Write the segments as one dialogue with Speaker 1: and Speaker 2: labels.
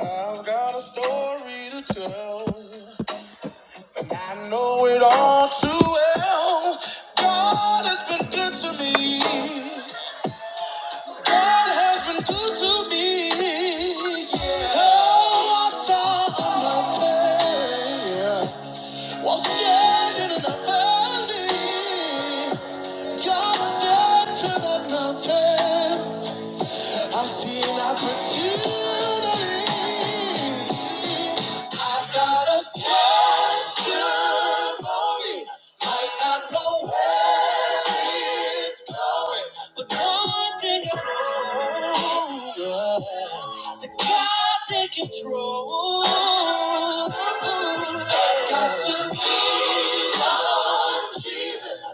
Speaker 1: I've got a story to tell, and I know it all too well. God has been good to me. God has been good to me. Yeah. Oh, I saw a mountain while standing in a valley. God said to the mountain. I see an opportunity. I got a testimony. Might not know where it's going, but no one thing I know, yeah, is that God take control. I got to lean on Jesus.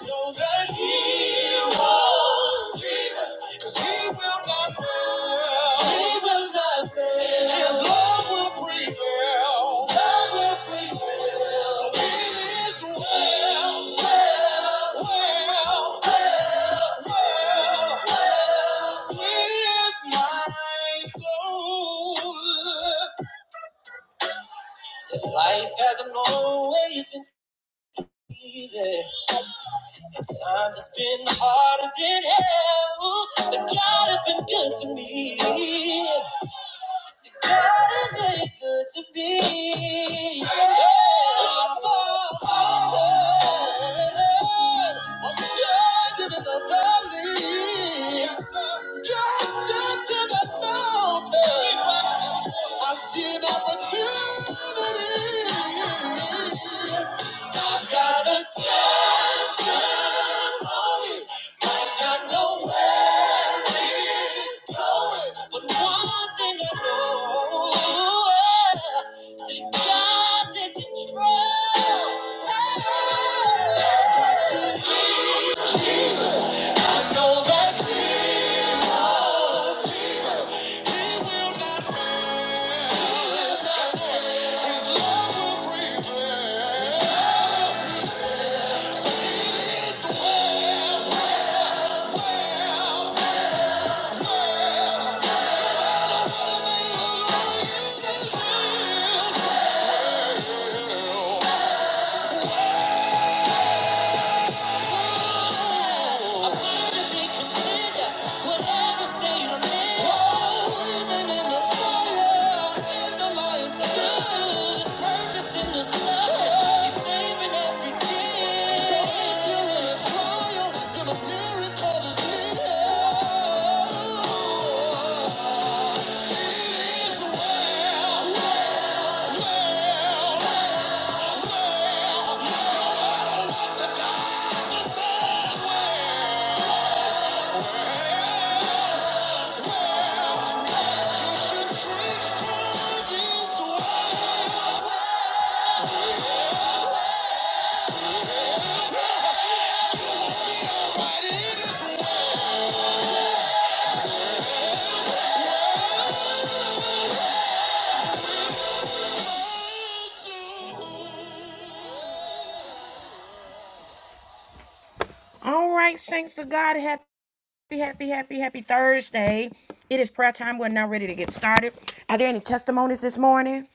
Speaker 1: Know that he won't leave us, 'cause he will not fail. He will not fail. His love will prevail. His love will prevail. So it is well, well, well, well, well with my soul. Said life hasn't always been easy. Times has been harder than hell, but God has been good to me. What is it good to be? Yeah, so I'm standing in a valley. God sent to the mountain. I see an opportunity. I've got a testimony. and I know but one thing I know, see God's in control. Got to be Jesus. I know that He will lead us. He will not fail. His love will prevail. It is well, well, well well. what the Yeah. All right, saints of God, happy, happy, happy, happy Thursday. It is prayer time. We're now ready to get started. Are there any testimonies this morning?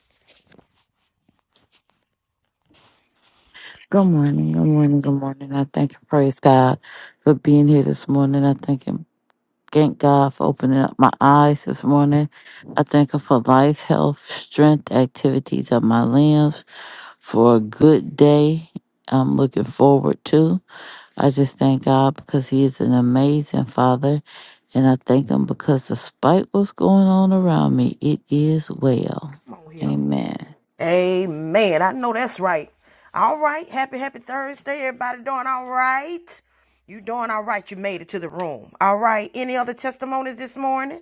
Speaker 2: Good morning, good morning, good morning. I thank and praise God for being here this morning. I thank him, thank God for opening up my eyes this morning. I thank Him for life, health, strength, activities of my limbs, for a good day I'm looking forward to. I just thank God because He is an amazing Father, and I thank Him because despite what's going on around me, it is well.
Speaker 1: Come on here.
Speaker 2: Amen.
Speaker 1: Amen. I know that's right. All right, happy, happy Thursday. Everybody doing all right? You doing all right? You made it to the room. All right. Any other testimonies this morning?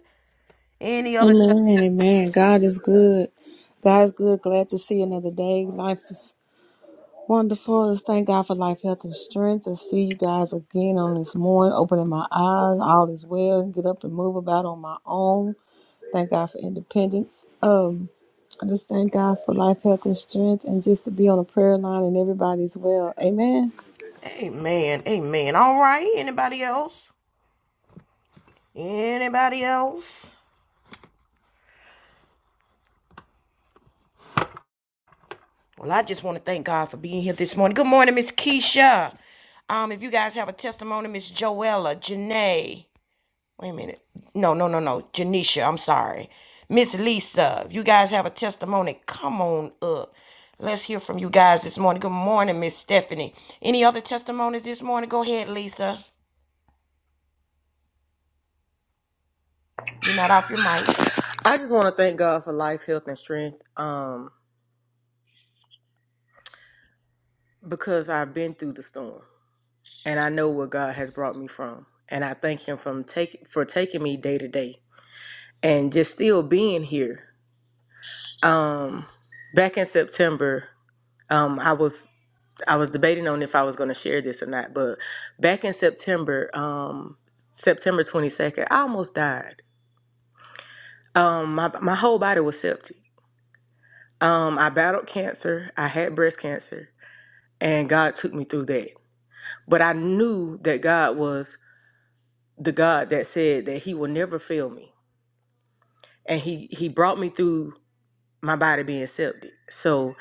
Speaker 1: Any other?
Speaker 3: Amen,
Speaker 1: Tes-
Speaker 3: amen. God is good. God is good. Glad to see another day. Life is wonderful. Let's thank God for life, health, and strength. To see you guys again on this morning, opening my eyes. All is well. Get up and move about on my own. Thank God for independence. Um, I just thank God for life, health, and strength, and just to be on a prayer line and everybody's well. Amen.
Speaker 1: Amen. Amen. All right. Anybody else? Anybody else? Well, I just want to thank God for being here this morning. Good morning, Miss Keisha. Um, if you guys have a testimony, Miss Joella, Janae. Wait a minute. No, no, no, no. Janisha, I'm sorry. Miss Lisa, if you guys have a testimony, come on up. Let's hear from you guys this morning. Good morning, Miss Stephanie. Any other testimonies this morning? Go ahead, Lisa. You're not off your mic.
Speaker 4: I just want to thank God for life, health, and strength um, because I've been through the storm and I know where God has brought me from. And I thank Him from take, for taking me day to day and just still being here. Um, back in September, um, I was I was debating on if I was going to share this or not, but back in September, um, September 22nd, I almost died. Um, my, my whole body was septic. Um, I battled cancer, I had breast cancer, and God took me through that. But I knew that God was the God that said that He will never fail me. And He He brought me through my body being septic. So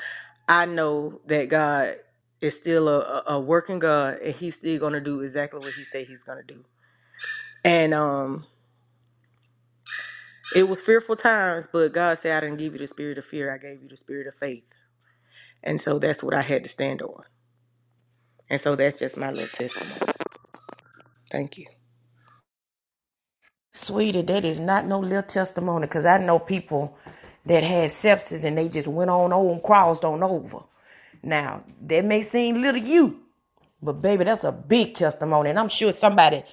Speaker 4: I know that God is still a, a a working God and He's still gonna do exactly what He said He's gonna do. And um it was fearful times, but God said I didn't give you the spirit of fear, I gave you the spirit of faith. And so that's what I had to stand on. And so that's just my little testimony. Thank you.
Speaker 1: Sweetie, that is not no little testimony because I know people that had sepsis and they just went on over and crossed on over. Now, that may seem little to you, but baby, that's a big testimony, and I'm sure somebody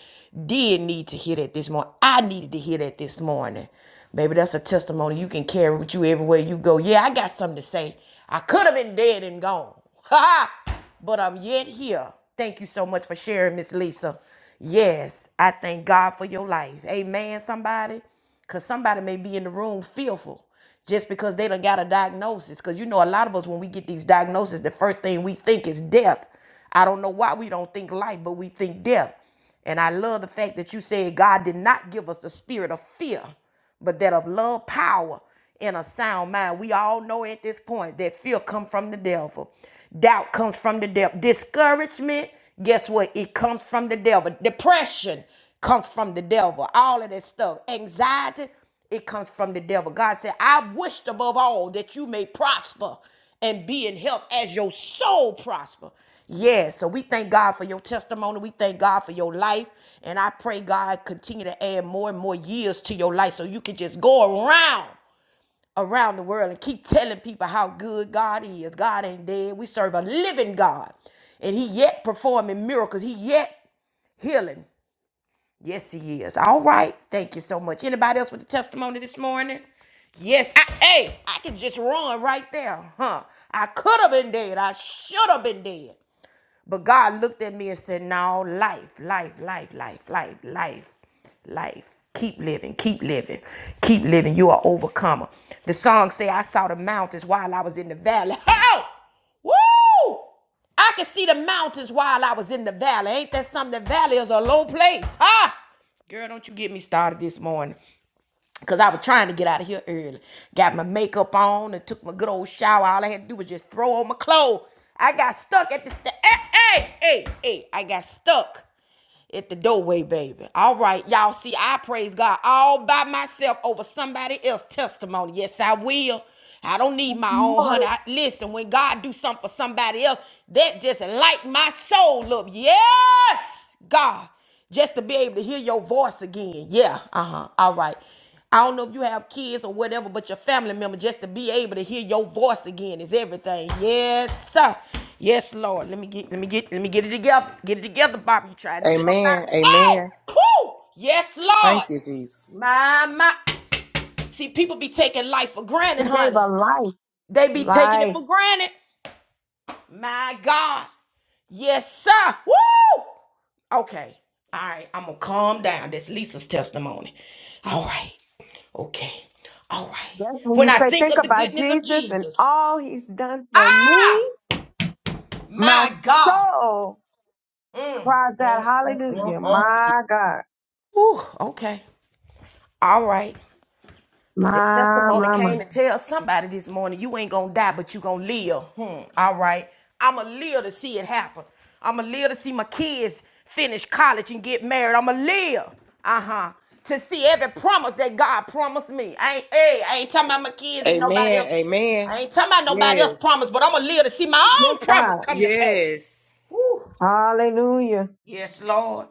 Speaker 1: did need to hear that this morning. I needed to hear that this morning. Baby, that's a testimony you can carry with you everywhere you go. Yeah, I got something to say. I could have been dead and gone. Ha! ha. But I'm yet here. Thank you so much for sharing, Miss Lisa. Yes, I thank God for your life. Amen, somebody. Cause somebody may be in the room fearful just because they done got a diagnosis. Cause you know a lot of us when we get these diagnoses, the first thing we think is death. I don't know why we don't think life, but we think death. And I love the fact that you said God did not give us the spirit of fear, but that of love, power, and a sound mind. We all know at this point that fear comes from the devil. Doubt comes from the devil. Discouragement, guess what? It comes from the devil. Depression comes from the devil. All of that stuff. Anxiety it comes from the devil. God said, I wished above all that you may prosper and be in health as your soul prosper. Yeah, so we thank God for your testimony. We thank God for your life. And I pray God continue to add more and more years to your life so you can just go around around the world and keep telling people how good God is. God ain't dead. We serve a living God. And he yet performing miracles. He yet healing. Yes, he is. All right. Thank you so much. Anybody else with a testimony this morning? Yes. I, hey, I could just run right there, huh? I could have been dead. I should have been dead. But God looked at me and said, No, life, life, life, life, life, life, life. Keep living, keep living, keep living. You are overcomer. The song say, I saw the mountains while I was in the valley. Help! Woo! I could see the mountains while I was in the valley. Ain't that something? The valley is a low place. Huh? Girl, don't you get me started this morning. Cause I was trying to get out of here early. Got my makeup on and took my good old shower. All I had to do was just throw on my clothes. I got stuck at the st- hey, hey, hey, hey. I got stuck at the doorway, baby. All right, y'all. See, I praise God all by myself over somebody else's testimony. Yes, I will. I don't need my own
Speaker 5: Lord,
Speaker 1: honey. I, listen, when God do something for somebody else, that just light my soul up. Yes, God just to be able to hear your voice again. Yeah, uh huh. All right. I don't know if you have kids or whatever, but your family member just to be able to hear your voice again is everything. Yes, sir. Yes, Lord. Let me get let me get let me get it together. Get it together, Bobby. You trying to get up out of
Speaker 4: Amen.
Speaker 1: it?
Speaker 4: Amen.
Speaker 1: Hey! Woo! Yes,
Speaker 4: Thank
Speaker 1: Lord.
Speaker 4: you, Jesus.
Speaker 1: My my see, people be taking life for
Speaker 5: He
Speaker 1: granted,
Speaker 5: gave
Speaker 1: honey.
Speaker 5: a life,
Speaker 1: They be taking it
Speaker 5: life.
Speaker 1: for granted. My God. Yes, sir. Woo! Okay. All right. I'm gonna calm down. That's Lisa's testimony. All right. Okay. All right.
Speaker 5: That's when
Speaker 1: When
Speaker 5: you
Speaker 1: I
Speaker 5: say,
Speaker 1: think
Speaker 5: think
Speaker 1: of the
Speaker 5: about
Speaker 1: goodness of
Speaker 5: Jesus and
Speaker 1: Jesus.
Speaker 5: all he's done for
Speaker 1: Ah,
Speaker 5: me. My
Speaker 1: my God.
Speaker 5: soul
Speaker 1: Mm,
Speaker 5: cries out,
Speaker 1: mm.
Speaker 5: hallelujah. My God,
Speaker 1: Ooh, okay. All right. The
Speaker 5: my
Speaker 1: testimony
Speaker 5: mama.
Speaker 1: came to tell somebody this morning, you ain't gonna die, but you gonna live. Hmm. All right. I'ma live to see it happen. I'ma live to see my kids finish college and get married. I'ma live. Uh-huh. To see every promise that God promised me. I ain't hey, I ain't talking about my kids and nobody
Speaker 4: Amen.
Speaker 1: else.
Speaker 4: Amen.
Speaker 1: I ain't talking about nobody else's
Speaker 4: Yes.
Speaker 1: promise, but I'ma live to see my
Speaker 5: Yes,
Speaker 1: own promise
Speaker 5: God.
Speaker 1: come to pass.
Speaker 4: Yes.
Speaker 1: Woo.
Speaker 5: Hallelujah.
Speaker 1: Yes, Lord.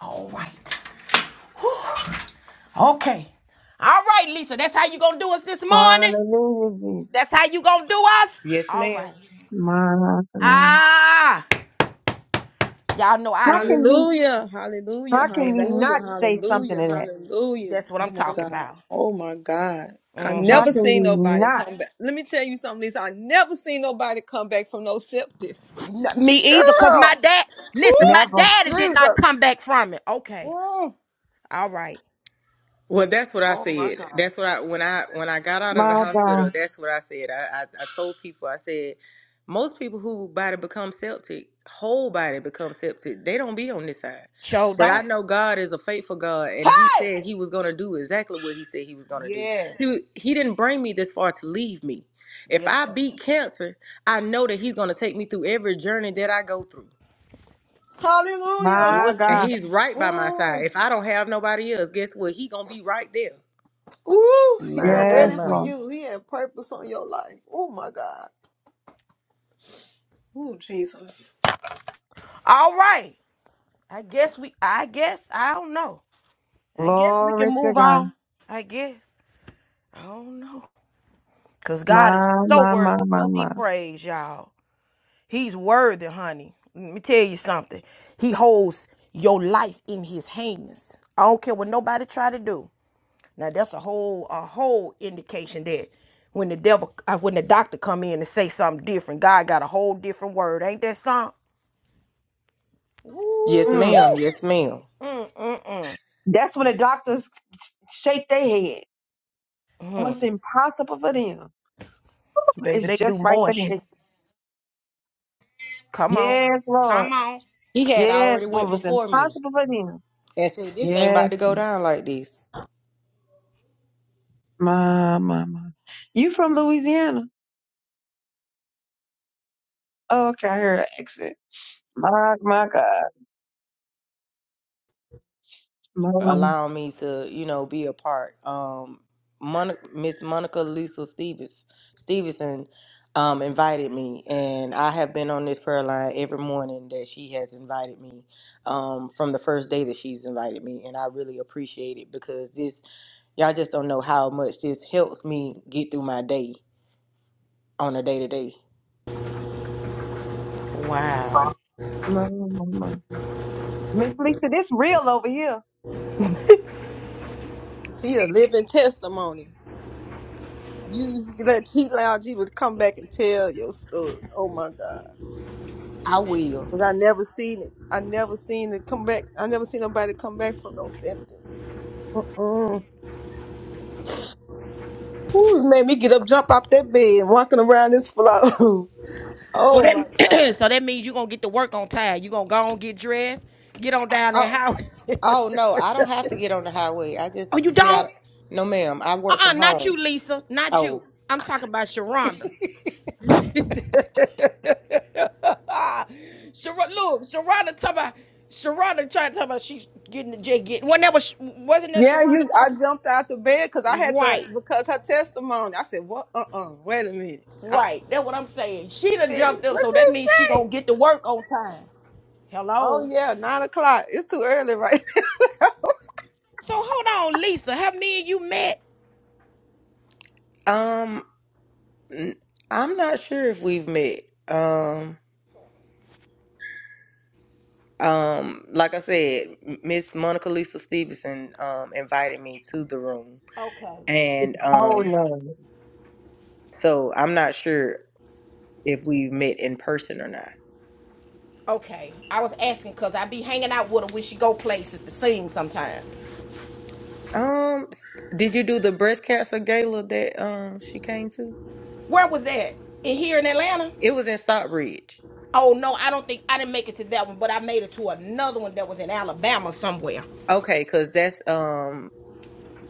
Speaker 1: All right. Okay. All right, Lisa. That's how you gonna do us this morning.
Speaker 5: Hallelujah,
Speaker 1: That's
Speaker 5: Jesus.
Speaker 1: how you gonna do us?
Speaker 4: Yes,
Speaker 1: All
Speaker 4: ma'am.
Speaker 1: right.
Speaker 5: My God.
Speaker 1: Ah, y'all know I
Speaker 5: How
Speaker 1: live,
Speaker 5: can you,
Speaker 3: Hallelujah. Hallelujah.
Speaker 5: how can
Speaker 1: baby.
Speaker 5: you
Speaker 3: Hallelujah.
Speaker 5: not say something
Speaker 3: Hallelujah.
Speaker 5: to that?
Speaker 3: Hallelujah.
Speaker 1: That's what
Speaker 3: Oh
Speaker 1: I'm
Speaker 3: my
Speaker 1: talking
Speaker 3: God.
Speaker 1: about.
Speaker 3: Oh my God. I've
Speaker 1: hmm
Speaker 5: How
Speaker 3: never
Speaker 5: can
Speaker 3: seen
Speaker 5: you
Speaker 3: nobody
Speaker 5: not?
Speaker 3: come back. Let me tell you something, Lisa. I've never seen nobody come back from no septis.
Speaker 1: me either, cause my
Speaker 3: Girl.
Speaker 1: dad.
Speaker 3: Woo!
Speaker 1: Listen, my
Speaker 5: Never.
Speaker 1: daddy did not
Speaker 3: Jesus.
Speaker 1: come back from it. Okay.
Speaker 3: Mm.
Speaker 1: All right.
Speaker 4: Well, that's what I
Speaker 3: Oh my
Speaker 4: said.
Speaker 3: God.
Speaker 4: That's what I when I when I got out of the
Speaker 5: My God.
Speaker 4: hospital. That's what I said. I I, I told people. I said most people who body become septic, whole body become septic. They don't be on this side.
Speaker 1: Show
Speaker 4: But I
Speaker 1: don't.
Speaker 4: know God is a faithful God, and He
Speaker 1: Hey.
Speaker 4: said He was gonna do exactly what He said He was gonna do.
Speaker 1: Yes.
Speaker 4: He wa- He didn't bring me this far to leave me. If
Speaker 1: Yes.
Speaker 4: I
Speaker 1: Sir.
Speaker 4: beat cancer, I know that He's gonna take me through every journey that I go through.
Speaker 5: My
Speaker 1: What you
Speaker 4: And
Speaker 5: God.
Speaker 1: say,
Speaker 4: he's right
Speaker 3: Mm.
Speaker 4: by my side. If I don't have nobody else, guess what? He gonna be right there.
Speaker 3: Ooh, he wasn't
Speaker 5: Yes,
Speaker 1: Mama?
Speaker 3: ready for
Speaker 5: Lord.
Speaker 3: you. He purpose
Speaker 1: All right. I guess we. I guess I don't know. I guess we can
Speaker 5: Glory to
Speaker 1: move
Speaker 5: God.
Speaker 1: on. I guess I don't know. Cause
Speaker 5: My,
Speaker 1: God is so
Speaker 5: my, my,
Speaker 1: worthy
Speaker 5: my,
Speaker 1: to be
Speaker 5: my.
Speaker 1: praised, y'all. He's worthy, honey. Let me tell you something. He holds your life in his hands. I don't care what nobody try to do. Now that's a whole a whole indication that when the devil uh, when the doctor come in and say something different, God got a whole different word. Ain't that something?
Speaker 4: Yes,
Speaker 1: Woo,
Speaker 5: Mm.
Speaker 4: ma'am. Yes, ma'am.
Speaker 1: woo. Mm, mm, mm,
Speaker 5: That's when the doctors shake their head.
Speaker 1: mm.
Speaker 5: What's impossible for them
Speaker 1: Baby,
Speaker 5: is
Speaker 1: they do
Speaker 5: just right
Speaker 1: more
Speaker 5: for them.
Speaker 1: shit. Come on.
Speaker 5: Yes, Lord.
Speaker 1: Come on.
Speaker 4: He had
Speaker 5: Yes,
Speaker 4: already
Speaker 5: what
Speaker 4: went
Speaker 5: was
Speaker 4: before me
Speaker 5: impossible for them.
Speaker 4: And said, this ain't about
Speaker 5: Yes,
Speaker 4: to go
Speaker 5: Lord.
Speaker 4: down like this.
Speaker 5: My, my, my. You from Louisiana? Oh, okay, I heard an accent. My, my God. My,
Speaker 4: Allowing me to, you know, be a part. Um, Mon- Miss Monica Lisa Stevens, Stevenson um, invited me, and I have been on this prayer line every morning that she has invited me um, from the first day that she's invited me, and I really appreciate it because this Y'all just don't know how much this helps me get through my day on a day to day.
Speaker 1: Wow.
Speaker 5: my, my, my. Miss Lisa, this real over here.
Speaker 3: living on him. You he allowed you to come back and tell your story. Oh my God.
Speaker 4: I will.
Speaker 3: Because I never seen it. I never seen it come back. I never seen nobody come back from no septic. Who's made me get up, jump out that bed, walking around this floor.
Speaker 1: So
Speaker 3: oh my god.
Speaker 1: that so that means you gonna get to work on time. you gonna go on, get dressed, get on down that
Speaker 4: Oh,
Speaker 1: highway.
Speaker 4: oh no, I don't have to get on the highway. I just
Speaker 1: Oh, you
Speaker 4: get out.
Speaker 1: don't?
Speaker 4: No, ma'am, I work
Speaker 1: Uh-uh,
Speaker 4: from
Speaker 1: not you,
Speaker 4: home.
Speaker 1: Lisa. Not you.
Speaker 4: Oh,
Speaker 1: I'm talking about Sharonda. Sharon, look, Sharonda talking about Sharonda trying to talk about she's getting the J get. When that was wasn't that
Speaker 3: Yeah, you.
Speaker 1: Sharonda
Speaker 3: I
Speaker 1: talking?
Speaker 3: jumped out the bed because I had to
Speaker 1: Right,
Speaker 3: because her testimony. I said, "What? Uh, uh Wait a minute. I
Speaker 1: right. That's what I'm saying. She done
Speaker 3: said,
Speaker 1: jumped up,
Speaker 3: what
Speaker 1: so that
Speaker 3: she
Speaker 1: means she
Speaker 3: say?
Speaker 1: gonna get to work on time.
Speaker 3: Oh
Speaker 1: Hello.
Speaker 3: yeah, nine o'clock. It's too early, right?
Speaker 1: So hold on, Lisa. Have me and you met?
Speaker 4: um, n- I'm not sure if we've met. Um, um, like I said, M- Miss Monica Lisa Stevenson um invited me to the room,
Speaker 1: Okay.
Speaker 4: and
Speaker 5: Oh,
Speaker 4: um,
Speaker 5: no.
Speaker 4: so I'm not sure if we've met in person or not.
Speaker 1: Okay. I was asking cause I be hanging out with her when she go places to sing sometime.
Speaker 4: Um, did you do the breast cancer gala that um she came to?
Speaker 1: Where was that? In here in Atlanta?
Speaker 4: It was in Stockbridge.
Speaker 1: Oh no, I don't think I didn't make it to that one, but I made it to another one that was in Alabama somewhere.
Speaker 4: Okay, cause that's um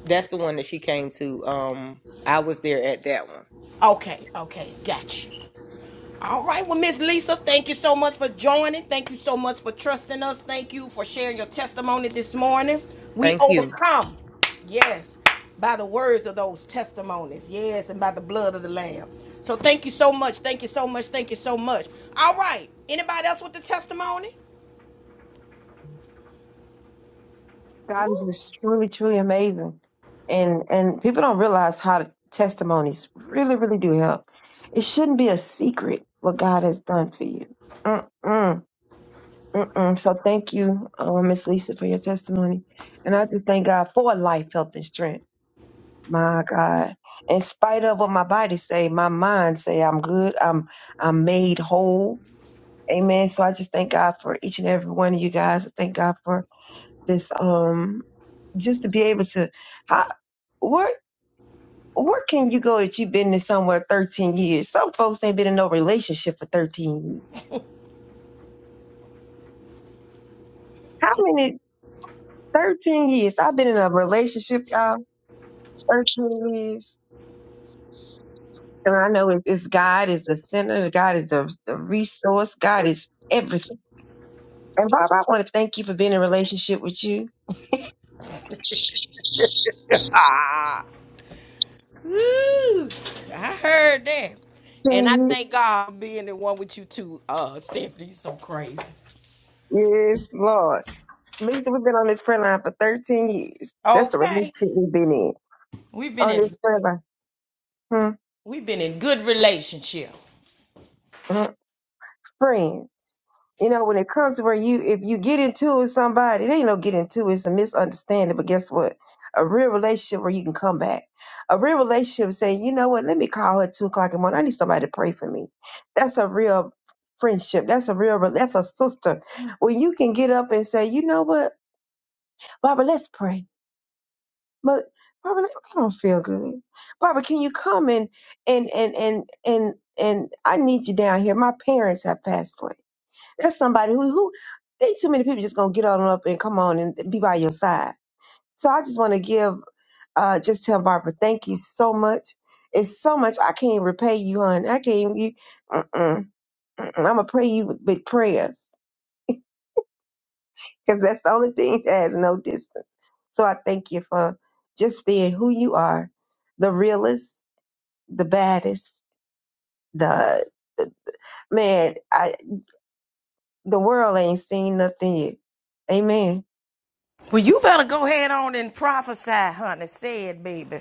Speaker 4: that's the one that she came to. Um, I was there at that one.
Speaker 1: Okay, okay, gotcha. All right, well, Miss Lisa, thank you so much for joining. Thank you so much for trusting us. Thank you for sharing your testimony this morning. We
Speaker 4: Thank you.
Speaker 1: overcome, yes, by the words of those testimonies, yes, and by the blood of the Lamb. So thank you so much. Thank you so much. Thank you so much. All right, anybody else with the testimony?
Speaker 5: God is
Speaker 1: Woo.
Speaker 5: just truly, truly amazing. And and people don't realize how testimonies really, really do help. It shouldn't be a secret what God has done for you. Mm-mm, mm-mm. So thank you, uh, Miss Lisa, for your testimony. And I just thank God for life, health, and strength. My God. In spite of what my body say, my mind say I'm good. I'm I'm made whole. Amen. So I just thank God for each and every one of you guys. I thank God for this um just to be able to where where can you go if you've been in somewhere 13 years? Some folks ain't been in no relationship for 13 years. How many 13 years? I've been in a relationship, y'all, 13 years. And I know it's, it's God is the center, God is the, the resource, God is everything. And Bob, I want to thank you for being in a relationship with you.
Speaker 1: Ah, Woo! I heard that. And
Speaker 5: 13
Speaker 1: I
Speaker 5: years,
Speaker 1: thank God for being the one with you too, uh, Stephanie. You So crazy.
Speaker 5: yes, Lord. Lisa, we've been on this prayer line for 13 years. That's the
Speaker 1: Okay.
Speaker 5: relationship we've been in.
Speaker 1: We've been
Speaker 5: On this
Speaker 1: in
Speaker 5: prayer line. Hmm,
Speaker 1: we've been in good relationship.
Speaker 5: hmm. friends. You know, when it comes to where you, if you get into it with somebody, it ain't no get into it, it's a misunderstanding. But guess what? A real relationship where you can come back. A real relationship saying, you know what, let me call her at two o'clock in the morning. I need somebody to pray for me. That's a real friendship. That's a real, that's a sister. Where you can get up and say, you know what, Barbara, let's pray. But Barbara, I don't feel good. Barbara, can you come and and and and and and I need you down here. My parents have passed away that's somebody who who they too many people just gonna get on up and come on and be by your side. So I just want to give uh just tell Barbara thank you so much. It's so much I can't repay you, hon. I can't even. You, mm-mm, mm-mm. I'm gonna pray you with big prayers because that's the only thing that has no distance. So I thank you for just being who you are, the realest, the baddest, the man. I the world ain't seen nothing yet. Amen.
Speaker 1: Well, you better go ahead on and prophesy, honey. Say it, baby.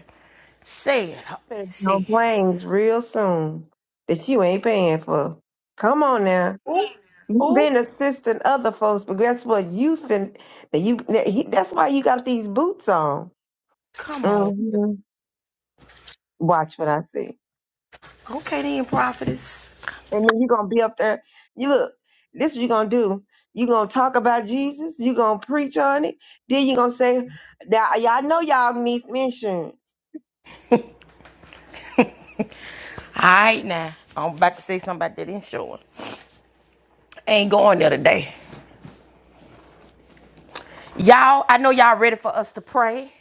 Speaker 1: Say it, honey.
Speaker 5: Better be on
Speaker 1: Say it.
Speaker 5: planes real soon that you ain't paying for. Come on now.
Speaker 1: Ooh,
Speaker 5: You've
Speaker 1: ooh,
Speaker 5: been assisting other folks, but guess what? You fin that you that he, that's why you got these boots on.
Speaker 1: come on.
Speaker 5: hmm Watch what I say.
Speaker 1: Okay, then, prophetess.
Speaker 5: And then you're gonna be up there. You look, this what you gonna do. you gonna talk about Jesus, you gonna preach on it, then you gonna say, Now y'all know y'all need some insurance.
Speaker 1: All right, now. I'm about to say something about that insurance. Ain't going there today. Y'all, I know y'all ready for us to pray.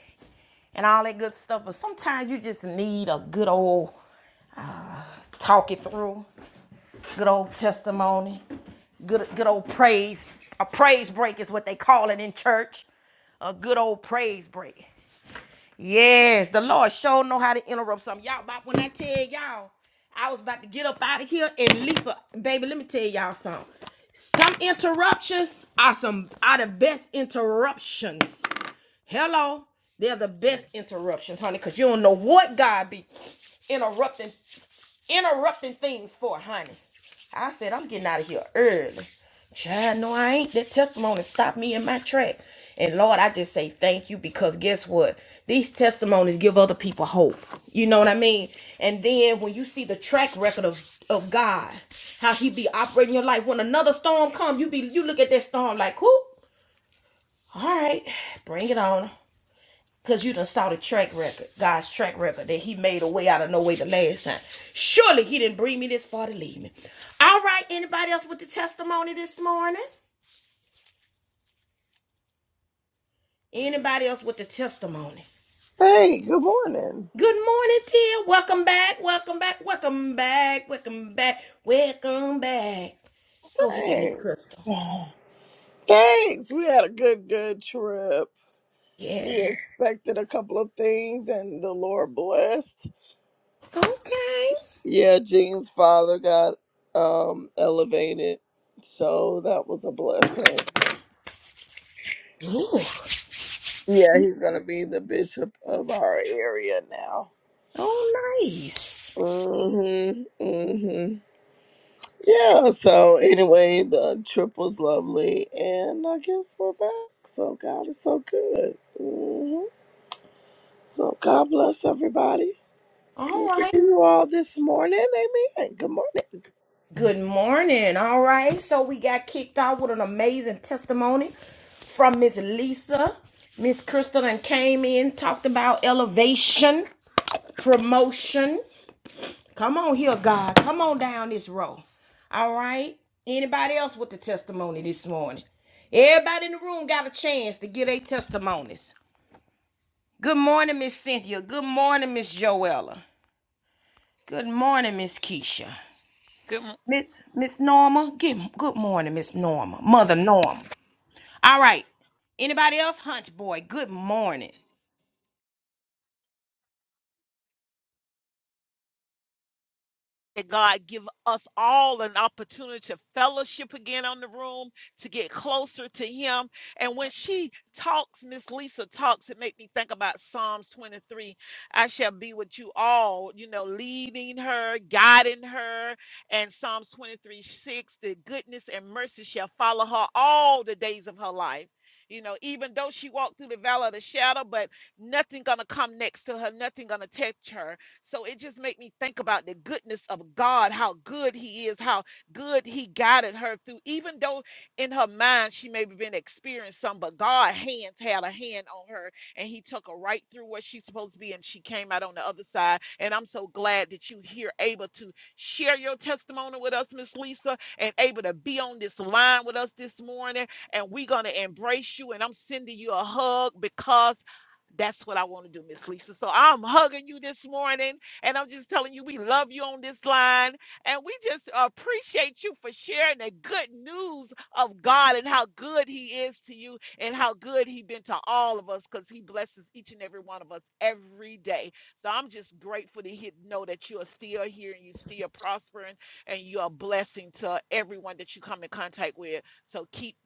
Speaker 1: and all that good stuff. But sometimes you just need a good old talk it through, good old testimony, good good old praise. A praise break is what they call it in church. A good old praise break. Yes, the Lord sure know how to interrupt something. Y'all, about when I tell y'all, I was about to get up out of here and Lisa, baby, let me tell y'all something. Some interruptions are some are the best interruptions Hello. They're the best interruptions, honey, because you don't know what God be interrupting interrupting things for, honey. I said, I'm getting out of here early. Child, no, I ain't. That testimony stopped me in my track. And Lord, I just say thank you because guess what? These testimonies give other people hope. You know what I mean? And then when you see the track record of of God, how he be operating your life. When another storm come, you be you look at that storm like, who? All right, bring it on. Cause you done saw the track record, God's track record, that He made a way out of no way the last time. Surely He didn't bring me this far to leave me. All right, anybody else with the testimony this morning? Anybody else with the testimony?
Speaker 6: Hey, good morning.
Speaker 1: Good morning, dear. Welcome back. Welcome back. Welcome back. Welcome back. Welcome back. Go ahead, Miss
Speaker 6: Thanks.
Speaker 1: Crystal.
Speaker 6: Thanks. We had a good, good trip. We
Speaker 1: Yes.
Speaker 6: expected a couple of things and the Lord blessed.
Speaker 1: Okay.
Speaker 6: Yeah, Jean's father got um elevated. So that was a blessing.
Speaker 1: Ooh.
Speaker 6: Yeah, he's gonna be the bishop of our area now.
Speaker 1: Oh, nice.
Speaker 6: Mhm. Mhm. Yeah, so anyway, the trip was lovely and I guess we're back. So God is so good. Mhm. So God bless everybody.
Speaker 1: All
Speaker 6: Good to see
Speaker 1: right.
Speaker 6: you all this morning. Amen. Good morning.
Speaker 1: Good morning. All right. So we got kicked off with an amazing testimony from Miss Lisa. Miss Crystal and came in, talked about elevation, promotion. Come on here, God. Come on down this row. All right. Anybody else with the testimony this morning? Everybody in the room got a chance to get their testimonies. Good morning, Miss Cynthia. Good morning, Miss Joella. Good morning, Miss Keisha.
Speaker 7: Good morning,
Speaker 1: Miss Miss Norma, good good morning, Miss Norma, Mother Norma. All right. Anybody else? Hunch boy, good morning.
Speaker 7: God. Give us all an opportunity to fellowship again on the room, to get closer to Him. And when she talks, Miss Lisa talks, it make me think about Psalms 23. I shall be with you all, you know, leading her, guiding her. And Psalms 23 6, the goodness and mercy shall follow her all the days of her life. You know, even though she walked through the valley of the shadow, but nothing gonna come next to her, nothing gonna touch her So it just made me think about the goodness of God, how good He is, how good He guided her through. Even though in her mind she may have been experiencing some, but God hands had a hand on her and He took her right through where she's supposed to be, and she came out on the other side. And I'm so glad that you here able to share your testimony with us, Miss Lisa, and able to be on this line with us this morning. And we're gonna embrace you. And I'm sending you a hug because that's what I want to do, Miss Lisa. So I'm hugging you this morning, and I'm just telling you we love you on this line, and we just appreciate you for sharing the good news of God and how good He is to you, and how good He has been to all of us, because He blesses each and every one of us every day. So I'm just grateful to hear, know that you are still here and you still prospering, and you are a blessing to everyone that you come in contact with. So keep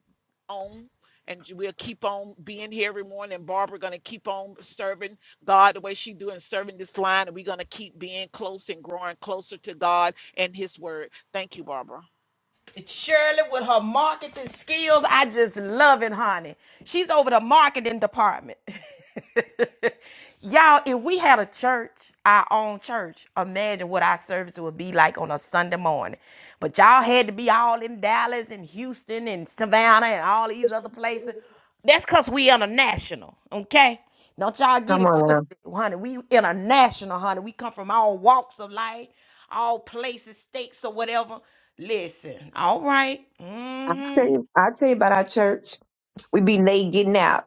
Speaker 7: on and we'll keep on being here every morning and barbara going to keep on serving god the way she do and serving this line and we're going to keep being close and growing closer to god and his word thank you barbara
Speaker 1: Shirley with her marketing skills, I just love it, honey. She's over the marketing department. Y'all, if we had a church, our own church, imagine what our service would be like on a Sunday morning. But y'all had to be all in Dallas and Houston and Savannah and all these other places. That's cause we international, okay? Don't y'all get
Speaker 5: Come
Speaker 1: it
Speaker 5: on now.
Speaker 1: twisted, honey. We international, honey. We come from all walks of life, all places, states, or whatever. Listen, all right.
Speaker 5: I tell
Speaker 1: Mm-hmm.
Speaker 5: you I tell you about our church. We be late getting out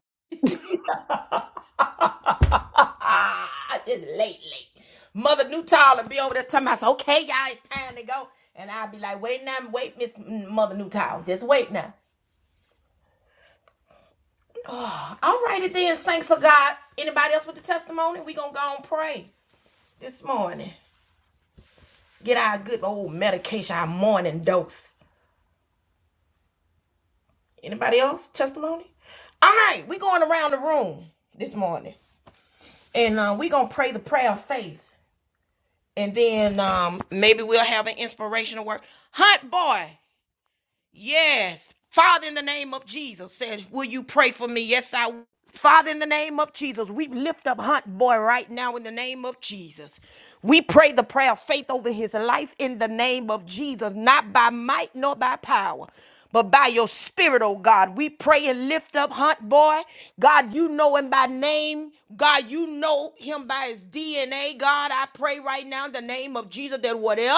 Speaker 1: Ah, just late, late. Mother Newtall and be over there talking about, so, okay, y'all, it's time to go. And I'll be like, wait now, wait, Miss Mother Newtall. Just wait now. All righty then, saints of God. Anybody else with the testimony? We gonna go and pray this morning. Get our good old medication, our morning dose. Anybody else testimony? All right, we going around the room this morning, and uh, we gonna pray the prayer of faith, and then um, maybe we'll have an inspirational word. Hunt boy, yes, Father, in the name of Jesus, said, will you pray for me? Yes, I. will. Father, in the name of Jesus, we lift up Hunt Boy right now in the name of Jesus. We pray the prayer of faith over his life in the name of Jesus, not by might nor by power. But by your spirit, oh God, we pray and lift up Hunt Boy. God, you know him by name. God, you know him by his DNA. God, I pray right now in the name of Jesus that whatever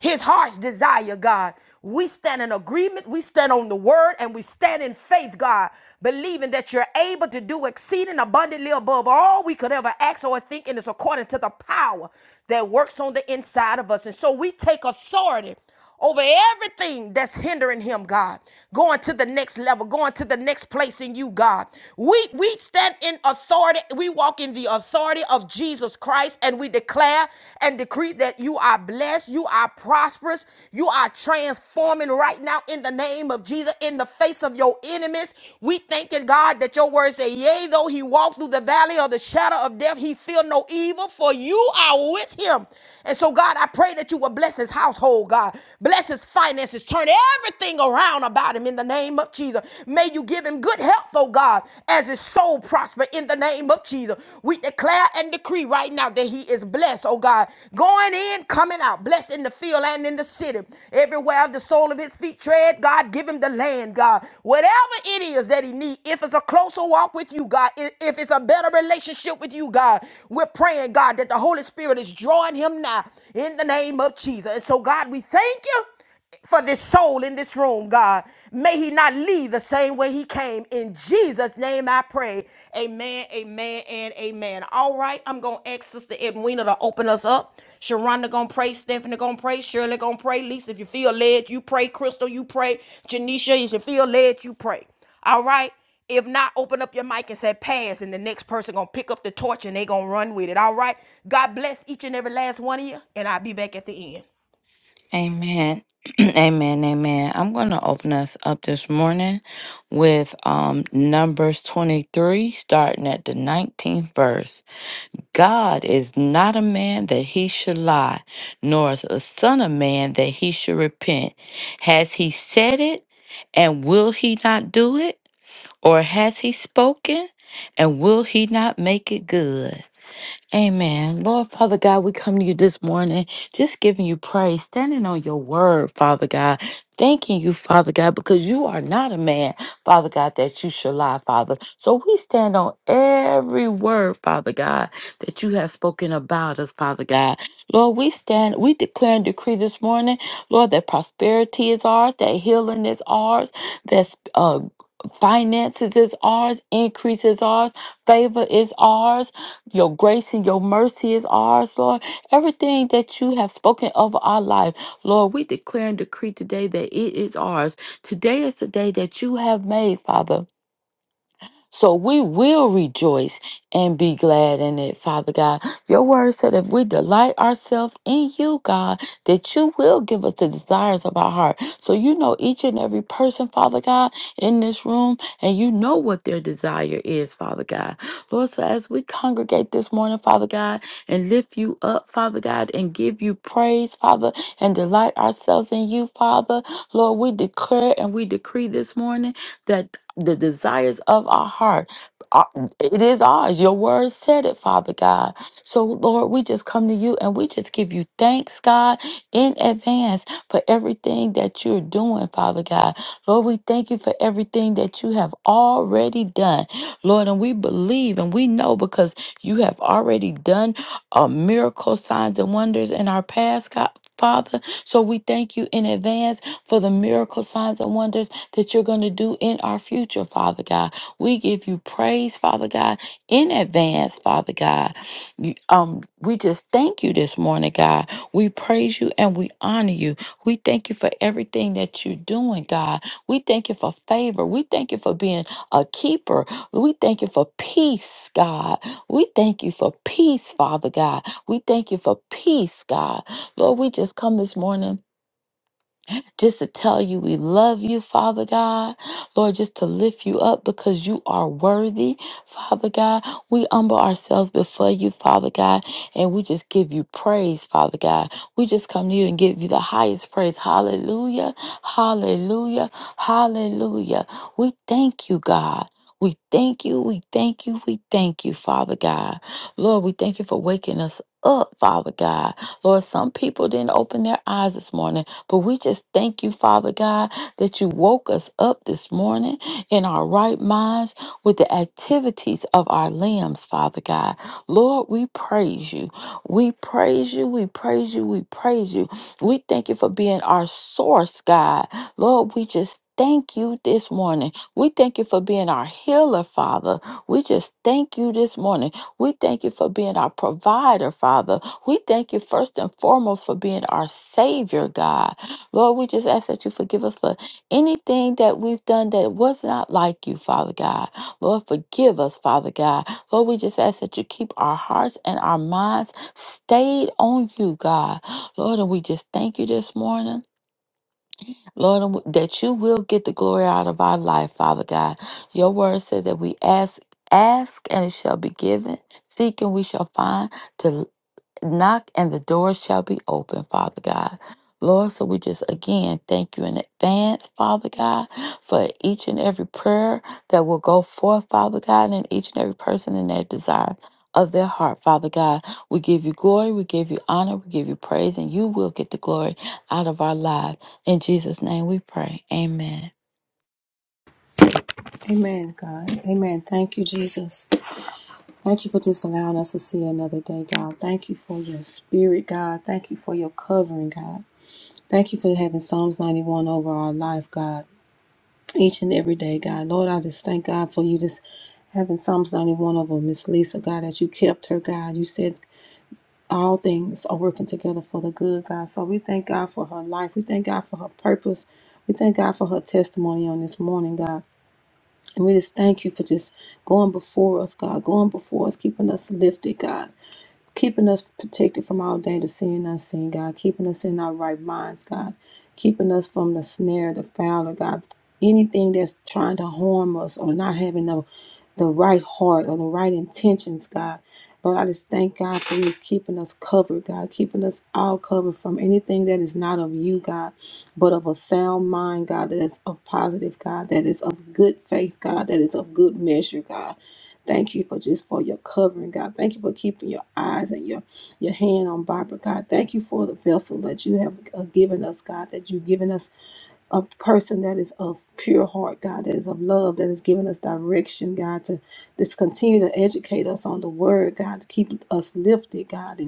Speaker 1: his heart's desire, God. We stand in agreement, we stand on the word, and we stand in faith, God, believing that you're able to do exceeding abundantly above all we could ever ask or think, and it's according to the power that works on the inside of us. And so we take authority over everything that's hindering him, God. Going to the next level, going to the next place in you, God. We we stand in authority. We walk in the authority of Jesus Christ and we declare and decree that you are blessed, you are prosperous, you are transforming right now in the name of Jesus in the face of your enemies. We thank you, God, that your words say, yea, though he walk through the valley of the shadow of death, he feel no evil, for you are with him. And so, God, I pray that you will bless his household, God. Bless his finances. Turn everything around about him in the name of Jesus. May you give him good health, oh God, as his soul prosper in the name of Jesus. We declare and decree right now that he is blessed, oh God. Going in, coming out, blessed in the field and in the city. Everywhere the sole of his feet tread, God, give him the land, God. Whatever it is that he needs, if it's a closer walk with you, God, i- if it's a better relationship with you, God, we're praying, God, that the Holy Spirit is drawing him now in the name of Jesus. And so. So, God, we thank you for this soul in this room, God. May he not leave the same way he came. In Jesus' name I pray. Amen, amen, and amen. All right, I'm going to ask Sister Edwina to open us up. Sharonda going to pray. Stephanie going to pray. Shirley going to pray. Lisa, if you feel led, you pray. Crystal, you pray. Janisha, if you feel led, you pray. All right? If not, open up your mic and say pass, and the next person gonna pick up the torch and they gonna run with it. All right. God bless each and every last one of you, and I'll be back at the end.
Speaker 2: Amen. amen. Amen. I'm going to open us up this morning with um, Numbers 23, starting at the 19th verse. God is not a man that he should lie, nor is a son of man that he should repent. Has he said it, and will he not do it? Or has he spoken, and will he not make it good? Amen. Lord, Father God, we come to you this morning just giving you praise, standing on your word, Father God. Thanking you, Father God, because you are not a man, Father God, that you should lie, Father. So we stand on every word, Father God, that you have spoken about us, Father God. Lord, we stand, we declare and decree this morning, Lord, that prosperity is ours, that healing is ours, that uh, finances is ours, increase is ours, favor is ours. Your grace and your mercy is ours, Lord. Everything that you have spoken over our life, Lord, we declare and decree today that it is ours. Today is the day that you have made, Father. So we will rejoice and be glad in it, Father God. Your word said if we delight ourselves in you, God, that you will give us the desires of our heart. So you know each and every person, Father God, in this room, and you know what their desire is, Father God. Lord, so as we congregate this morning, Father God, and lift you up, Father God, and give you praise, Father, and delight ourselves in you, Father, Lord, we declare and we decree this morning that the desires of our heart are- it is ours. Your word said it, Father God. So, Lord, we just come to you and we just give you thanks, God, in advance for everything that you're doing, Father God. Lord, we thank you for everything that you have already done, Lord. And we believe and we know because you have already done uh, miracle signs and wonders in our past, God. Father, so we thank you in advance for the miracle signs and wonders that you're going to do in our future, Father God. We give you praise, Father God, in advance, Father God. You- um, we just thank you this morning, God. We praise you and we honor you. We thank you for everything that you're doing, God. We thank you for favor. We thank you for being a keeper. We thank you for peace, God. We thank you for peace, Father God. We thank you for peace, God. Lord, we just come this morning just to tell you we love you, Father God. Lord, just to lift you up because you are worthy, Father God. We humble ourselves before you, Father God, and we just give you praise, Father God. We just come to you and give you the highest praise. Hallelujah, hallelujah, hallelujah. We thank you, God. We thank you, we thank you, we thank you, Father God. Lord, we thank you for waking us up, Father God. Lord, some people didn't open their eyes this morning. But we just thank you, Father God, that you woke us up this morning in our right minds with the activities of our limbs, Father God. Lord, we praise you. We praise you. We praise you. We praise you. We thank you for being our source, God. Lord, we just thank you this morning. We thank you for being our healer, Father. We just thank you this morning. We thank you for being our provider, Father. We thank you first and foremost for being our Savior, God. Lord, we just ask that you forgive us for anything that we've done that was not like you, Father God. Lord, forgive us, Father God. Lord, we just ask that you keep our hearts and our minds stayed on you, God. Lord, and we just thank you this morning. Lord, and we- that you will get the glory out of our life, Father God. Your word said that we ask, ask, and it shall be given. Seek, and we shall find knock and the door shall be open, Father God. Lord, so we just again thank you in advance, Father God, for each and every prayer that will go forth, Father God, and each and every person in their desire of their heart, Father God. We give you glory, we give you honor, we give you praise, and you will get the glory out of our lives. In Jesus' name we pray. Amen.
Speaker 3: Amen, God. Amen. Thank you, Jesus. Thank you for just allowing us to see another day, God. Thank you for your spirit, God. Thank you for your covering, God. Thank you for having Psalms 91 over our life, God. each and every day, God. Lord, I just thank God for you just having Psalms 91 over Miss Lisa, God, that you kept her, God. You said all things are working together for the good, God. So we thank God for her life. We thank God for her purpose. We thank God for her testimony on this morning, God. And we just thank you for just going before us, God, going before us, keeping us lifted, God keeping us protected from all danger, seen and unseen, God, keeping us in our right minds, God, keeping us from the snare, the fowler, God, anything that's trying to harm us or not having the, the right heart or the right intentions, God. Lord, I just thank God for you just keeping us covered, God, keeping us all covered from anything that is not of you, God, but of a sound mind, God, that is of positive, God, that is of good faith, God, that is of good measure, God. Thank you for just for your covering, God. Thank you for keeping your eyes and your your hand on Barbara, God. Thank you for the vessel that you have uh, given us, God. That you've given us a person that is of pure heart, God. That is of love. That is giving us direction, God. To just continue to educate us on the Word, God. To keep us lifted, God. and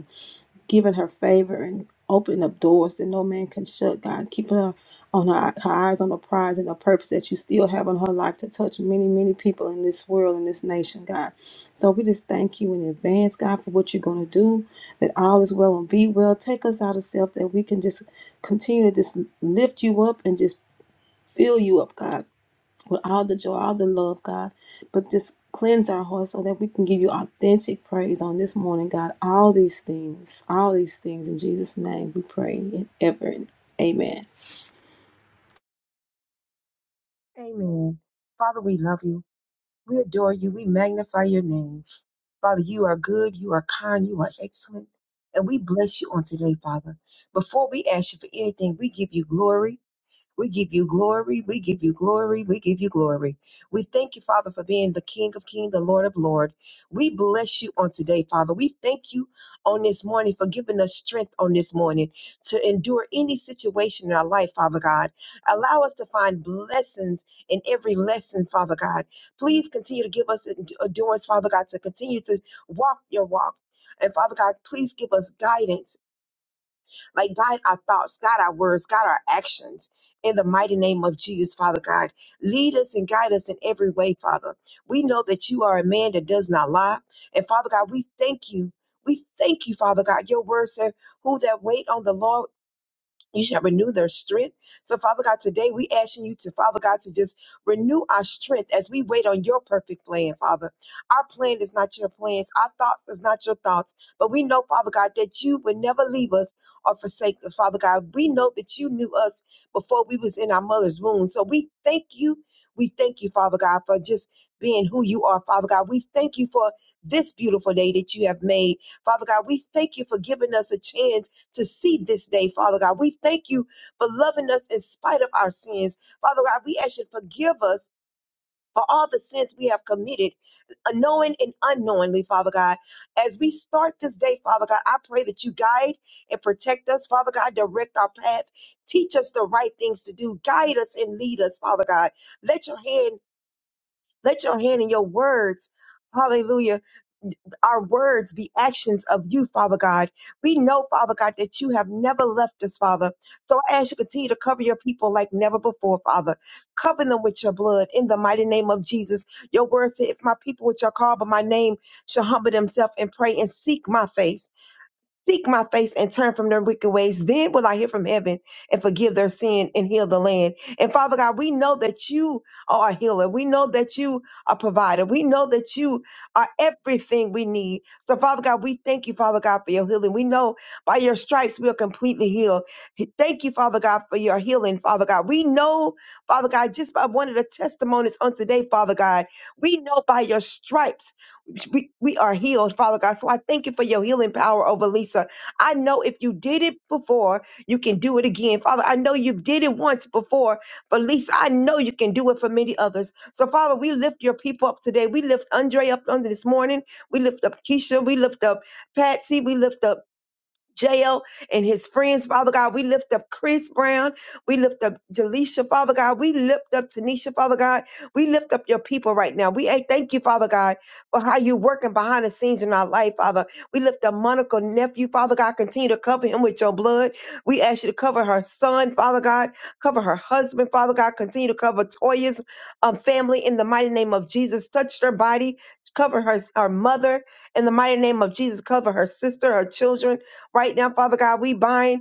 Speaker 3: giving her favor and opening up doors that no man can shut, God, keeping her on her, her eyes on the prize and the purpose that you still have on her life to touch many, many people in this world, in this nation, God. So we just thank you in advance, God, for what you're going to do, that all is well and be well. Take us out of self that we can just continue to just lift you up and just fill you up, God with all the joy, all the love, God. But just cleanse our hearts so that we can give you authentic praise on this morning, God. All these things, all these things in Jesus' name we pray and ever. And amen.
Speaker 5: Amen. Father, we love you. We adore you. We magnify your name. Father, you are good. You are kind. You are excellent. And we bless you on today, Father. Before we ask you for anything, we give you glory. We give you glory. We give you glory. We give you glory. We thank you, Father, for being the King of Kings, the Lord of Lord. We bless you on today, Father. We thank you on this morning for giving us strength on this morning to endure any situation in our life, Father God. Allow us to find blessings in every lesson, Father God. Please continue to give us endu- endurance, Father God, to continue to walk your walk. And Father God, please give us guidance like, guide our thoughts, guide our words, guide our actions. In the mighty name of Jesus, Father God, lead us and guide us in every way, Father. We know that you are a man that does not lie. And Father God, we thank you. We thank you, Father God. Your word said, Who that wait on the Lord you shall renew their strength. So, Father God, today we asking you to, Father God, to just renew our strength as we wait on your perfect plan, Father. Our plan is not your plans. Our thoughts is not your thoughts. But we know, Father God, that you would never leave us or forsake us, Father God. We know that you knew us before we was in our mother's womb. So we thank you. We thank you, Father God, for just being who you are, Father God. We thank you for this beautiful day that you have made. Father God, we thank you for giving us a chance to see this day, Father God. We thank you for loving us in spite of our sins. Father God, we ask you to forgive us for all the sins we have committed, knowing and unknowingly, Father God. As we start this day, Father God, I pray that you guide and protect us, Father God. Direct our path. Teach us the right things to do. Guide us and lead us, Father God. Let your hand, let your hand and your words. Hallelujah our words be actions of you, Father God. We know, Father God, that you have never left us, Father. So I ask you to continue to cover your people like never before, Father. Cover them with your blood in the mighty name of Jesus. Your word said, if my people which are called by my name shall humble themselves and pray and seek my face. Seek my face and turn from their wicked ways. Then will I hear from heaven and forgive their sin and heal the land. And Father God, we know that you are a healer. We know that you are a provider. We know that you are everything we need. So Father God, we thank you, Father God, for your healing. We know by your stripes we are completely healed. Thank you, Father God, for your healing, Father God. We know, Father God, just by one of the testimonies on today, Father God, we know by your stripes we, we are healed, Father God. So I thank you for your healing power over Lisa. I know if you did it before, you can do it again. Father, I know you did it once before for Lisa. I know you can do it for many others. So, Father, we lift your people up today. We lift Andre up under this morning. We lift up Keisha. We lift up Patsy. We lift up jail and his friends, Father God. We lift up Chris Brown. We lift up Jaleisha, Father God. We lift up Tanisha, Father God. We lift up your people right now. We eh, thank you, Father God, for how you're working behind the scenes in our life, Father. We lift up Monica nephew, Father God. Continue to cover him with your blood. We ask you to cover her son, Father God. Cover her husband, Father God. Continue to cover Toya's um, family in the mighty name of Jesus. Touch their body. Cover her, her mother in the mighty name of Jesus. Cover her sister, her children. Right now, Father God, we bind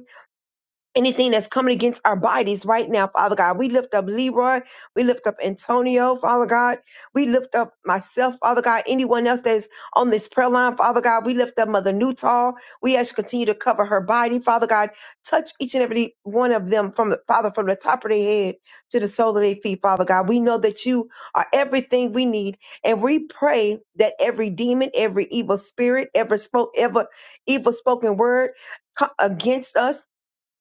Speaker 5: anything that's coming against our bodies right now, Father God. We lift up Leroy. We lift up Antonio, Father God. We lift up myself, Father God. Anyone else that's on this prayer line, Father God. We lift up Mother Newtall. We ask you to continue to cover her body, Father God. Touch each and every one of them from the Father, from the top of their head to the sole of their feet, Father God. We know that you are everything we need. And we pray that every demon, every evil spirit, every spoke, ever evil spoken word co- against us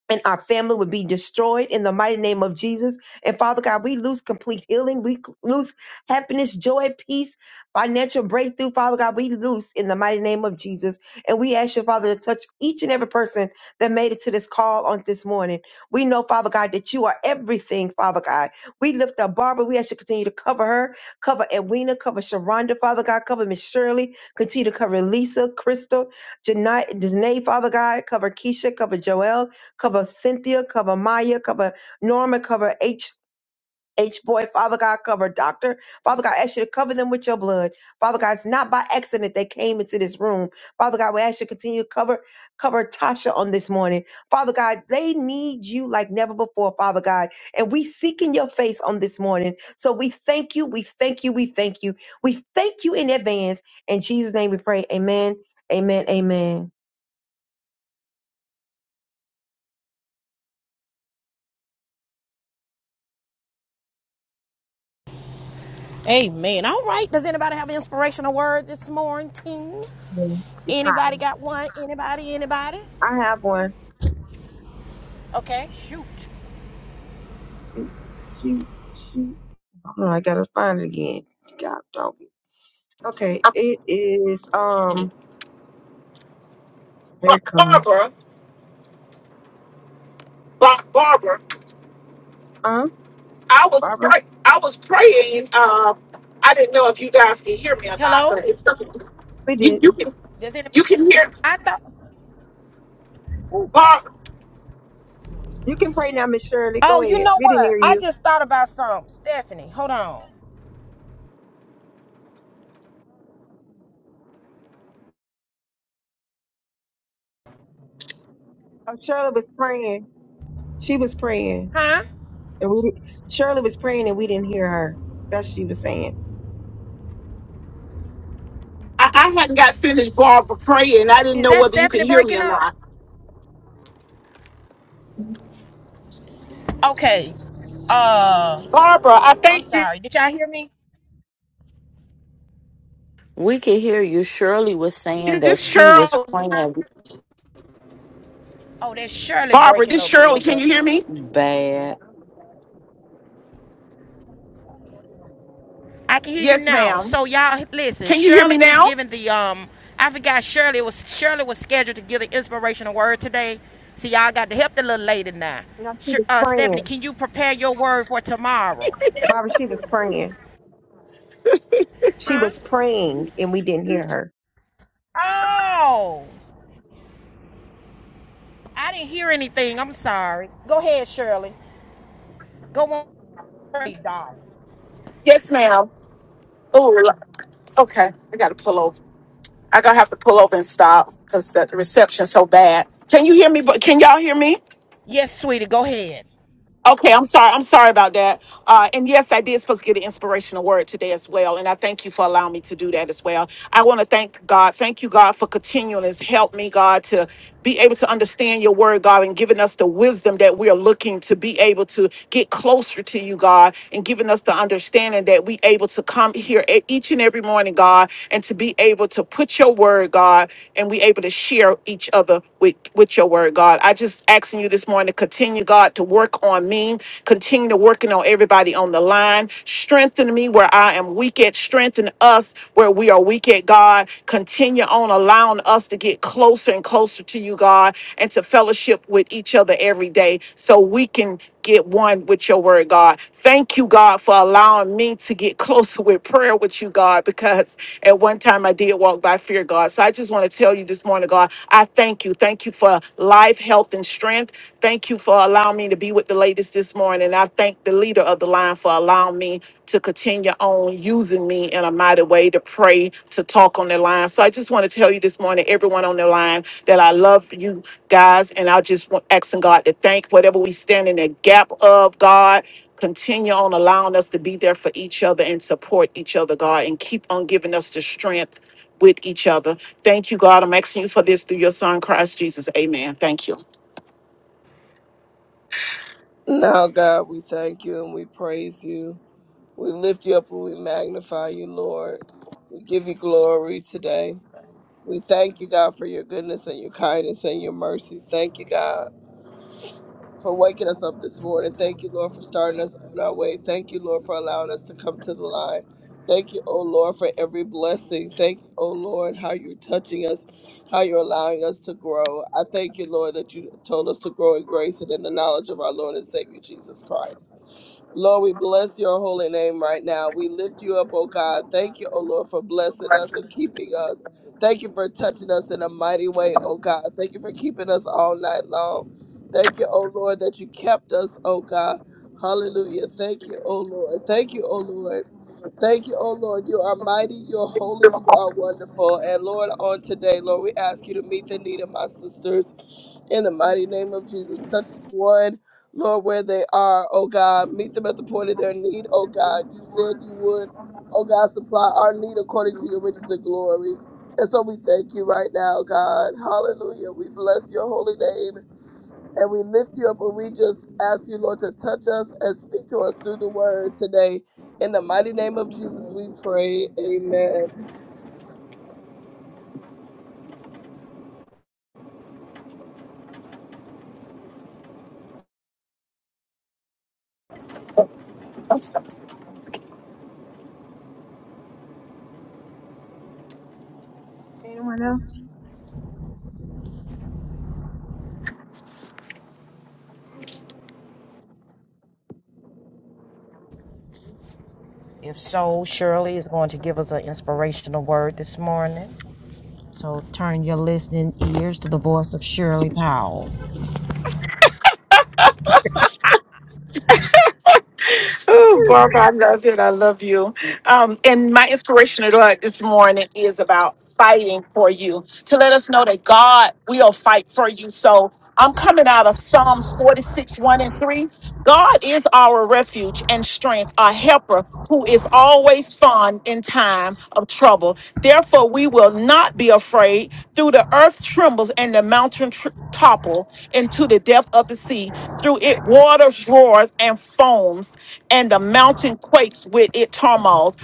Speaker 5: and our family would be destroyed in the mighty name of Jesus. And Father God, we lose complete healing. We lose happiness, joy, peace, financial breakthrough. Father God, we lose in the mighty name of Jesus. And we ask you, Father, to touch each and every person that made it to this call on this morning. We know, Father God, that you are everything, Father God. We lift up Barbara. We ask you to continue to cover her, cover Edwina, cover Sharonda, Father God, cover Miss Shirley, continue to cover Lisa, Crystal, Janae, Janae, Father God, cover Keisha, cover Joel, Cover Cynthia, cover Maya, cover Norma, cover H. H boy, Father God, cover doctor. Father God, I ask you to cover them with your blood. Father God, it's not by accident they came into this room. Father God, we ask you to continue to cover, cover Tasha on this morning. Father God, they need you like never before, Father God. And we seek in your face on this morning. So we thank you, we thank you, we thank you. We thank you in advance. In Jesus' name we pray. Amen. Amen. Amen.
Speaker 1: Amen. All right. Does anybody have an inspirational word this morning? Team?
Speaker 5: Amen. It's hot.
Speaker 1: Anybody got one? Anybody? Anybody?
Speaker 5: I have one.
Speaker 1: Okay. Shoot.
Speaker 5: Shoot, shoot, shoot. Hold on, I gotta find it again. God dog it. Okay, it is um here
Speaker 7: But
Speaker 5: it come.
Speaker 7: Barbara, Bar- Barbara,
Speaker 5: Huh?
Speaker 7: I was
Speaker 5: Barbara?
Speaker 7: pray- I was praying. Um, I didn't know if you guys can hear me or not,
Speaker 1: Hello.
Speaker 7: but it's something
Speaker 5: We
Speaker 7: you, you
Speaker 5: didn't.
Speaker 7: can
Speaker 1: Does anybody?
Speaker 7: you can hear.
Speaker 1: I thought.
Speaker 7: Bar-
Speaker 5: You can pray now, Miss Shirley. Go
Speaker 1: Oh, you
Speaker 5: ahead.
Speaker 1: know
Speaker 5: We didn't
Speaker 1: what?
Speaker 5: hear
Speaker 1: I
Speaker 5: you.
Speaker 1: just thought about something. Stephanie, hold on.
Speaker 5: Oh, Shirley was praying. She was praying.
Speaker 1: Huh?
Speaker 5: And we didn't- Shirley was praying and we didn't hear her. That's what she was saying.
Speaker 7: I, I hadn't got finished Barbara praying. I didn't
Speaker 1: Is
Speaker 7: know
Speaker 1: that
Speaker 7: whether you could
Speaker 1: Stephanie
Speaker 7: hear me
Speaker 1: breaking
Speaker 7: or
Speaker 1: up?
Speaker 7: not.
Speaker 1: Okay. Uh,
Speaker 7: Barbara, I
Speaker 1: I'm
Speaker 7: think
Speaker 1: sorry.
Speaker 7: this
Speaker 1: Did y'all hear me?
Speaker 2: We could hear you. Shirley was saying that
Speaker 7: this
Speaker 2: she was
Speaker 7: Cheryl
Speaker 2: praying
Speaker 1: Oh, that's Shirley
Speaker 7: Barbara,
Speaker 1: breaking
Speaker 7: this
Speaker 1: up real
Speaker 7: Shirley. Can
Speaker 1: bad.
Speaker 7: you hear me?
Speaker 2: bad.
Speaker 1: I can hear you
Speaker 7: Yes,
Speaker 1: now.
Speaker 7: ma'am.
Speaker 1: So y'all listen,
Speaker 7: Can you hear me
Speaker 1: Shirley is
Speaker 7: now?
Speaker 1: giving the um I forgot Shirley was Shirley was scheduled to give the inspirational word today. So y'all got to help the little lady now.
Speaker 5: No,
Speaker 1: Sh-
Speaker 5: she was
Speaker 1: uh Stephanie,
Speaker 5: praying.
Speaker 1: can you prepare your word for tomorrow?
Speaker 5: Barbara, she was praying. She
Speaker 1: Huh?
Speaker 5: was praying and we didn't hear her.
Speaker 1: Oh. I didn't hear anything. I'm sorry. Go ahead, Shirley. Go on, darling.
Speaker 7: Yes, ma'am. Oh, okay. I gotta pull over. I gotta have to pull over and stop because the reception's so bad. Can you hear me? But can y'all hear me?
Speaker 1: Yes, sweetie, go ahead.
Speaker 7: Okay, I'm sorry. I'm sorry about that. Uh, and yes, I did supposed to get an inspirational word today as well. And I thank you for allowing me to do that as well. I want to thank God. Thank you, God, for continuing to help me, God, to be able to understand your word, God, and giving us the wisdom that we are looking to be able to get closer to you, God, and giving us the understanding that we able to come here e- each and every morning, God, and to be able to put your word, God, and we able to share each other with, with your word, God. I just asking you this morning to continue, God. God, to work on me. Continue to working on everybody on the line. Strengthen me where I am weak at. Strengthen us where we are weak at, God. Continue on allowing us to get closer and closer to you, God, and to fellowship with each other every day so we can get one with your word, God. Thank you, God, for allowing me to get closer with prayer with you, God, because at one time I did walk by fear, God. So I just want to tell you this morning, God, I thank you. Thank you for life, health, and strength. Thank you for allowing me to be with the ladies this morning. I thank the leader of the line for allowing me to continue on using me in a mighty way to to pray, to talk on the line. So I just want to tell you this morning, everyone on the line, that I love you guys. And I just want asking God to thank whatever we stand in the gap of, God. Continue on allowing us to be there for each other and support each other, God, and keep on giving us the strength with each other. Thank you, God. I'm asking you for this through your son, Christ Jesus. Amen. Thank you.
Speaker 6: Now, God, we thank you and we praise you. We lift you up and we magnify you, Lord. We give you glory today. We thank you, God, for your goodness and your kindness and your mercy. Thank you, God, for waking us up this morning. Thank you, Lord, for starting us on our way. Thank you, Lord, for allowing us to come to the line. Thank you, oh Lord, for every blessing. Thank you, oh Lord, how you're touching us, how you're allowing us to grow. I thank you, Lord, that you told us to grow in grace and in the knowledge of our Lord and Savior Jesus Christ. Lord, we bless your holy name right now. We lift you up, oh God. Thank you, oh Lord, for blessing us and keeping us. Thank you for touching us in a mighty way, oh God. Thank you for keeping us all night long. Thank you, oh Lord, that you kept us, oh God. Hallelujah. Thank you, oh Lord. Thank you, oh Lord. Thank you, oh Lord. You are mighty, you are holy, you are wonderful. And Lord, on today, Lord, we ask you to meet the need of my sisters in the mighty name of Jesus. Touch each one, Lord, where they are, oh God. Meet them at the point of their need, oh God. You said you would, oh God, supply our need according to your riches and glory. And so we thank you right now, God. Hallelujah. We bless your holy name and we lift you up and we just ask you, Lord, to touch us and speak to us through the word today. In the mighty name of Jesus, we pray. Amen.
Speaker 5: Anyone else?
Speaker 1: If so, Shirley is going to give us an inspirational word this morning. So turn your listening ears to the voice of Shirley Powell.
Speaker 7: Oh, Barbara, I love it. I love you. Um, and my inspirational thought this morning is about fighting for you to let us know that God will fight for you. So I'm coming out of Psalms 46, 1 and 3. God is our refuge and strength, our helper who is always fond in time of trouble. Therefore, we will not be afraid. Through the earth trembles and the mountain tr- topple into the depth of the sea. Through it waters roars and foams, and the mountain quakes with it turmoil.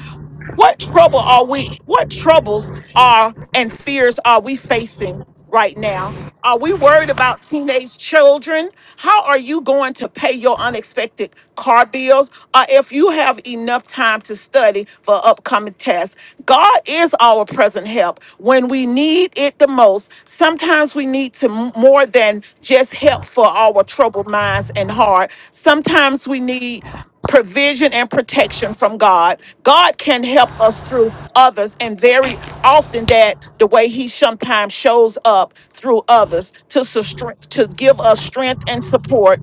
Speaker 7: What trouble are we? What troubles are and fears are we facing right now? Are we worried about teenage children? How are you going to pay your unexpected car bills? Or if you have enough time to study for upcoming tests? God is our present help when we need it the most. Sometimes we need to m- more than just help for our troubled minds and heart. Sometimes we need provision and protection from God. God can help us through others, and very often that the way He sometimes shows up through others to sus- to give us strength and support.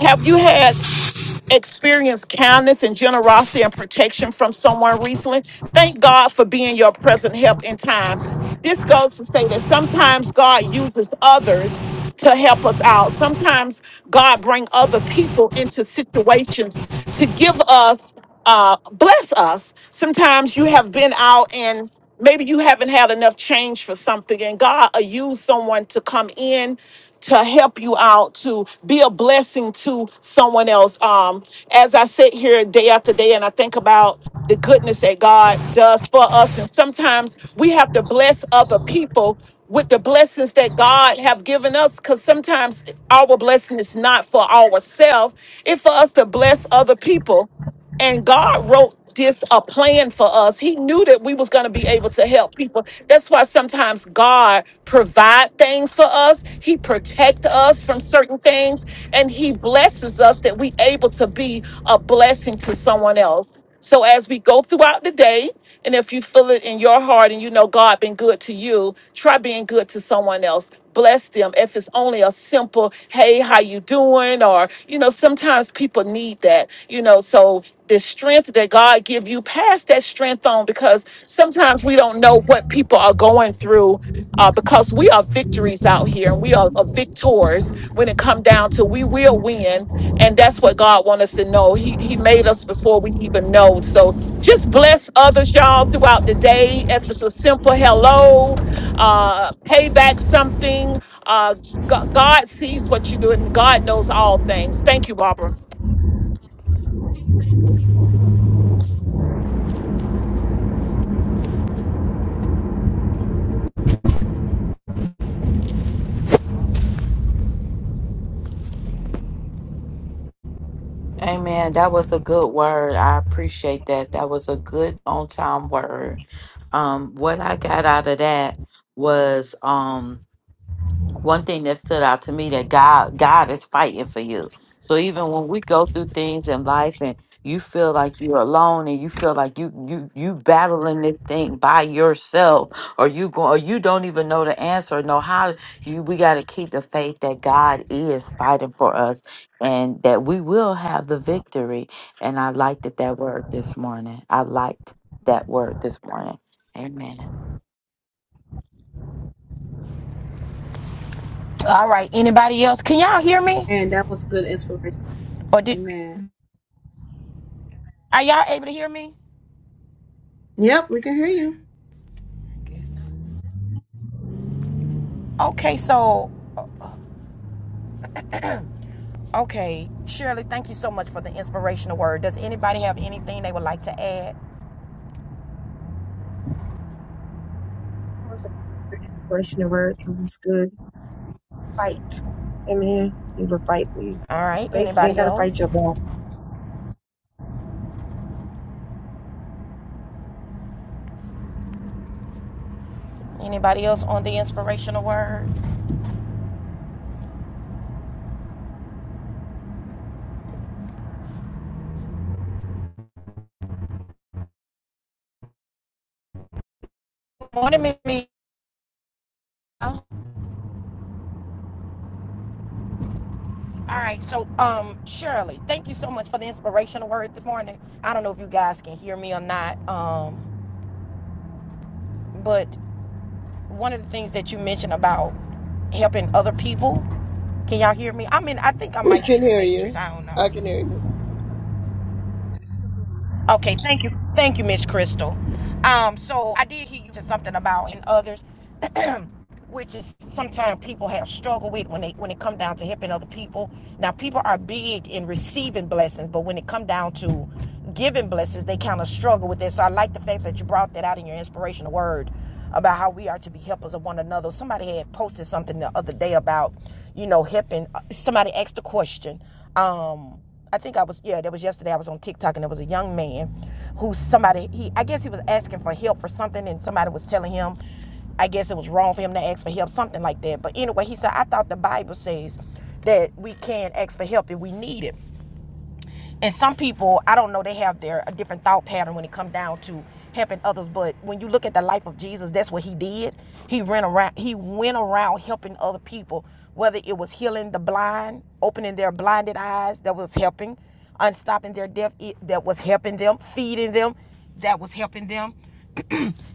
Speaker 7: Have you had? experienced kindness and generosity and protection from someone recently, thank God for being your present help in time. This goes to say that sometimes God uses others to help us out. Sometimes God bring other people into situations to give us, uh, bless us. Sometimes you have been out in maybe you haven't had enough change for something and god will use someone to come in to help you out to be a blessing to someone else um as i sit here day after day and i think about the goodness that god does for us and sometimes we have to bless other people with the blessings that god have given us because sometimes our blessing is not for ourselves it's for us to bless other people and God wrote this a plan for us. He knew that we was going to be able to help people. That's why sometimes God provide things for us. He protect us from certain things and he blesses us that we able to be a blessing to someone else. So as we go throughout the day, and if you feel it in your heart and you know God been good to you, try being good to someone else. Bless them. If it's only a simple, hey, how you doing? Or, you know, sometimes people need that, you know, so the strength that God give you, pass that strength on because sometimes we don't know what people are going through uh, because we are victorious victories out here and we are, are victors when it come down to we will win and that's what god wants us to know he, he made us before we even know so just bless others y'all throughout the day if it's a simple hello uh pay back something uh Go- god sees what you do and god knows all things thank you barbara
Speaker 2: Amen. That was a good word. I appreciate that. That was a good on time word. Um, what I got out of that was um one thing that stood out to me that God God is fighting for you. So even when we go through things in life and you feel like you're alone and you feel like you you you battling this thing by yourself or you go or you don't even know the answer or know how you we got to keep the faith that God is fighting for us and that we will have the victory and I liked it, that word this morning. I liked that word this morning. Amen.
Speaker 1: All right. Anybody else? Can y'all hear me?
Speaker 3: And that was good inspiration.
Speaker 1: Or did
Speaker 3: Amen.
Speaker 1: are y'all able to hear me?
Speaker 3: Yep, we can hear you.
Speaker 1: Okay, so okay, Shirley, thank you so much for the inspirational word. Does anybody have anything they would like to add?
Speaker 5: That was an inspirational word. It was good. fight. In here, he will fight for you.
Speaker 1: All right,
Speaker 5: Basically, you ain't
Speaker 1: anybody
Speaker 5: got to
Speaker 1: else?
Speaker 5: fight your battles.
Speaker 1: Anybody else on the inspirational word? Morning, Miss Mia. All right, so um, Shirley, thank you so much for the inspirational word this morning. I don't know if you guys can hear me or not, um, but one of the things that you mentioned about helping other people Can y'all hear me? I'm in. I think I
Speaker 6: We
Speaker 1: might be
Speaker 6: can
Speaker 1: in the
Speaker 6: hear
Speaker 1: Matrix.
Speaker 6: you.
Speaker 1: I don't
Speaker 6: I
Speaker 1: know.
Speaker 6: can hear you.
Speaker 1: Okay, thank you, thank you, Miss Crystal. Um, so I did hear you just something about in others, which is sometimes people have struggled with when they when it come down to helping other people. Now people are big in receiving blessings, but when it come down to giving blessings, they kind of struggle with it. So I like the fact that you brought that out in your inspirational word about how we are to be helpers of one another. Somebody had posted something the other day about, you know, helping. uh, Somebody asked a question. Um, I think I was yeah, that was yesterday. I was on TikTok and there was a young man who somebody he I guess he was asking for help for something and somebody was telling him I guess it was wrong for him to ask for help, something like that. But anyway, he said, I thought the Bible says that we can ask for help if we need it and some people i don't know they have their a different thought pattern when it comes down to helping others but when you look at the life of jesus that's what he did he ran around he went around helping other people whether it was healing the blind opening their blinded eyes that was helping unstopping their deaf that was helping them feeding them that was helping them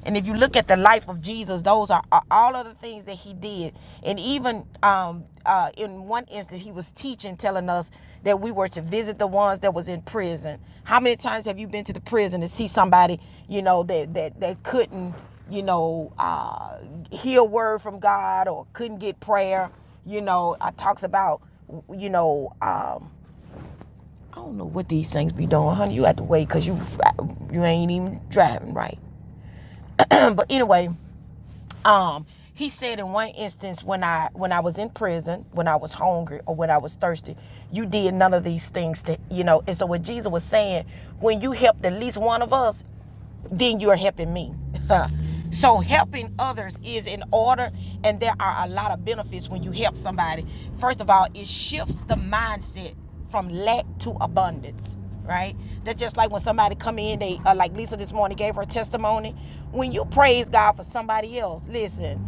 Speaker 1: and if you look at the life of Jesus, those are, are all of the things that he did. And even um, uh, in one instance, he was teaching, telling us that we were to visit the ones that was in prison. How many times have you been to the prison to see somebody, you know, that that that couldn't, you know, uh, hear word from God or couldn't get prayer? You know, I talks about, you know, um, I don't know what these things be doing, honey. You have to wait because you you ain't even driving right. but anyway um he said in one instance when i when i was in prison when i was hungry or when i was thirsty you did none of these things to you know and so what jesus was saying when you help at least one of us then you are helping me. so helping others is in order, and there are a lot of benefits when you help somebody. First of all, it shifts the mindset from lack to abundance right? That's just like when somebody come in, they uh, like Lisa this morning gave her testimony. When you praise God for somebody else, listen,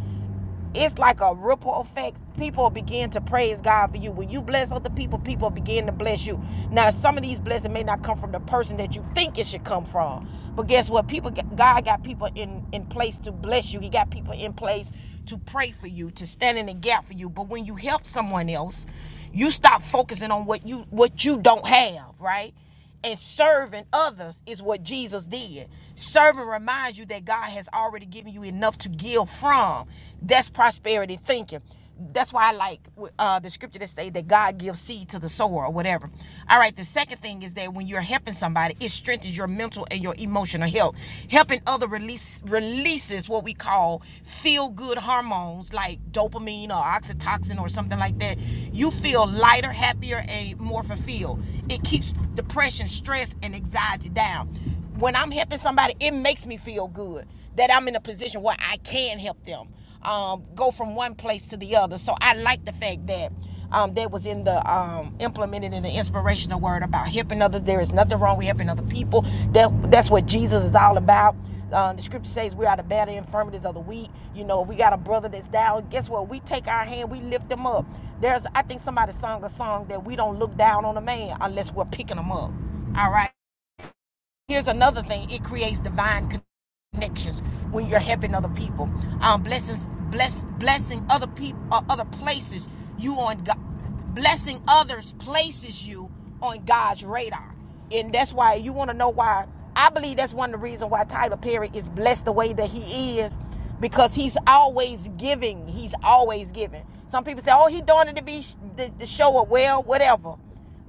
Speaker 1: it's like a ripple effect. People begin to praise God for you. When you bless other people, people begin to bless you. Now, some of these blessings may not come from the person that you think it should come from, but guess what? People, God got people in in place to bless you. He got people in place to pray for you, to stand in the gap for you. But when you help someone else, you stop focusing on what you what you don't have, right? and serving others is what Jesus did. Serving reminds you that God has already given you enough to give from. That's prosperity thinking. That's why I like uh, the scripture that say that God gives seed to the sower or whatever. All right. The second thing is that when you're helping somebody, it strengthens your mental and your emotional health. Helping other release release releases what we call feel good hormones like dopamine or oxytocin or something like that, you feel lighter, happier, and more fulfilled. It keeps depression, stress, and anxiety down. When I'm helping somebody, it makes me feel good that I'm in a position where I can help them um, go from one place to the other. So I like the fact that um, that was in the um, implemented in the inspirational word about helping others. There is nothing wrong with helping other people. That that's what Jesus is all about. Uh, the scripture says we are the better infirmities of the weak. You know, if we got a brother that's down, guess what? We take our hand, we lift them up. There's, I think somebody sung a song that we don't look down on a man unless we're picking them up. All right here's another thing it creates divine connections when you're helping other people um blessings bless blessing other people or other places you on god blessing others places you on god's radar and that's why you want to know why i believe that's one of the reasons why tyler perry is blessed the way that he is because he's always giving he's always giving some people say oh he doing it to be sh- the, the show or well whatever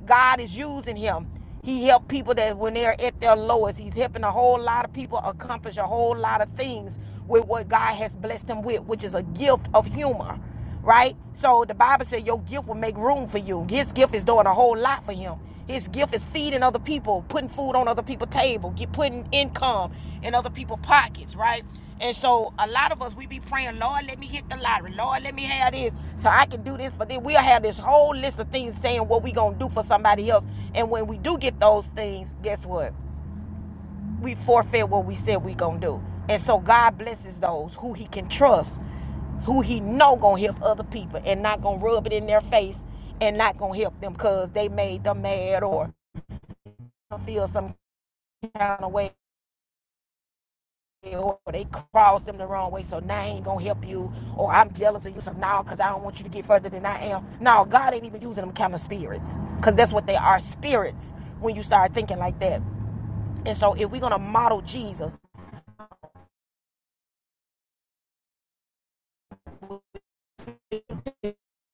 Speaker 1: God is using him. He helped people that when they're at their lowest, he's helping a whole lot of people accomplish a whole lot of things with what God has blessed them with, which is a gift of humor, right? So the Bible said your gift will make room for you. His gift is doing a whole lot for him. His gift is feeding other people, putting food on other people's table, get putting income in other people's pockets, right? And so a lot of us we be praying, Lord, let me hit the lottery. Lord, let me have this so I can do this for them. We'll have this whole list of things saying what we gonna do for somebody else. And when we do get those things, guess what? We forfeit what we said we gonna do. And so God blesses those who He can trust, who He know gonna help other people, and not gonna rub it in their face, and not gonna help them cause they made them mad or feel some kind of way or they crossed them the wrong way, so now I ain't gonna help you, or I'm jealous of you, so now because I don't want you to get further than I am. No, God ain't even using them kind of spirits, because that's what they are spirits when you start thinking like that. And so, if we're gonna model Jesus,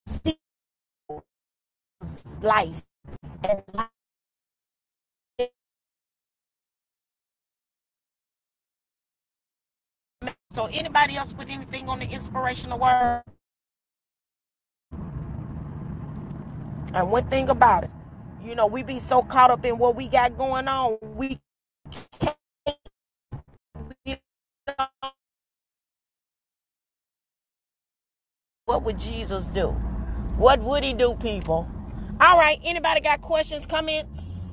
Speaker 1: Jesus' life, and life. so anybody else put anything on the inspirational word? And one thing about it, you know, we be so caught up in what we got going on, we we What would Jesus do? What would he do, people? All right, anybody got questions, comments?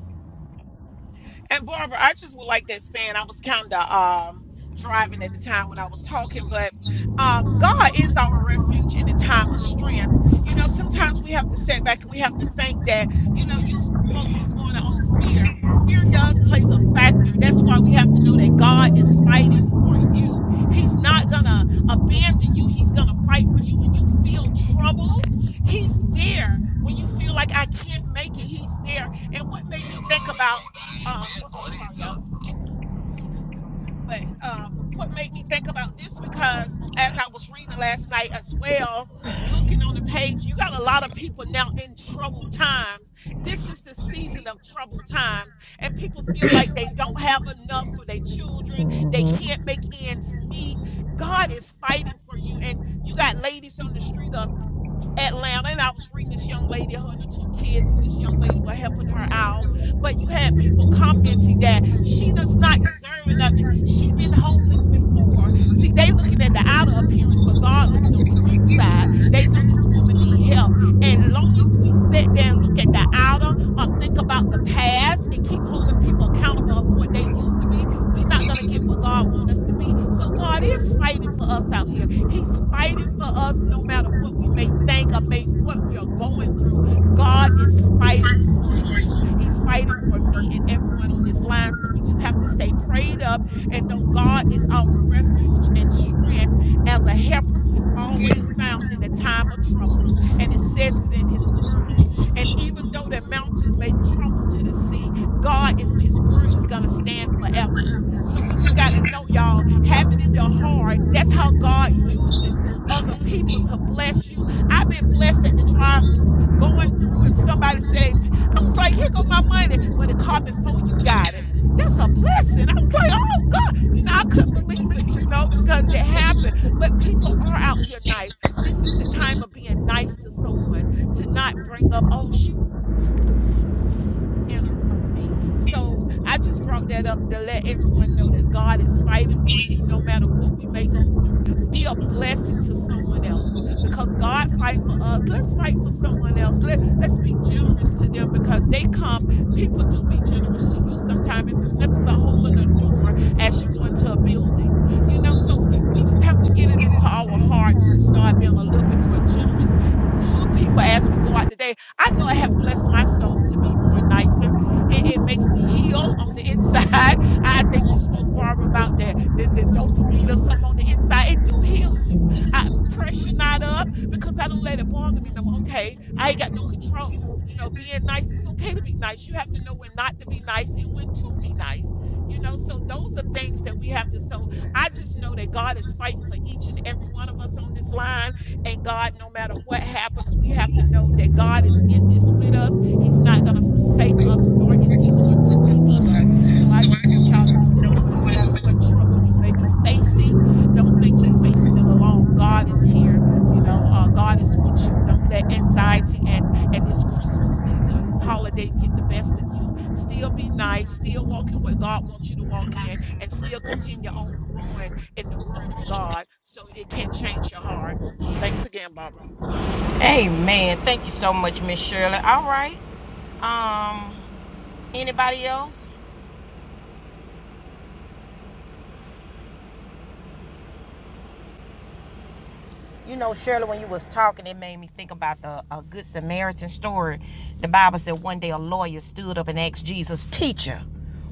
Speaker 1: Mm. So we just got to get on board. You got. So we just got to get on board. I'm
Speaker 7: People do be generous to you sometimes if it's nothing but holding the door.
Speaker 1: gonna be your man.
Speaker 7: I pressure not up.
Speaker 1: So I just
Speaker 7: Long God is here. You know, uh, God is with you. Don't let anxiety and and this Christmas season or these holidays get the best of you. Still be nice. Still walk in what God wants you to walk in, and still continue on growing in the Word of God, so it can change your heart. Thanks again, Barbara.
Speaker 1: Amen. Thank you so much, Miss Shirley. All right. Um, anybody else? you know, Shirley, when you was talking, it made me think about the a good Samaritan story. The Bible said one day a lawyer stood up and asked Jesus, "Teacher,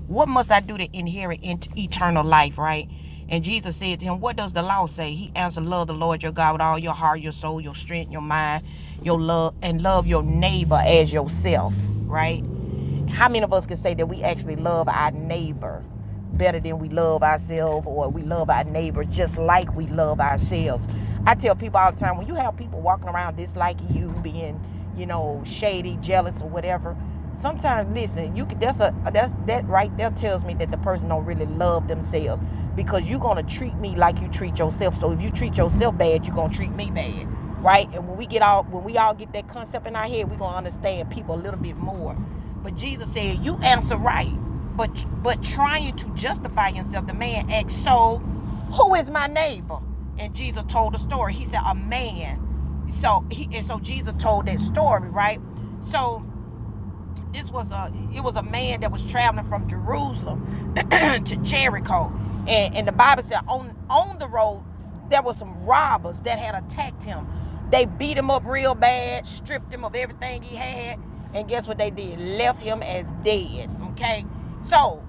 Speaker 1: what must I do to inherit eternal life?" Right? And Jesus said to him, "What does the law say?" He answered, "Love the Lord your God with all your heart, your soul, your strength, your mind, your love, and love your neighbor as yourself." Right? How many of us can say that we actually love our neighbor better than we love ourselves or we love our neighbor just like we love ourselves? I tell people all the time when you have people walking around disliking you, being, you know, shady, jealous, or whatever, sometimes listen, you could that's a that's that right there tells me that the person don't really love themselves because you're gonna treat me like you treat yourself. So if you treat yourself bad, you're gonna treat me bad right? And when we get all when we all get that concept in our head, we're gonna understand people a little bit more. But Jesus said, "You answer right, but but trying to justify himself, The man asked, "So, who is my neighbor?" And Jesus told the story. He said, "A man." So he and so Jesus told that story, right? So this was a it was a man that was traveling from Jerusalem to Jericho, and, and the Bible said on on the road there were some robbers that had attacked him. They beat him up real bad, stripped him of everything he had, and guess what they did? Left him as dead. Okay, so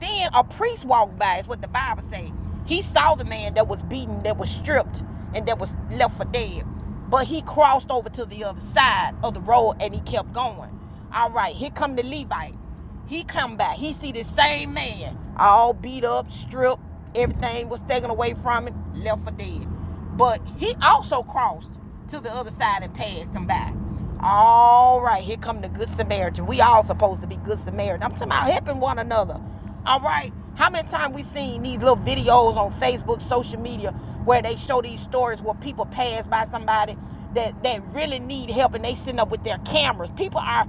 Speaker 1: then a priest walked by, is what the Bible say. He saw the man that was beaten, that was stripped, and that was left for dead. But he crossed over to the other side of the road and he kept going. All right, here come the Levite. He come back. He see the same man, all beat up, stripped, everything was taken away from him, left for dead. But he also crossed to the other side and passed him by. All right, here come the good Samaritan. We all supposed to be good Samaritan. I'm talking about helping one another. All right. How many times we seen these little videos on Facebook, social media, where they show these stories where people pass by somebody that, that really need help and they sitting up with their cameras. People are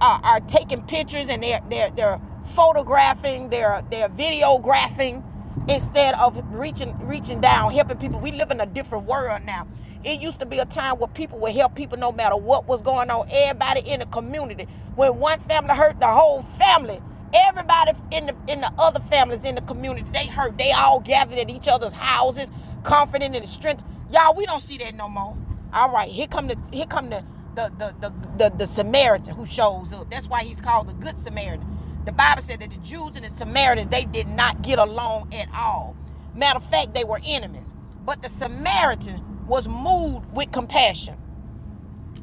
Speaker 1: are, are taking pictures and they're they're they're photographing, they're they're videographing instead of reaching reaching down helping people we live in a different world now it used to be a time where people would help people no matter what was going on everybody in the community when one family hurt the whole family everybody in the in the other families in the community they hurt they all gathered at each other's houses confident in the strength y'all we don't see that no more all right here come the here come the the the the, the, the samaritan who shows up that's why he's called the good samaritan the Bible said that the Jews and the Samaritans, they did not get along at all. Matter of fact, they were enemies. But the Samaritan was moved with compassion.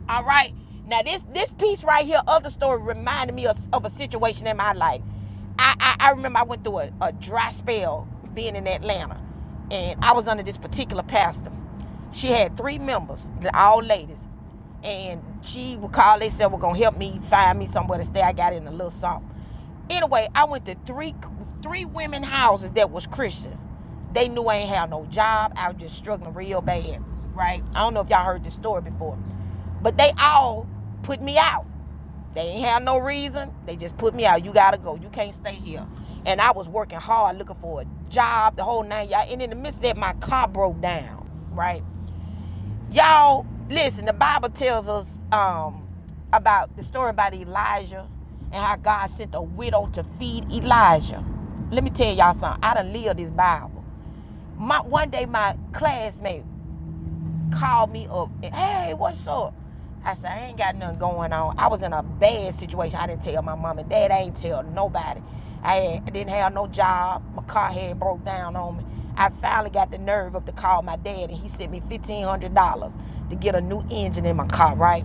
Speaker 1: All right. Now this this piece right here of the story reminded me of, of a situation in my life. I, I I remember I went through a, a dry spell being in Atlanta, and I was under this particular pastor. She had three members, all ladies, and she would call. They said, "We're gonna help me find me somewhere to stay." I got in a little something. Anyway, I went to three three women houses that was Christian. They knew I ain't had no job. I was just struggling real bad, right? I don't know if y'all heard this story before. But they all put me out. They ain't have no reason. They just put me out. You gotta go. You can't stay here. And I was working hard looking for a job, the whole nine y'all. And in the midst of that, my car broke down. Right? Y'all, listen, the Bible tells us um about the story about Elijah and how God sent a widow to feed Elijah. Let me tell y'all something. I done lived this Bible. My one day my classmate called me up. And, hey, what's up? I said, I ain't got nothing going on. I was in a bad situation. I didn't tell my mom and dad. I ain't tell nobody. I, had, I didn't have no job. My car had broke down on me. I finally got the nerve up to call my dad, and he sent me $1,500 to get a new engine in my car, right?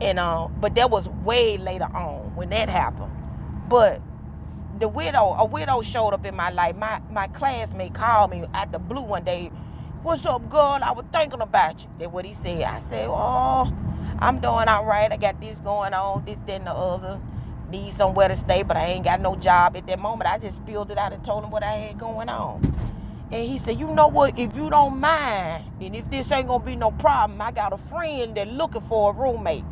Speaker 1: And um, but that was way later on when that happened. But the widow, a widow showed up in my life. My my classmate called me at the blue one day. What's up, girl? I was thinking about you. That's what he said. I said, Oh, I'm doing all right. I got this going on, this, that, and the other. Need somewhere to stay, but I ain't got no job at that moment. I just spilled it out and told him what I had going on. And he said, you know what, if you don't mind, and if this ain't gonna be no problem, I got a friend that looking for a roommate.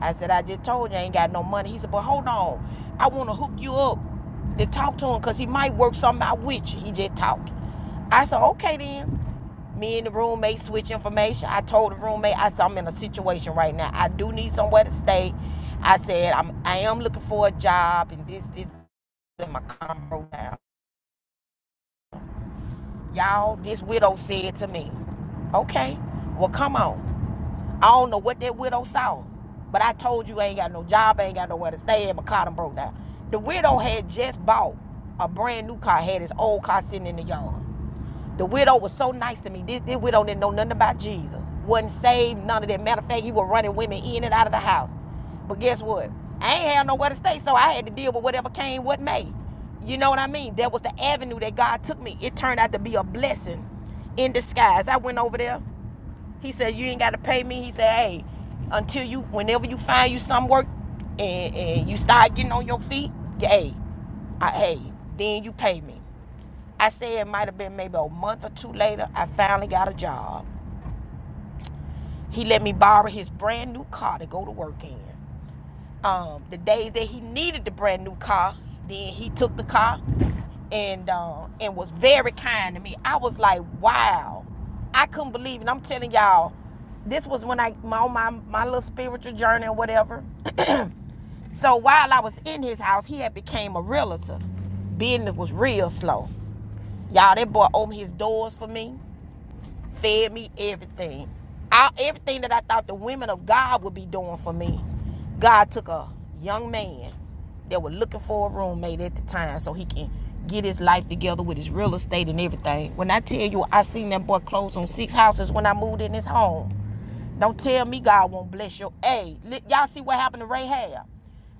Speaker 1: I said, I just told you I ain't got no money. He said, but hold on, I wanna hook you up to talk to him because he might work something out with you. He just talk. I said, okay then. Me and the roommate switch information. I told the roommate, I said, I'm in a situation right now. I do need somewhere to stay. I said, I'm I am looking for a job and this, this, and my combo down. Y'all, this widow said to me, okay, well come on. I don't know what that widow saw, but I told you I ain't got no job, I ain't got nowhere to stay, and my car done broke down. The widow had just bought a brand new car, had his old car sitting in the yard. The widow was so nice to me. This, this widow didn't know nothing about Jesus. Wasn't saved, none of that. Matter of fact, he was running women in and out of the house. But guess what? I ain't had nowhere to stay, so I had to deal with whatever came, what may. You know what I mean? That was the avenue that God took me. It turned out to be a blessing in disguise. I went over there. He said, You ain't gotta pay me. He said, Hey, until you whenever you find you some work and, and you start getting on your feet, yeah, hey, I, hey, then you pay me. I say it might have been maybe a month or two later, I finally got a job. He let me borrow his brand new car to go to work in. Um, the days that he needed the brand new car, then he took the car and uh, and was very kind to me. I was like, wow, I couldn't believe it. I'm telling y'all, this was when I my my my little spiritual journey or whatever. So while I was in his house, he had became a realtor. Business was real slow. Y'all, that boy opened his doors for me fed me everything. I, everything that I thought the women of God would be doing for me, God took a young man that was looking for a roommate at the time so he can get his life together with his real estate and everything. When I tell you I seen that boy close on six houses when I moved in his home, don't tell me God won't bless your. aid. Hey, y'all see what happened to Rahab?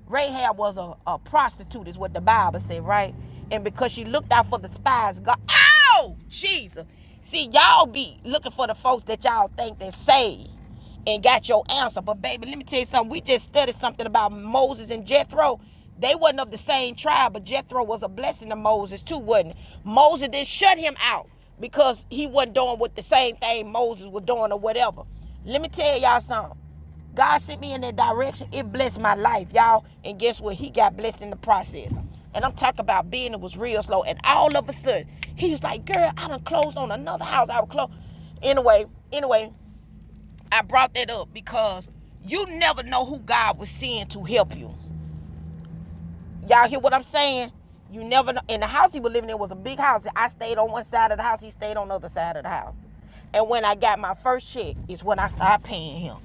Speaker 1: Rahab was a, a prostitute, is what the Bible said, right? And because she looked out for the spies, God, oh, Jesus. See, y'all be looking for the folks that y'all think they saved and got your answer. But baby, let me tell you something. We just studied something about Moses and Jethro. They wasn't of the same tribe, but Jethro was a blessing to Moses too, wasn't it? Moses didn't shut him out because he wasn't doing what the same thing Moses was doing or whatever. Let me tell y'all something. God sent me in that direction. It blessed my life, y'all. And guess what? He got blessed in the process. And I'm talking about being it was real slow. And all of a sudden, he was like, girl, I done closed on another house. I was close. Anyway, anyway, I brought that up because you never know who God was seeing to help you. Y'all hear what I'm saying? You never know. And the house he was living in was a big house. I stayed on one side of the house. He stayed on the other side of the house. And when I got my first check, is when I started paying him.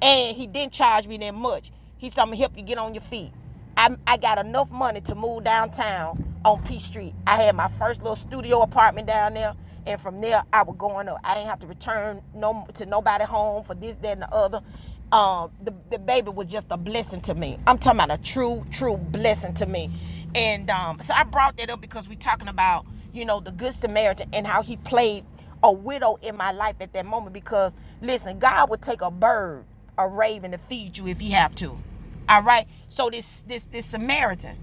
Speaker 1: And he didn't charge me that much. He said, I'm going to help you get on your feet. I, I got enough money to move downtown on P Street. I had my first little studio apartment down there. And from there, I was going up. I ain't have to return no to nobody home for this, that, and the other um the, the baby was just a blessing to me i'm talking about a true true blessing to me and um so i brought that up because we're talking about you know the good samaritan and how he played a widow in my life at that moment because listen god would take a bird a raven to feed you if he have to all right so this this this samaritan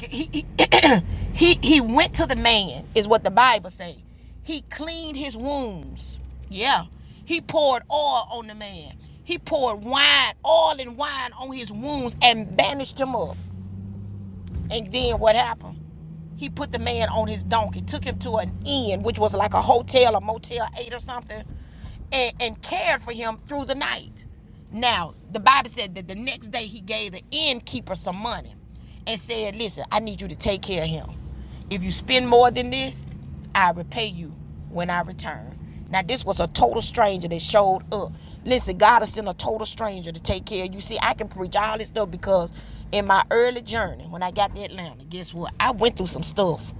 Speaker 1: he he, he he went to the man is what the bible say he cleaned his wounds yeah he poured oil on the man he poured wine oil and wine on his wounds and bandaged him up and then what happened? He put the man on his donkey, took him to an inn, which was like a hotel, a motel eight or something, and, and cared for him through the night. Now, the Bible said that the next day he gave the innkeeper some money and said, Listen, I need you to take care of him. If you spend more than this, I repay you when I return. Now this was a total stranger that showed up. Listen, God has sent a total stranger to take care of you. See, I can preach all this stuff because in my early journey, when I got to Atlanta, guess what? I went through some stuff.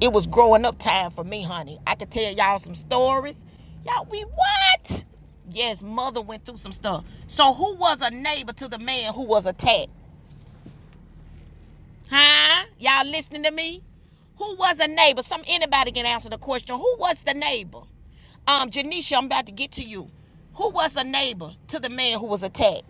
Speaker 1: It was growing up time for me, honey. I could tell y'all some stories. Y'all, we what? Yes, mother went through some stuff. So who was a neighbor to the man who was attacked? Huh? Y'all listening to me? Who was a neighbor? Some anybody can answer the question. Who was the neighbor? Um, Janisha, I'm about to get to you. Who was a neighbor to the man who was attacked?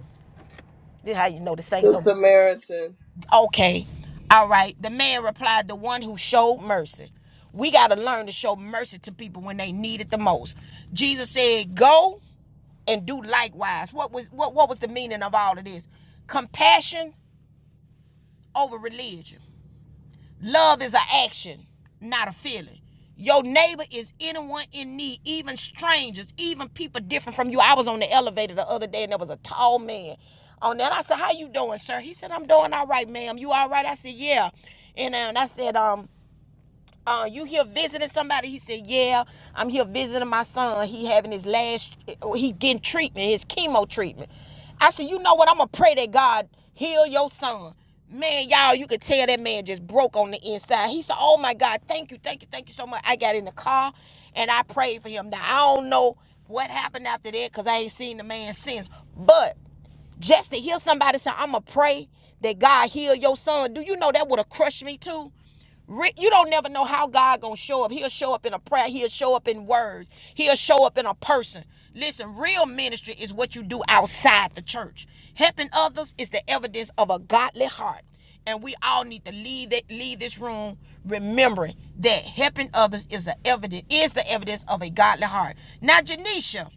Speaker 1: This how you know the saints
Speaker 6: The
Speaker 1: don't. Be-
Speaker 6: Samaritan.
Speaker 1: okay, all right. The man replied, "The one who showed mercy." We gotta learn to show mercy to people when they need it the most. Jesus said, "Go and do likewise." What was what? What was the meaning of all of this? Compassion over religion. Love is an action, not a feeling. Your neighbor is anyone in need, even strangers, even people different from you. I was on the elevator the other day and there was a tall man on there. And I said, How you doing, sir? He said, I'm doing all right, ma'am. You all right? I said, Yeah. And, um, I said, um, uh, you here visiting somebody? He said, yeah, I'm here visiting my son. He having his last, he getting treatment, his chemo treatment. I said, you know what? I'm going to pray that God heal your son. Man, y'all, you could tell that man just broke on the inside. He said, oh my God, thank you, thank you, thank you so much. I got in the car and I prayed for him. Now, I don't know what happened after that because I ain't seen the man since. But just to hear somebody say, I'm going to pray that God heal your son, do you know that would have crushed me too? You don't never know how God gonna show up. He'll show up in a prayer. He'll show up in words. He'll show up in a person. Listen, real ministry is what you do outside the church. Helping others is the evidence of a godly heart, and we all need to leave that leave this room remembering that helping others is the evidence is the evidence of a godly heart. Now, Janisha,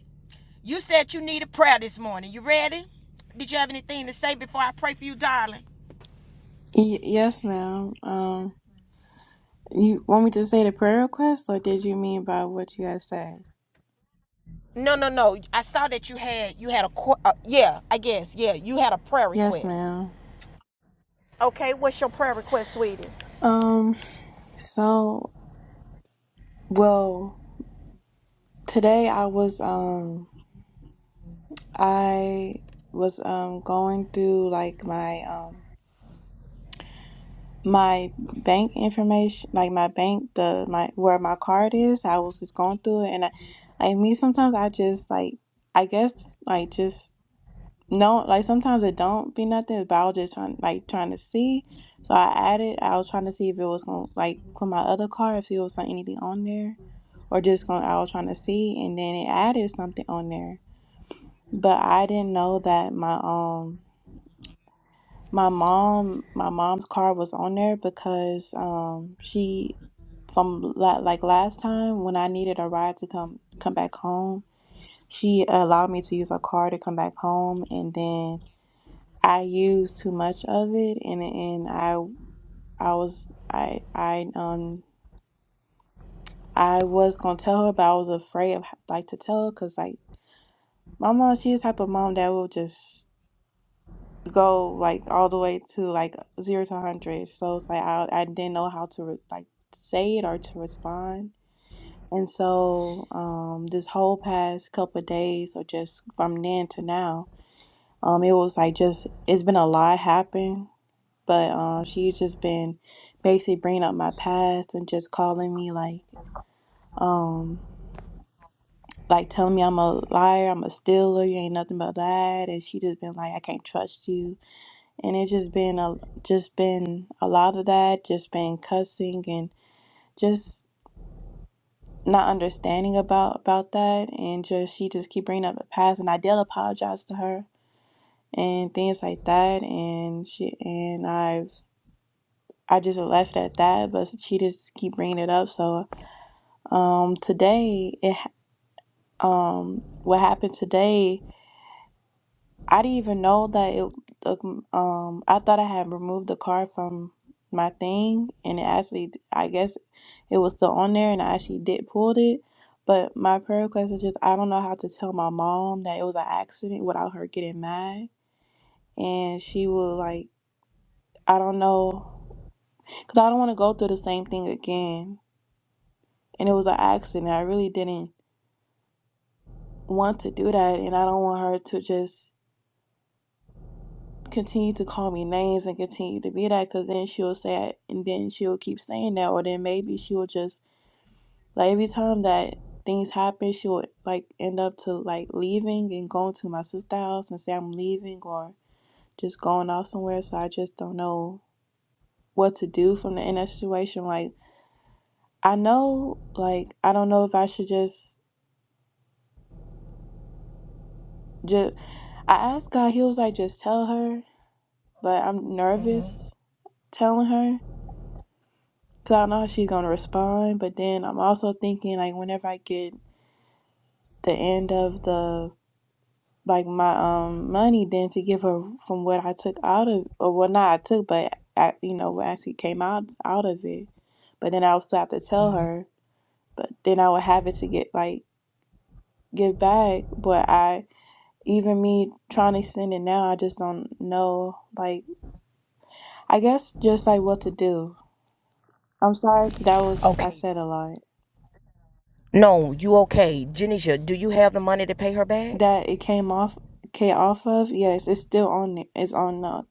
Speaker 1: you said you needed prayer this morning. You ready? Did you have anything to say before I pray for you, darling?
Speaker 8: Y- yes, ma'am. Um, you want me to say the prayer request, or did you mean by what you guys said?
Speaker 1: No, no, no. I saw that you had you had a uh, yeah, I guess. Yeah, you had a prayer
Speaker 8: Yes,
Speaker 1: request.
Speaker 8: ma'am.
Speaker 1: Okay, what's your prayer request, sweetie?
Speaker 8: Um, so well, today I was um I was um going through like my um my bank information, like my bank the my where my card is. I was just going through it, and I, I mean sometimes I just like I guess like just No, like sometimes it don't be nothing, but I was just trying like trying to see. So I added, I was trying to see if it was gonna like for my other car, if it was like anything on there. Or just gonna I was trying to see and then it added something on there. But I didn't know that my um my mom my mom's car was on there because um she from la- like last time when I needed a ride to come come back home, she allowed me to use her car to come back home and then I used too much of it, and and I I was I I um I was gonna tell her, but I was afraid of like to tell her because like my mom, she's the type of mom that will just go like all the way to like zero to hundred. So it's like I I didn't know how to re- like say it or to respond. And so um this whole past couple of days or just from then to now, um it was like just it's been a lot happen but um, she's just been basically bringing up my past and just calling me like, um, like telling me I'm a liar, I'm a stealer, you ain't nothing but that, and she just been like, I can't trust you, and it's just been a just been a lot of that, just been cussing and just not understanding about about that, and just she just keep bringing up the past, and I did apologize to her and things like that, and she and I've I just left it at that, but she just keep bringing it up, so. Um, today, it um, what happened today? I didn't even know that it. Um, I thought I had removed the card from my thing, and it actually, I guess, it was still on there, and I actually did pulled it. But my prayer request is just I don't know how to tell my mom that it was an accident without her getting mad, and she will like I don't know because I don't want to go through the same thing again. And it was an accident. I really didn't want to do that, and I don't want her to just continue to call me names and continue to be that because then she'll say it and then she'll keep saying that or then maybe she'll just like every time that things happen she'll like end up to like leaving and going to my sister's house and say i'm leaving or just going off somewhere so i just don't know what to do from the in that situation like i know like i don't know if i should just just i asked god he was like just tell her but i'm
Speaker 1: Mhm.
Speaker 8: nervous telling her Cause I know how she's gonna respond, but then I'm also thinking like whenever I get the end of the like my um money, then to give her from what I took out of or well not I took, but I, you know what actually came out out of it. But then I would still have to tell her. But then I would have it to get like give back. But I even me trying to send it now, I just don't know. Like I guess just like what to do. I'm sorry if that was I
Speaker 1: Okay.
Speaker 8: said a lot.
Speaker 1: No, you okay. Janisha, do you have the money to pay her back?
Speaker 8: that it came off came off of, yes, it's still on it. It's on the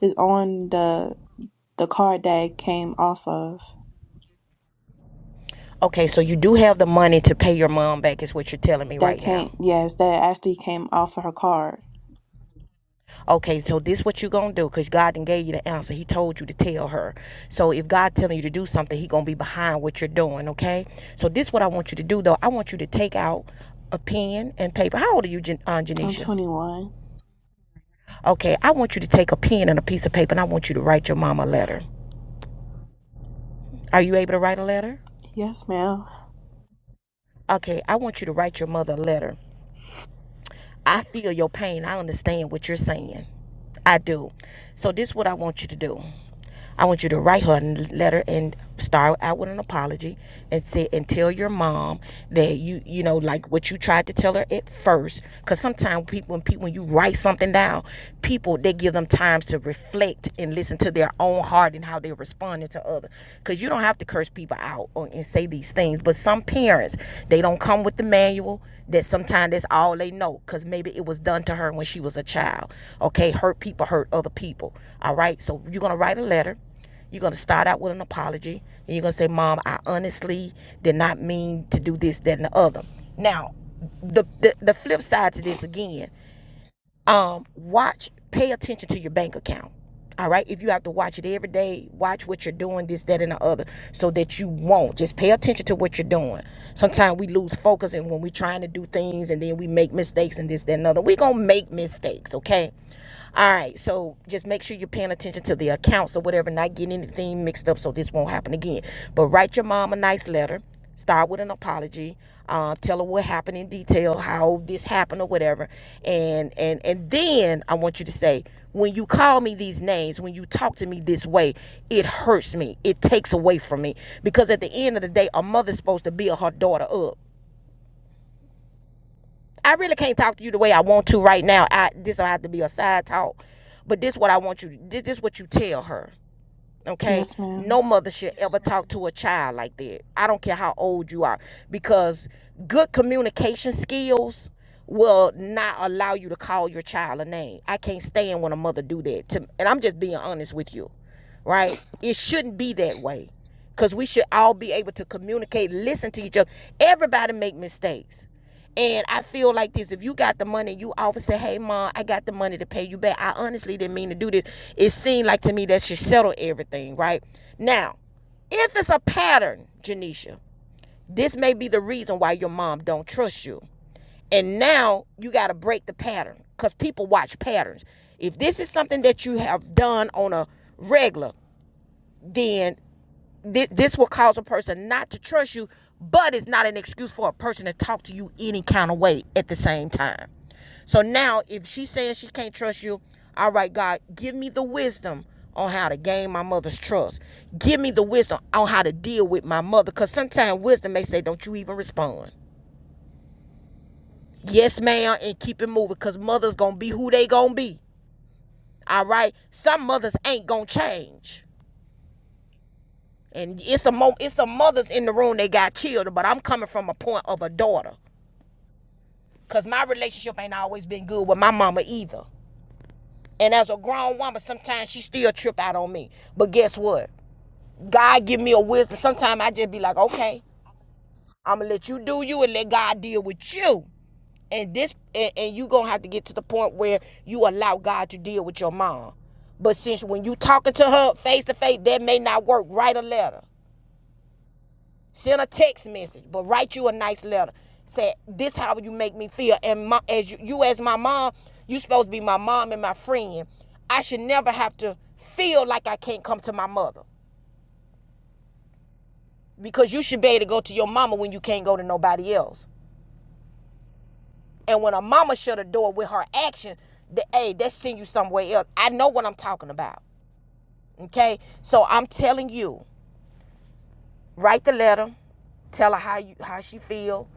Speaker 8: it's on the the card that it came off of.
Speaker 1: Okay, so you do have the money to pay your mom back, is what you're telling me
Speaker 8: That
Speaker 1: right now.
Speaker 8: came yes, that actually came off of her card.
Speaker 1: Okay, so this what you gonna do? Cause God did gave you the answer. He told you to tell her. So if God telling you to do something, He gonna be behind what you're doing. Okay. So this what I want you to do though. I want you to take out a pen and paper. How old are you, Jan- uh,
Speaker 8: I'm
Speaker 1: Janisha?
Speaker 8: 21.
Speaker 1: Okay, I want you to take a pen and a piece of paper, and I want you to write your mama a letter. Are you able to write a letter?
Speaker 8: Yes, ma'am.
Speaker 1: Okay, I want you to write your mother a letter. I feel your pain. I understand what you're saying. I do. So this is what I want you to do. I want you to write her a letter and start out with an apology and say and tell your mom that you you know like what you tried to tell her at first. Cause sometimes people when people when you write something down, people they give them times to reflect and listen to their own heart and how they're responding to others. Cause you don't have to curse people out or, and say these things, but some some parents they don't come with the manual that sometimes that's all they know because maybe it was done to her when she was a child okay hurt people hurt other people all right so you're gonna write a letter you're gonna start out with an apology and you're gonna say mom i honestly did not mean to do this that and the other now the, the the flip side to this again um, watch, pay attention to your bank account. All right. If you have to watch it every day, watch what you're doing, this, that, and the other, so that you won't. Just pay attention to what you're doing. Sometimes we lose focus and when we're trying to do things and then we make mistakes and this, that, and the other. We're going to make mistakes. Okay. All right. So just make sure you're paying attention to the accounts or whatever, not getting anything mixed up so this won't happen again. But write your mom a nice letter start with an apology uh, tell her what happened in detail how this happened or whatever and and and then i want you to say when you call me these names when you talk to me this way it hurts me it takes away from me because at the end of the day a mother's supposed to build her daughter up i really can't talk to you the way i want to right now I, this will have to be a side talk but this what i want you to this, this what you tell her Okay?
Speaker 8: Yes, ma'am.
Speaker 1: No mother should ever talk to a child like that. I don't care how old you are because good communication skills will not allow you to call your child a name. I can't stand when a mother do that to and I'm just being honest with you. Right? It shouldn't be that way. Cuz we should all be able to communicate, listen to each other. Everybody make mistakes. And I feel like this: if you got the money, you always say, "Hey, mom, I got the money to pay you back." I honestly didn't mean to do this. It seemed like to me that should settle everything, right? Now, if it's a pattern, Janisha, this may be the reason why your mom don't trust you. And now you got to break the pattern because people watch patterns. If this is something that you have done on a regular, then thi- this will cause a person not to trust you, but it's not an excuse for a person to talk to you any kind of way at the same time. So now, if she's saying she can't trust you, all right, God, give me the wisdom on how to gain my mother's trust. Give me the wisdom on how to deal with my mother, because sometimes wisdom may say, don't you even respond. Yes, ma'am, and keep it moving, because mother's going to be who they going to be. All right? Some mothers ain't going to change. And it's a mo- it's some mothers in the room they got children, but I'm coming from a point of a daughter. Cause my relationship ain't always been good with my mama either. And as a grown woman, sometimes she still trip out on me. But guess what? God give me a wisdom. Sometimes I just be like, okay, I'ma let you do you and let God deal with you. And this and, and you gonna have to get to the point where you allow God to deal with your mom. But since when you talking to her face to face, that may not work. Write a letter. Send a text message, but write you a nice letter. Say this how you make me feel, and my, as you, you as my mom, you supposed to be my mom and my friend. I should never have to feel like I can't come to my mother because you should be able to go to your mama when you can't go to nobody else. And when a mama shut a door with her action, the, hey, that send you somewhere else. I know what I'm talking about. Okay, so I'm telling you, write the letter, tell her how you how she feel,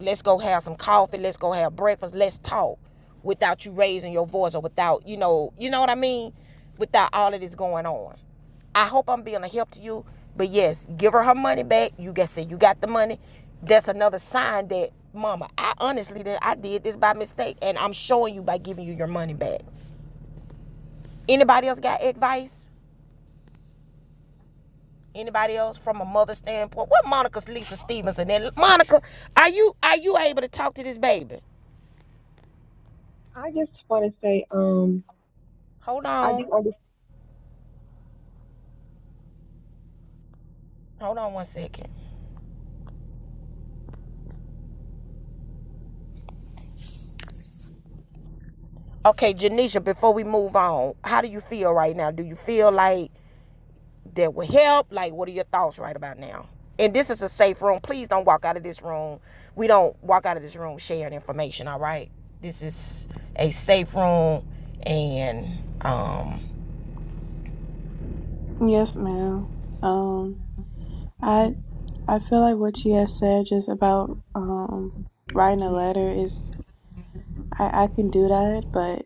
Speaker 1: Let's go have some coffee. Let's go have breakfast. Let's talk without you raising your voice or without, you know, you know what I mean? Without all of this going on. I hope I'm being a help to you. But yes, give her her money back. You guys say you got the money. That's another sign that, mama, I honestly that I did this by mistake, and I'm showing you by giving you your money back. Anybody else got advice? Anybody else from a mother standpoint? What Monica's Lisa Stevenson? And Monica, are you are you able to talk to this baby?
Speaker 5: I just want to say, um,
Speaker 1: Hold
Speaker 5: I do.
Speaker 1: on.
Speaker 5: under-
Speaker 1: Hold on one second. Okay, Janisha, before we move on, how do you feel right now? Do you feel like that will help? Like, what are your thoughts right about now? And this is a safe room. Please don't walk out of this room. We don't walk out of this room sharing information, all right? This is a safe room, and um,
Speaker 8: Yes, ma'am. Um, I I feel like what you had said just about um writing a letter is I I can do that, but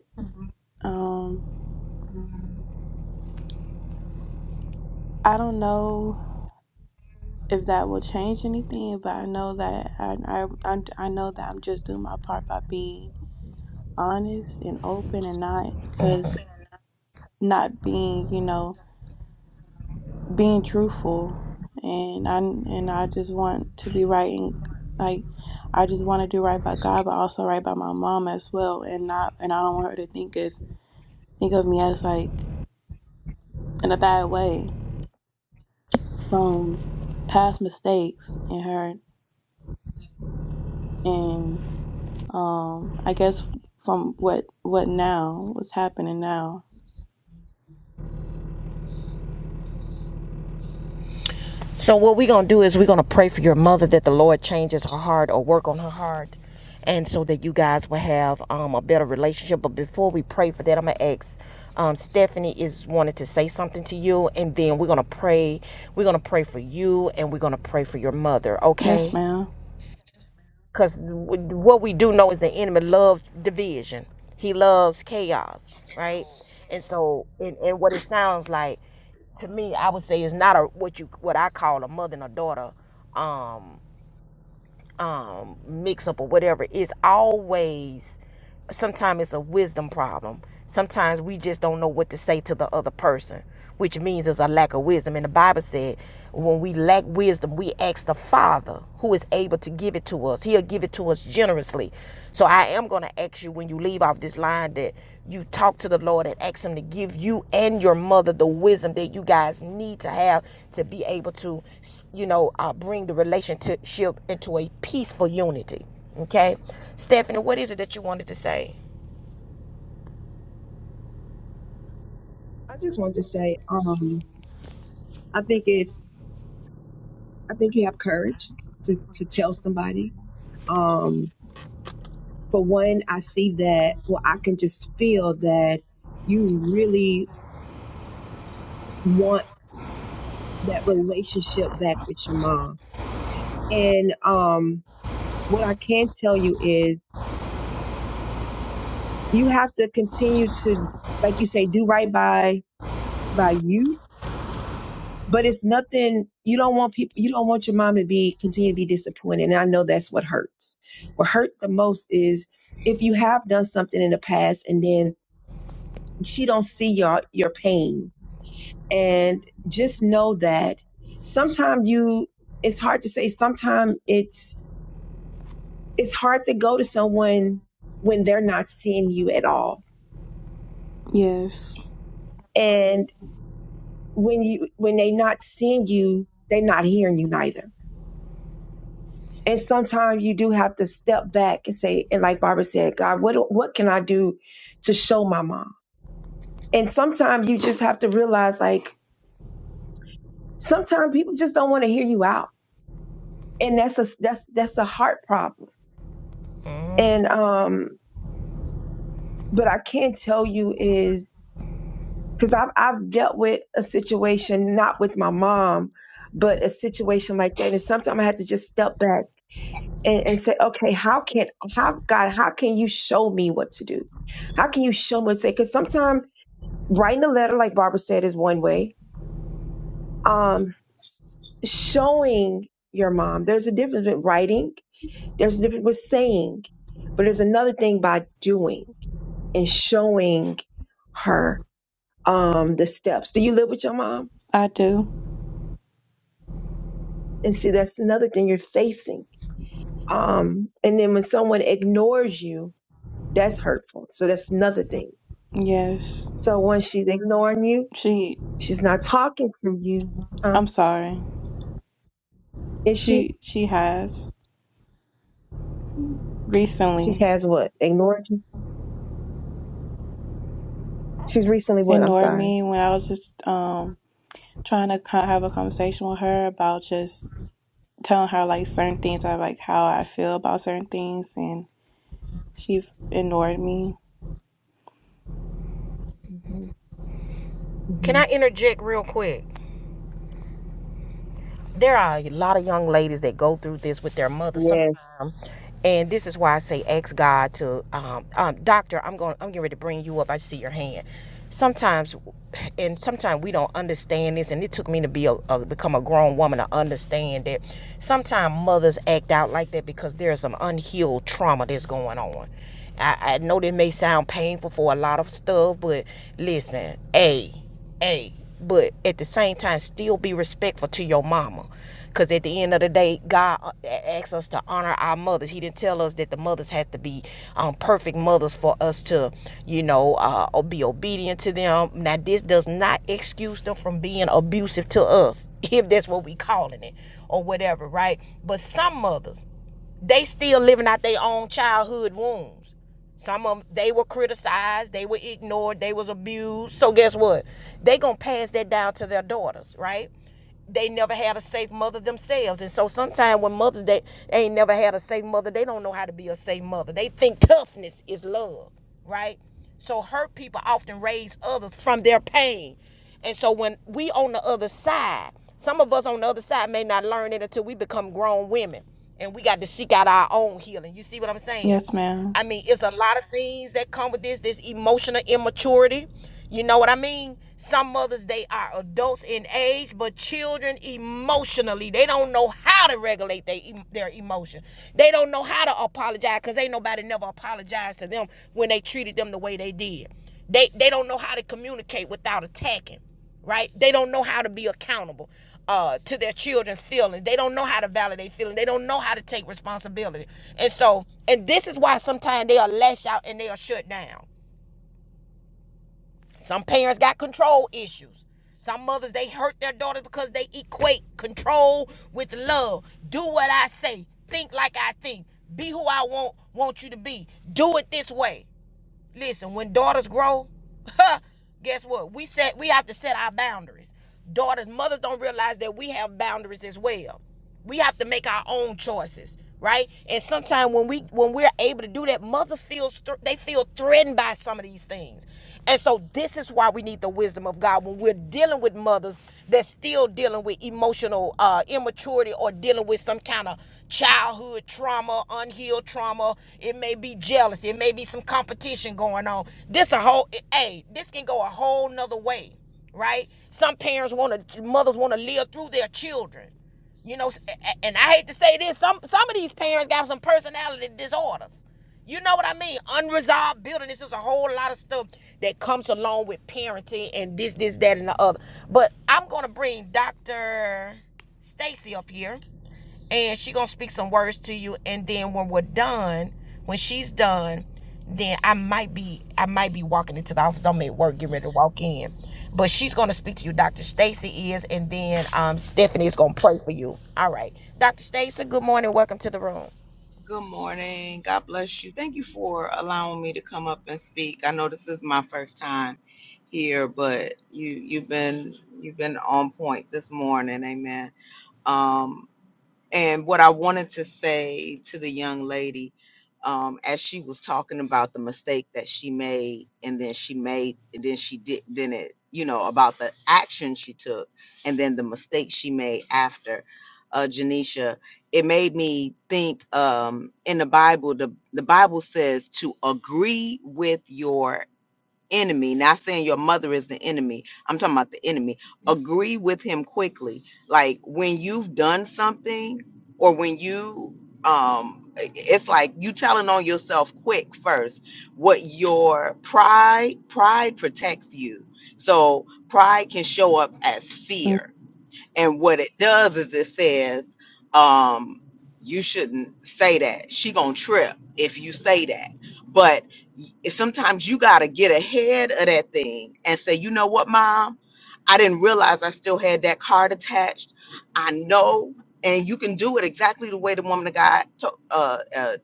Speaker 8: um I don't know if that will change anything, but I know that I, I, I, I know that I'm just doing my part by being honest and open and not because not being, you know, being truthful. And I, and I just want to be right and like, I just want to do right by God, but also right by my mom as well. And not, and I don't want her to think as, think of me as like in a bad way from past mistakes and her. and. Um, I guess from what what now, what's happening now.
Speaker 1: So what we're gonna do is we're gonna pray for your mother that the Lord changes her heart or work on her heart, and so that you guys will have um, a better relationship. But before we pray for that, I'm gonna ask. Um, Stephanie is wanted to say something to you, and then we're gonna pray. We're gonna pray for you, and we're gonna pray for your mother.
Speaker 8: Yes,
Speaker 1: Okay?
Speaker 8: ma'am.
Speaker 1: Because what we do know is the enemy loves division. He loves chaos, right? And so, and, and what it sounds like to me, I would say is not a what you what I call a mother and a daughter um um, mix up or whatever, it's always sometimes it's a wisdom problem. Sometimes we just don't know what to say to the other person, which means there's a lack of wisdom. And the Bible said, when we lack wisdom, we ask the Father who is able to give it to us. He'll give it to us generously. So I am going to ask you when you leave off this line that you talk to the Lord and ask Him to give you and your mother the wisdom that you guys need to have to be able to, you know, uh, bring the relationship into a peaceful unity. Okay, Stephanie, what is it that you wanted to say?
Speaker 5: I just want to say, um, I think it's. I think you have courage to to tell somebody. Um, for one, I see that. Well, I can just feel that you really want that relationship back with your mom. And um, what I can tell you is, you have to continue to, like you say, do right by by you but it's nothing you don't want people you don't want your mom to be continue to be disappointed and i know that's what hurts what hurt the most is if you have done something in the past and then she don't see your your pain and just know that sometimes you it's hard to say sometimes it's it's hard to go to someone when they're not seeing you at all
Speaker 8: Yes,
Speaker 5: and when you when they not seeing you they're not hearing you neither And sometimes you do have to step back and say, and like Barbara said, God, what what can I do to show my mom? And sometimes you just have to realize, like, sometimes people just don't want to hear you out, and that's a that's that's a heart problem. And um, but I can tell you is because I've I've dealt with a situation not with my mom, but a situation like that, and sometimes I had to just step back and, and say, okay, how can how God, how can you show me what to do? How can you show me what to say? Because sometimes writing a letter, like Barbara said, is one way. Um, s- showing your mom, there's a difference with writing. There's a difference with saying, but there's another thing by doing and showing her um the steps. Do you live with your mom?
Speaker 8: I do.
Speaker 5: And see, that's another thing you're facing. Um, and then when someone ignores you, that's hurtful. So that's another thing
Speaker 8: Yes,
Speaker 5: So when she's ignoring you,
Speaker 8: she.
Speaker 5: she's not talking to you, huh?
Speaker 8: I'm sorry.
Speaker 5: Is she?
Speaker 8: She she has
Speaker 5: She
Speaker 8: recently
Speaker 5: has what? Ignored you? She's recently what? I'm
Speaker 8: ignored
Speaker 5: sorry.
Speaker 8: me when I was just um trying to kind of have a conversation with her about just telling her like certain things, I like how I feel about certain things, and she ignored me.
Speaker 5: hmm
Speaker 1: Can
Speaker 5: hmm
Speaker 1: I interject real quick? there are a lot of young ladies that go through this with their mother
Speaker 5: Yes.
Speaker 1: sometimes and this is why i say ask god to um, um doctor i'm going i'm getting ready to bring you up i see your hand sometimes and sometimes we don't understand this and it took me to be a, a become a grown woman to understand that sometimes mothers act out like that because there's some unhealed trauma that's going on I, I know that may sound painful for a lot of stuff, but listen, hey, hey, but at the same time, still be respectful to your mama. Because at the end of the day, God uh, asks us to honor our mothers. He didn't tell us that the mothers had to be um, perfect mothers for us to, you know, uh, be obedient to them. Now, this does not excuse them from being abusive to us, if that's what we calling it or whatever, right? But some mothers, they still living out their own childhood wounds. Some of them, they were criticized, they were ignored, they was abused. So guess what? They gonna pass that down to their daughters, right? They never had a safe mother themselves, and so sometimes when mothers they, they ain't never had a safe mother, they don't know how to be a safe mother. They think toughness is love, right? So hurt people often raise others from their pain. And so when we on the other side, some of us on the other side may not learn it until we become grown women and we got to seek out our own healing. You see what I'm saying?
Speaker 8: Yes, ma'am.
Speaker 1: I mean, it's a lot of things that come with this, this emotional immaturity. You know what I mean? Some mothers, they are adults in age, but children emotionally, they don't know how to regulate they, their emotion. They don't know how to apologize because ain't nobody never apologized to them when they treated them the way they did. They, they don't know how to communicate without attacking, right? They don't know how to be accountable uh, to their children's feelings. They don't know how to validate feelings. They don't know how to take responsibility. And so, and this is why sometimes they'll lash out and they'll shut down some parents got control issues. Some mothers they hurt their daughters because they equate control with love. Do what I say. Think like I think. Be who I want want you to be. Do it this way. Listen, when daughters grow, guess what? We set we have to set our boundaries. Daughters, mothers don't realize that we have boundaries as well. We have to make our own choices, right? And sometimes when we when we're able to do that, mothers feel they feel threatened by some of these things. And so this is why we need the wisdom of God when we're dealing with mothers that's still dealing with emotional uh, immaturity or dealing with some kind of childhood trauma, unhealed trauma. It may be jealousy. It may be some competition going on. This a whole, hey, this can go a whole nother way, right? Some parents want to, mothers want to live through their children you know, and I hate to say this, some some of these parents got some personality disorders. You know what I mean? Unresolved building. This is a whole lot of stuff that comes along with parenting and this, this, that, and the other. But I'm gonna bring Dr. Stacy up here and she gonna speak some words to you and then when we're done when she's done then i might be i might be walking into the office i'm at work getting ready to walk in but she's gonna speak to you dr stacy is and then um stephanie is gonna pray for you all right dr stacy good morning welcome to the room
Speaker 9: Good morning. God bless you. Thank you for allowing me to come up and speak. I know this is my first time here, but you you've been you've been on point this morning. Amen. Um. And what I wanted to say to the young lady, um, as she was talking about the mistake that she made, and then she made, and then she did, then it, you know, about the action she took, and then the mistake she made after, uh, Janisha, it made me think. Um, in the Bible, the the Bible says to agree with your enemy, not saying your mother is the enemy. I'm talking about the enemy. Agree with him quickly. Like when you've done something or when you um it's like you telling on yourself quick first. What your pride pride protects you. So pride can show up as
Speaker 8: Mm.
Speaker 9: fear and what it does is it says, um, you shouldn't say that. She gonna trip if you say that. But y- sometimes you gotta get ahead of that thing and say, you know what, mom? I didn't realize I still had that card attached. I know, and you can do it exactly the way the woman of God to, uh, uh,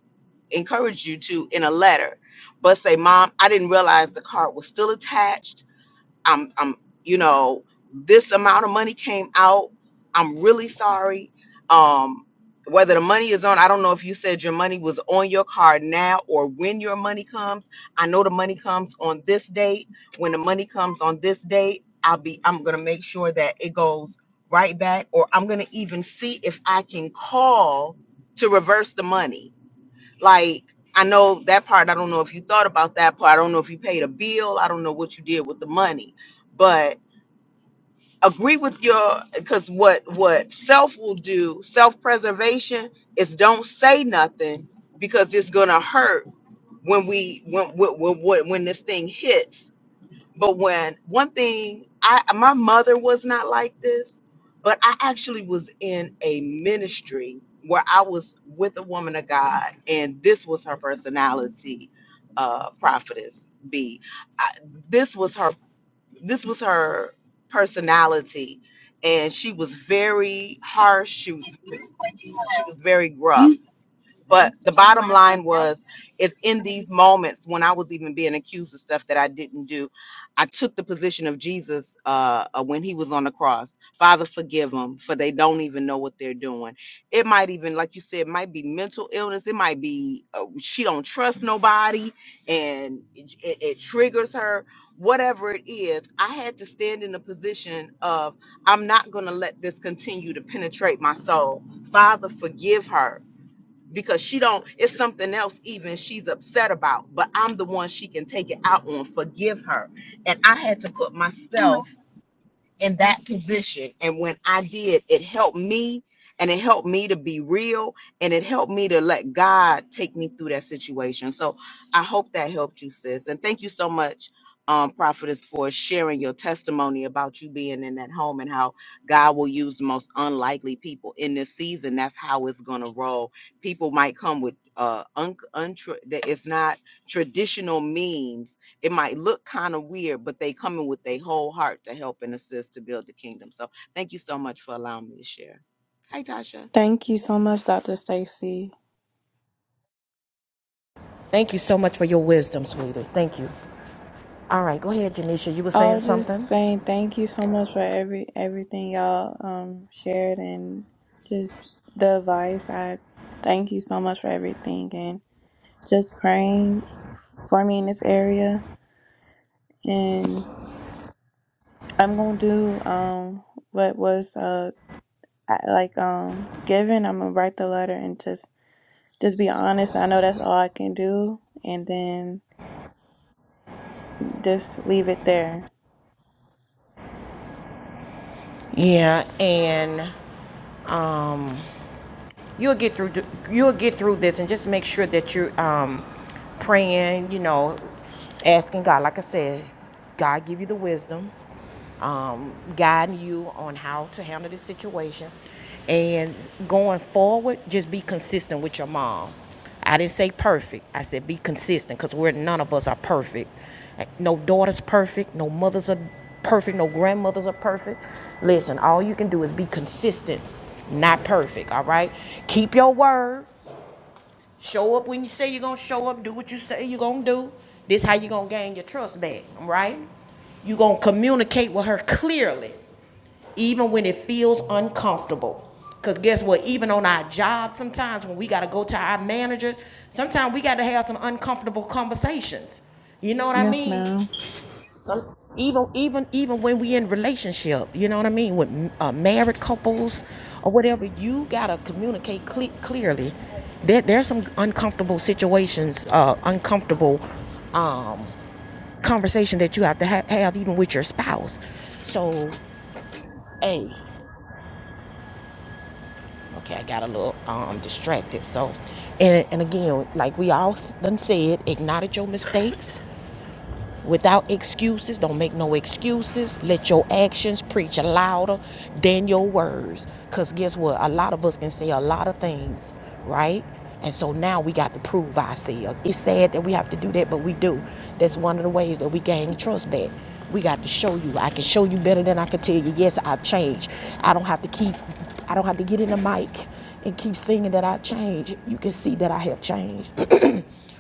Speaker 9: encouraged you to in a letter. But say, mom, I didn't realize the card was still attached I'm I'm you know this amount of money came out. I'm really sorry. Um whether the money is on, I don't know if you said your money was on your card now or when your money comes. I know the money comes on this date. When the money comes on this date, I'll be I'm going to make sure that it goes right back or I'm going to even see if I can call to reverse the money like, I know that part. I don't know if you thought about that part. I don't know if you paid a bill. I don't know what you did with the money. But agree with your because what what self will do, self-preservation is don't say nothing because it's gonna hurt when we when when when, when this thing hits but when one thing, I my mother was not like this, but I actually was in a ministry where I was with a woman of God, and this was her personality, uh, prophetess B. I, this was her. This was her personality, and she was very harsh. She was she was very gruff but the bottom line was, it's in these moments when I was even being accused of stuff that I didn't do. I took the position of Jesus uh, uh, when he was on the cross. Father, forgive them, for they don't even know what they're doing. It might even, like you said, it might be mental illness. It might be uh, she don't trust nobody, and it, it it triggers her. Whatever it is, I had to stand in the position of I'm not going to let this continue to penetrate my soul. Father, forgive her because she don't it's something else even she's upset about but i'm the one she can take it out on forgive her and i had to put myself in that position. And when I did, it helped me and it helped me to be real and it helped me to let God take me through that situation. So I hope that helped you, sis. And thank you so much, um, Prophetess, for sharing your testimony about you being in that home and how God will use the most unlikely people in this season. That's how it's going to roll. People might come with uh, un- untra- that it's not traditional means it might look kind of weird, but they come in with their whole heart to help and assist to build the kingdom. So thank you so much for allowing me to share. Hi, Tasha.
Speaker 8: Thank you so much, Dr. Stacy.
Speaker 1: thank you so much for your wisdom sweetie thank you all right go ahead janisha you were
Speaker 8: I
Speaker 1: saying
Speaker 8: was
Speaker 1: something
Speaker 8: just saying thank you so much for every everything y'all um shared and just the advice. I thank you so much for everything and just praying for me in this area. And I'm gonna do um what was uh I- like um given. I'm gonna write the letter and just just be honest. I know that's all I can do, and then just leave it there.
Speaker 1: yeah and um you'll get through. You'll get through this, and just make sure that you're um, praying. You know, asking God. Like I said, God give you the wisdom, um, guiding you on how to handle this situation, and going forward, just be consistent with your mom I didn't say perfect. I said be consistent because we're none of us are perfect. No daughter's perfect. No mothers are perfect. No grandmothers are perfect. Listen, all you can do is be consistent, not perfect. All right. Keep your word. Show up when you say you're gonna show up. Do what you say you're gonna do. This how you gonna gain your trust back, all right? you gonna communicate with her clearly, even when it feels uncomfortable. Cause guess what? Even on our jobs, sometimes when we gotta go to our managers, sometimes we gotta have some uncomfortable conversations. You know what I
Speaker 8: Yes,
Speaker 1: mean?
Speaker 8: ma'am.
Speaker 1: Some, even even even when we in relationship, you know what I mean, with uh, married couples or whatever, you gotta communicate cle- clearly. There there's some uncomfortable situations, uh, uncomfortable um, conversation that you have to ha- have even with your spouse. So, a okay, I got a little um, distracted. So, and and again, like we all done said, acknowledge your mistakes without excuses. Don't make no excuses. Let your actions preach louder than your words. Because guess what? A lot of us can say a lot of things, right? And so now we got to prove ourselves. It's sad that we have to do that, but we do. That's one of the ways that we gain trust back. We got to show you. I can show you better than I can tell you. Yes, I've changed. I don't have to keep, I don't have to get in the mic and keep singing that I've changed. You can see that I have changed.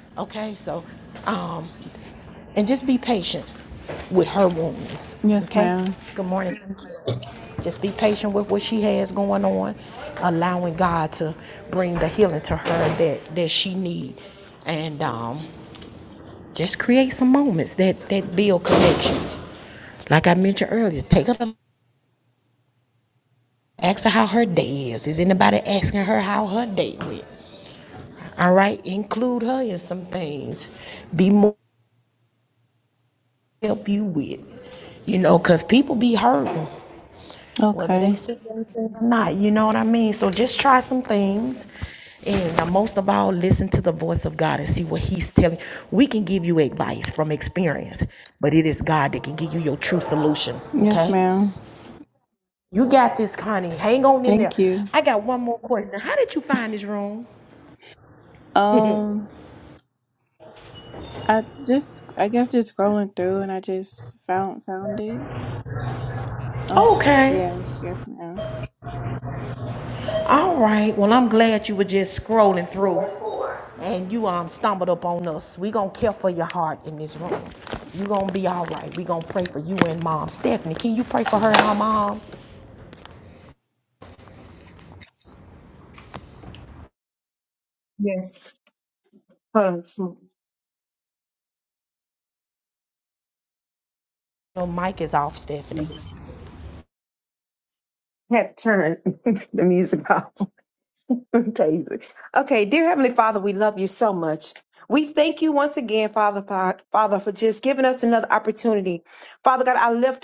Speaker 1: okay, so um, and just be patient with her wounds,
Speaker 8: Yes,
Speaker 1: okay?
Speaker 8: ma'am.
Speaker 1: Good morning. Just be patient with what she has going on, allowing God to bring the healing to her that, that she needs, And um, just create some moments that, that build connections. Like I mentioned earlier, take her, ask her how her day is. Is anybody asking her how her day went? All right, include her in some things. Be more help you with, you know, because people be hurting whether they
Speaker 8: Okay.
Speaker 1: see anything or not. You know what I mean? So just try some things. And uh, most of all, listen to the voice of God and see what He's telling. We can give you advice from experience, but it is God that can give you your true solution.
Speaker 8: Yes,
Speaker 1: Okay?
Speaker 8: ma'am.
Speaker 1: You got this, Connie. Hang on in there.
Speaker 8: Thank you.
Speaker 1: I got one more question. How did you find this room?
Speaker 8: Um, I just, I guess, just scrolling through, and I just found found it. Uncle,
Speaker 1: Okay.
Speaker 8: yes, yes, ma'am.
Speaker 1: All right. Well, I'm glad you were just scrolling through and you um stumbled up on us. We gonna care for your heart in this room. You gonna be all right. We gonna pray for you and mom. Stephanie, can you pray for her and her mom?
Speaker 5: Yes. Huh, so-
Speaker 1: Your mic is off,
Speaker 5: yeah.
Speaker 1: Stephanie.
Speaker 5: had to turn the music off. Crazy. Okay, dear Heavenly Father, we love you so much. We thank you once again, Father, Fa- Father, for just giving us another opportunity. Father God, I lift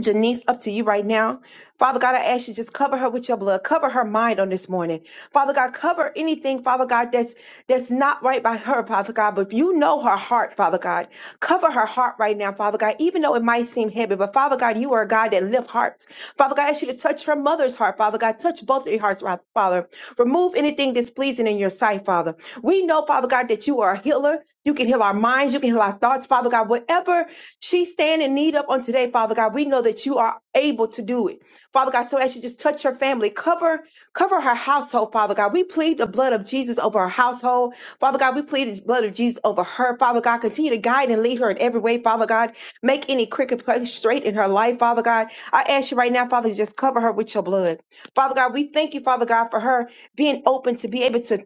Speaker 5: Janice, up to you right now. Father God, I ask you just cover her with your blood. Cover her mind on this morning. Father God, cover anything, Father God, that's that's not right by her, Father God. But you know her heart, Father God. Cover her heart right now, Father God, even though it might seem heavy. But Father God, you are a God that lifts hearts. Father God, I ask you to touch her mother's heart, Father God. Touch both of your hearts, Fa- Father. Remove anything displeasing in your sight, Father. We know, Father God, that you are a healer. You can heal our minds. You can heal our thoughts, Father God. Whatever she stand in need up on today, Father God. We know that you are able to do it. Father God, so as you just touch her family, cover, cover her household, Father God. We plead the blood of Jesus over her household. Father God, we plead the blood of Jesus over her. Father God, continue to guide and lead her in every way, Father God. Make any crooked place straight in her life, Father God. I ask you right now, Father, to just cover her with your blood. Father God, we thank you, Father God, for her being open to be able to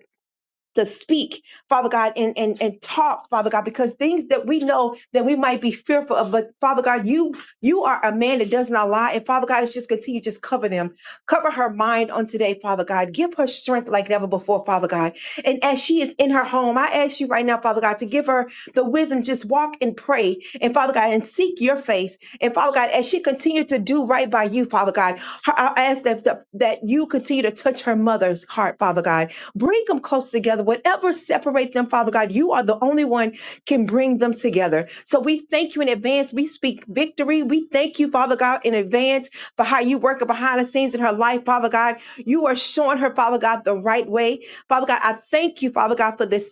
Speaker 5: to speak, Father God, and, and, and talk, Father God, because things that we know that we might be fearful of, but Father God, you you are a man that does not lie. And Father God, it's just continue, just cover them. Cover her mind on today, Father God. Give her strength like never before, Father God. And as she is in her home, I ask you right now, Father God, to give her the wisdom, just walk and pray. And Father God, and seek your face. And Father God, as she continue to do right by you, Father God, her- I ask that, that that you continue to touch her mother's heart, Father God Bring them close together. Whatever separate them, Father God, you are the only one can bring them together. So we thank you in advance. We speak victory. We thank you, Father God, in advance for how you work behind the scenes in her life, Father God. You are showing her, Father God, the right way. Father God, I thank you, Father God, for this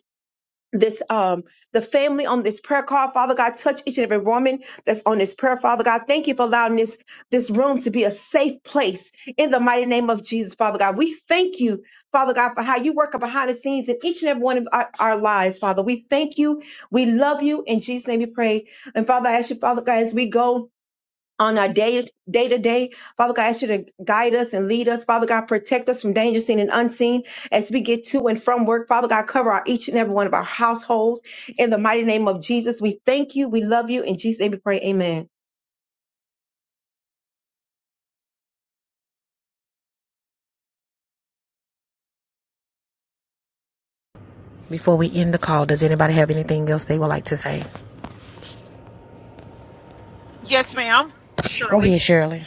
Speaker 5: this um the family on this prayer call father god touch each and every woman that's on this prayer father god thank you for allowing this this room to be a safe place in the mighty name of jesus father god we thank you father god for how you work behind the scenes in each and every one of our, our lives father we thank you we love you in jesus name we pray and father i ask you father god as we go on our day day to day. Father God, I ask you to guide us and lead us. Father God, protect us from danger seen and unseen as we get to and from work. Father God, cover our each and every one of our households. In the mighty name of Jesus, we thank you. We love you. In Jesus' name we pray. Amen.
Speaker 1: Before we end the call, does anybody have anything else they would like to say? Go ahead, Shirley.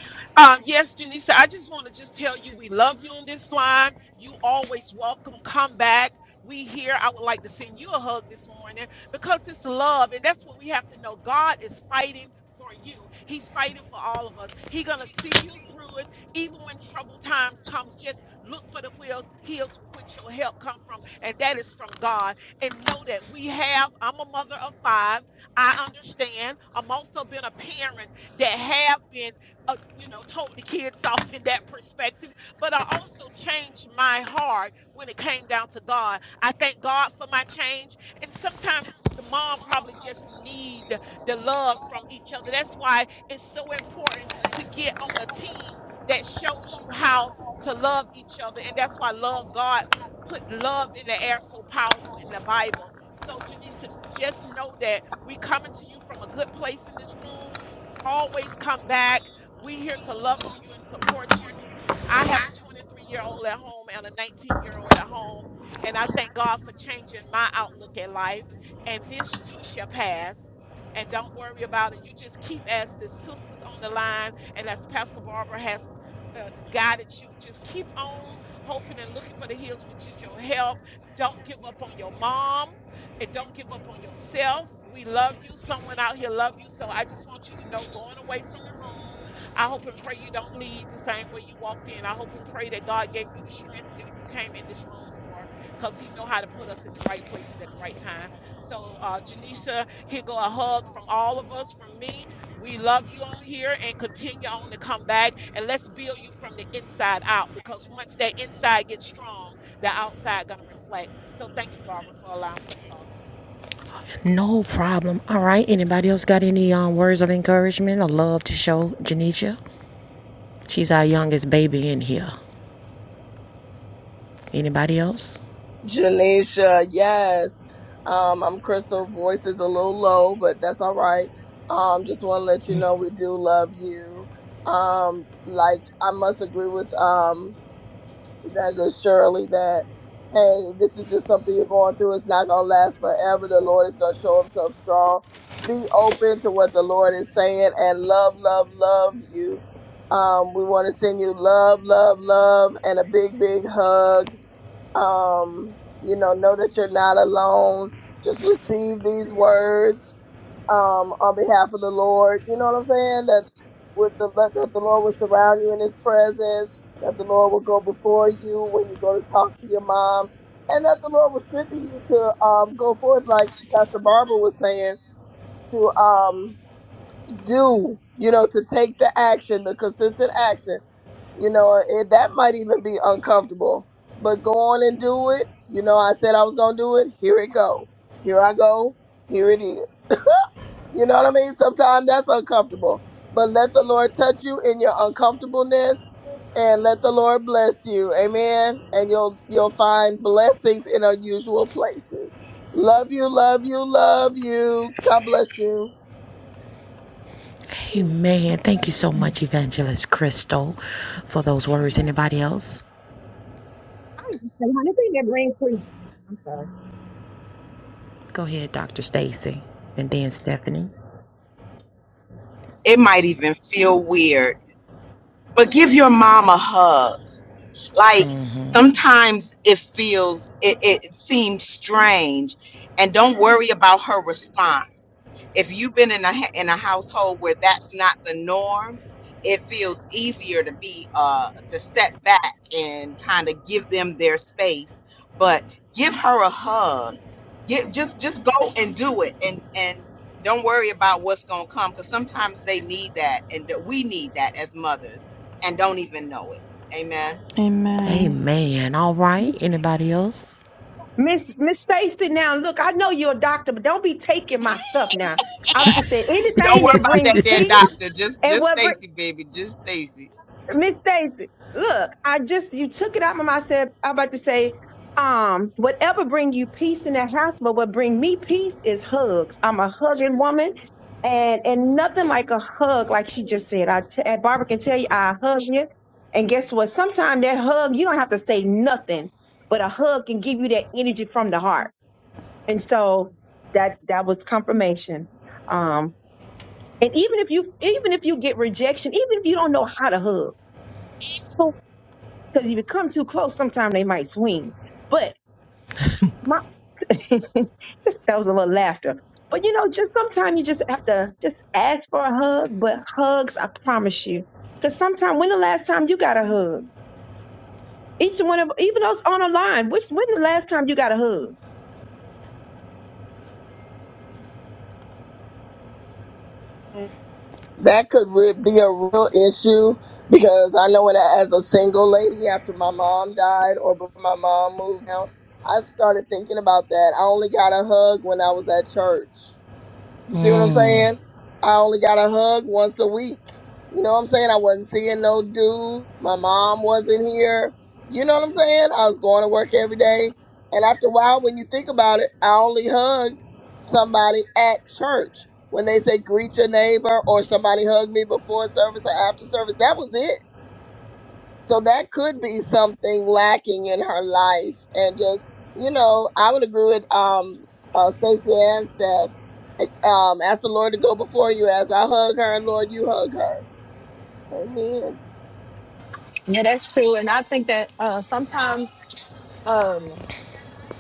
Speaker 7: Because once that inside gets strong, the outside gonna reflect. So thank you, Barbara, for allowing me to talk.
Speaker 1: No problem. All right. Anybody else got any um, words of encouragement or love to show Janisha? She's our youngest baby in here. Anybody else?
Speaker 6: Janisha, yes. Um, I'm Crystal. Voice is a little low, but that's all right. Um, just want to let you know we do love you. Um, like I must agree with um Evangelist Shirley that, hey, this is just something you're going through. It's not going to last forever. The Lord is going to show himself strong. Be open to what the Lord is saying and love, love, love you. Um, we want to send you love, love, love, and a big, big hug. Um, you know, know that you're not alone. Just receive these words um, on behalf of the Lord. You know what I'm saying? That would the, that the Lord would surround you in His presence. That the Lord will go before you when you go to talk to your mom, and that the Lord will strengthen you to um, go forth, like Pastor Barbara was saying, to um, do. You know, to take the action, the consistent action. You know, it, that might even be uncomfortable, but go on and do it. You know, I said I was gonna do it. Here it go. Here I go. Here it is you know what I mean? Sometimes that's uncomfortable. But let the Lord touch you in your uncomfortableness and let the Lord bless you. Amen. And you'll you'll find blessings in unusual places. Love you, love you, love you. God bless you.
Speaker 1: Amen. Thank you so much, Evangelist Crystal, for those words. Anybody else?
Speaker 5: Say, honey, bring that green, please.
Speaker 1: Go ahead, Dr. Stacy, and then Stephanie.
Speaker 9: It might even feel weird, but give your mom a hug. Like sometimes it feels, it, it seems strange, and don't worry about her response if you've been in a ha- in a household where that's not the norm, it feels easier to be uh to step back and kind of give them their space, but give her a hug. Get just just go and do it and and don't worry about what's going to come cuz sometimes they need that and th- we need that as mothers and don't even know it. Amen.
Speaker 8: Amen.
Speaker 1: Amen. All right. Anybody else?
Speaker 5: Miss Miss Stacy, now look, I know you're a doctor, but don't be taking my stuff now. I'm just saying
Speaker 9: Don't
Speaker 5: anything
Speaker 9: worry
Speaker 5: that
Speaker 9: about
Speaker 5: brings
Speaker 9: that dear
Speaker 5: peace
Speaker 9: doctor. Just
Speaker 5: and
Speaker 9: just
Speaker 5: what bring
Speaker 9: Stacy baby, just Stacy.
Speaker 5: Miss Stacy. Look, I just you took it out of my said I'm about to say, um, whatever bring you peace in that house, but what bring me peace is hugs. I'm a hugging woman, and and nothing like a hug, like she just said. I t- and Barbara can tell you, I hug you, and guess what? Sometimes that hug, you don't have to say nothing, but a hug can give you that energy from the heart and so that that was confirmation um and even if you even if you get rejection even if you don't know how to hug because if you come too close sometimes they might swing but my just that was a little laughter but you know just sometimes you just have to just ask for a hug but hugs i promise you because sometimes when the last time you got a hug each one of even us on the line which when the last time you got a hug
Speaker 6: That could re- be a real issue because I know when I, as a single lady after my mom died or before my mom moved out, I started thinking about that. I only got a hug when I was at church You see what I'm
Speaker 1: Mm.
Speaker 6: saying? I only got a hug once a week. You know what I'm saying? I wasn't seeing no dude. My mom wasn't here. You know what I'm saying? I was going to work every day. And after a while, when you think about it, I only hugged somebody at church. When they say greet your neighbor or somebody hugged me before service or after service, that was it so that could be something lacking in her life, and just you know, I would agree with um uh, Stacy and Steph. like, Um, ask the Lord to go before you. As I hug her, Lord, you hug her. Amen.
Speaker 3: Yeah, that's true. And I think that uh, sometimes.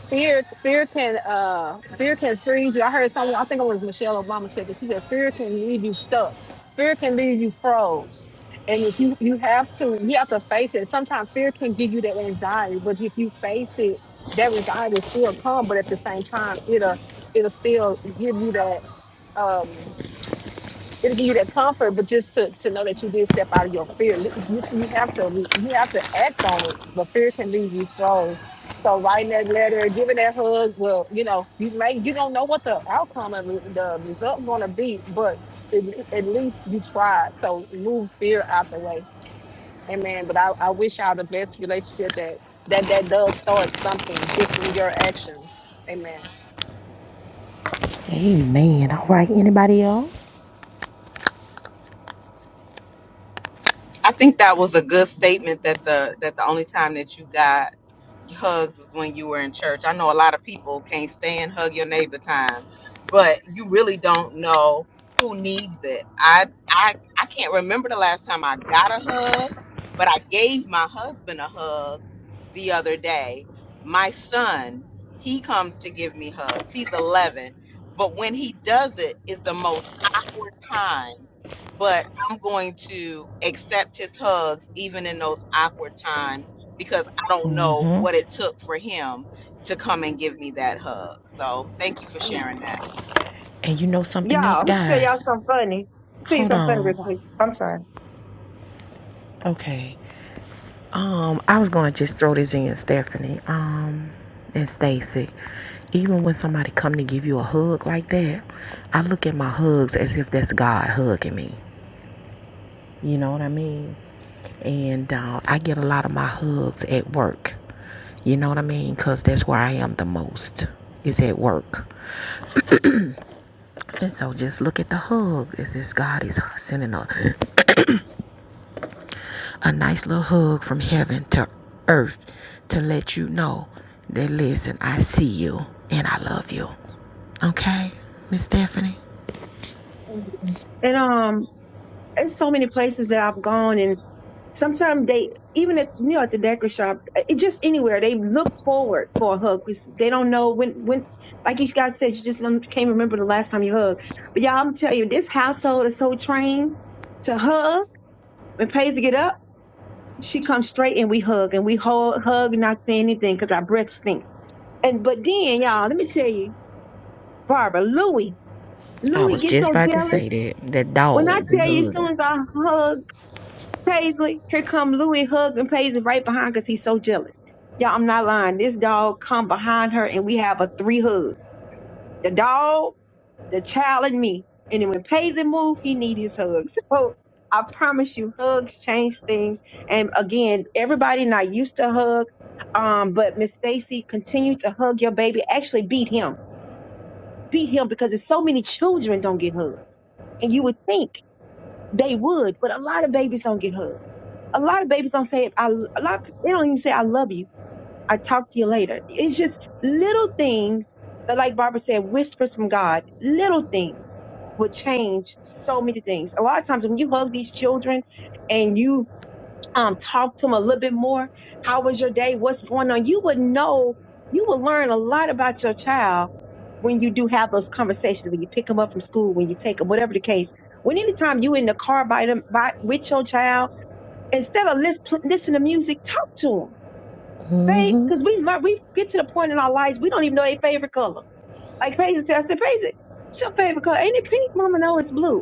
Speaker 3: Fear, fear can, uh, fear can freeze you. I heard someone, I think it was Michelle Obama said that she said fear can leave you stuck. Fear can leave you froze. And if you, you have to, you have to face it. Sometimes fear can give you that anxiety, but if you face it, that anxiety will still come. But at the same time, it'll, it'll still give you that. Um, it'll give you that comfort, but just to, to know that you did step out of your fear. Li- You, you have to you have to act on it, but fear can leave you froze. So writing that letter, giving that hug, well, you know, you may you don't know what the outcome of it- the result gonna be, but at, le- at least you tried. So move fear out the way. Amen. But I, I wish y'all the best relationship that that that does start something just from your actions. Amen.
Speaker 1: Amen. All right. Anybody else?
Speaker 9: I think that was a good statement that the that the only time that you got hugs is when you were in church. I know a lot of people can't stand hug your neighbor time, but you really don't know who needs it. I I I can't remember the last time I got a hug, but I gave my husband a hug the other day. My son, he comes to give me hugs. He's 11, but when he does it, it's the most awkward times. But I'm going to accept his hugs even in those awkward times because I don't know
Speaker 1: Mm-hmm.
Speaker 9: what it took for him to come and give me that hug. So thank you for sharing that.
Speaker 1: And you know something
Speaker 5: Y'all,
Speaker 1: else,
Speaker 5: I'm gonna tell y'all
Speaker 1: guys?
Speaker 5: something funny. Tell you
Speaker 1: Hold
Speaker 5: something funny real
Speaker 1: on.
Speaker 5: quick. I'm sorry.
Speaker 1: Okay. Um, I was gonna just throw this in, Stephanie. Um, and Stacy. Even when somebody come to give you a hug like that, I look at my hugs as if that's God hugging me. You know what I mean? And uh, I get a lot of my hugs at work. You know what I mean? Cause that's where I am the most. Is at work. And so just look at the hug. Is this God is sending a? a nice little hug from heaven to earth to let you know that listen, I see you and I love you. Okay, Miss Stephanie?
Speaker 5: And um, it's so many places that I've gone, and sometimes they even at you know at the decor shop, it just anywhere they look forward for a hug because they don't know when when like you guys said, you just don't- can't remember the last time you hugged. But y'all, I'm telling you, this household is so trained to hug. When Paige get up, she comes straight and we hug and we hold, hug, not say anything because our breath stink. And but then y'all, let me tell you, Barbara Louie.
Speaker 1: I
Speaker 5: Louis
Speaker 1: was
Speaker 5: gets
Speaker 1: just
Speaker 5: so
Speaker 1: about to
Speaker 5: jealous.
Speaker 1: say that. That
Speaker 5: When I
Speaker 1: dog be
Speaker 5: tell you, as
Speaker 1: hugging.
Speaker 5: soon as I hug Paisley, here come Louis hugging Paisley right behind because he's so jealous. Y'all, I'm not lying. This dog come behind her and we have a three hug. The dog, the child, and me. And then when Paisley move, he need his hugs. So I promise you, hugs change things. And again, everybody not used to hug. Um, but Miss Stacy, continue to hug your baby. Actually, beat him. Beat him because there's so many children don't get hugs. And you would think They would, but a lot of babies don't get hugs. A lot of babies don't say I. A lot they don't even say I love you. I talk to you later. It's just little things that, like Barbara said, whispers from God. Little things will change so many things. A lot of times when you hug these children, and you um, talk to them a little bit more. How was your day? What's going on? You would know, you would learn a lot about your child when you do have those conversations, when you pick them up from school, when you take them, whatever the case. When anytime you in the car by them, by, with your child, instead of lis- pl- listen to music, talk to them,
Speaker 1: Mm-hmm.
Speaker 5: babe, because we learn, we get to the point in our lives, we don't even know their favorite color. Like, Paige, said- I said, Paige, what's your favorite color? Ain't it pink? Mama, no, it's blue.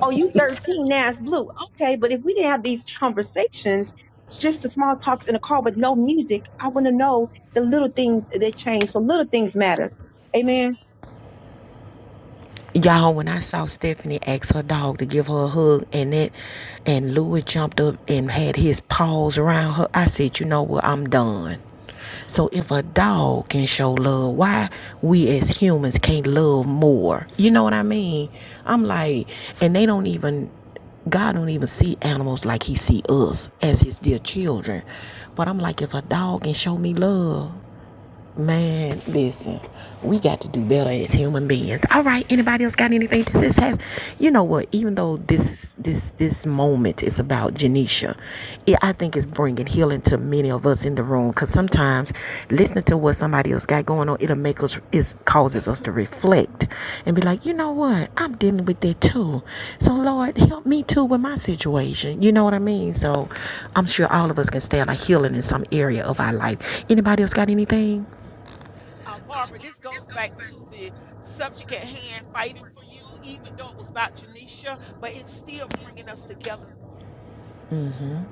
Speaker 5: oh, you 13, now it's blue. Okay, but if we didn't have these conversations, just the small talks in the car with no music, I want to know the little things that change. So little things matter. Amen.
Speaker 1: Y'all, when I saw Stephanie ask her dog to give her a hug and that and Louis jumped up and had his paws around her, I said, you know what, I'm done. So if a dog can show love, why we as humans can't love more? You know what I mean? I'm like, and they don't even God don't even see animals like he see us as his dear children. But I'm like, if a dog can show me love, Man, listen, we got to do better as human beings. All right, anybody else got anything to this has? You know what? Even though this this this moment is about Janisha, it, I think it's bringing healing to many of us in the room. Cause sometimes listening to what somebody else got going on, it'll make us it causes us to reflect and be like, you know what? I'm dealing with that too. So Lord, help me too with my situation. You know what I mean? So I'm sure all of us can stand a healing in some area of our life. Anybody else got anything? Mhm.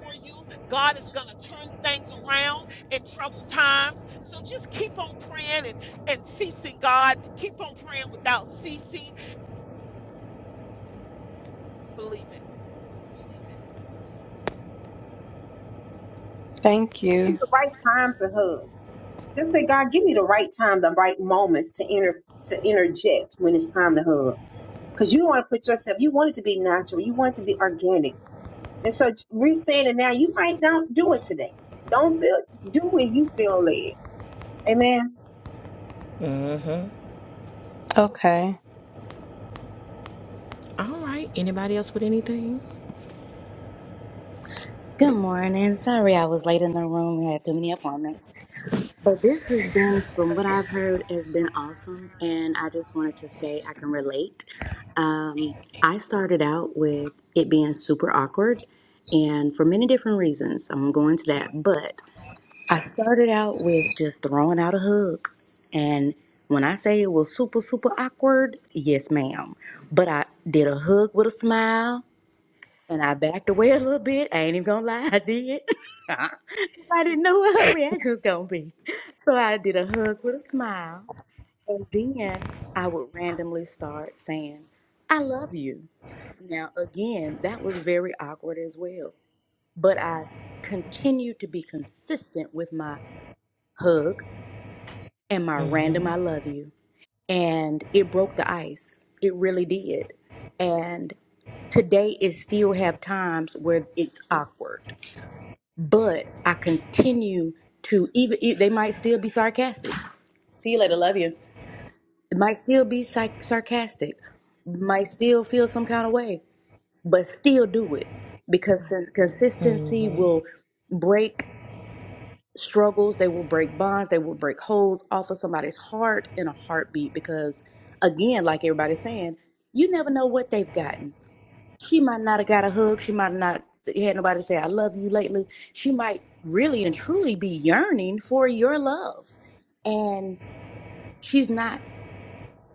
Speaker 7: for you. God is going to turn things around in times. Keep on praying and, and God without ceasing
Speaker 8: Thank
Speaker 5: Ask me
Speaker 8: you.
Speaker 5: the right time to hug. Just say, God, give me the right time, the right moments to inter to interject when it's time to hug. Because you want to put yourself, you want it to be natural, you want it to be organic. And so j- we're saying it now. You might not do it today. Don't feel do it. You feel led. Amen.
Speaker 8: Okay.
Speaker 1: All right. Anybody else with anything?
Speaker 10: Good morning. Sorry I was late in the room. We had too many appointments. But this has been, from what I've heard, has been awesome. And I just wanted to say I can relate. Um, I started out with it being super awkward and for many different reasons. I won't go into that. But I started out with just throwing out a hug. And when I say it was super, super awkward, yes, ma'am. But I did a hug with a smile. And I backed away a little bit. I ain't even gonna lie, I did. 'Cause I didn't know what her reaction was gonna be. So I did a hug with a smile. And then I would randomly start saying, I love you. Now, again, that was very awkward as well. But I continued to be consistent with my hug and my random
Speaker 1: Mhm.
Speaker 10: I love you. And it broke the ice. It really did. And today, it still have times where it's awkward but I continue to even e- they might still be sarcastic. See you later, love you. It might still be psych- sarcastic, might still feel some kind of way, but still do it because sin- consistency will break struggles, they will break bonds, they will break holes off of somebody's heart in a heartbeat. Because again, like everybody's saying, you never know what they've gotten. She might not have got a hug. She might not had nobody say I love you lately. She might really and truly be yearning for your love. And she's not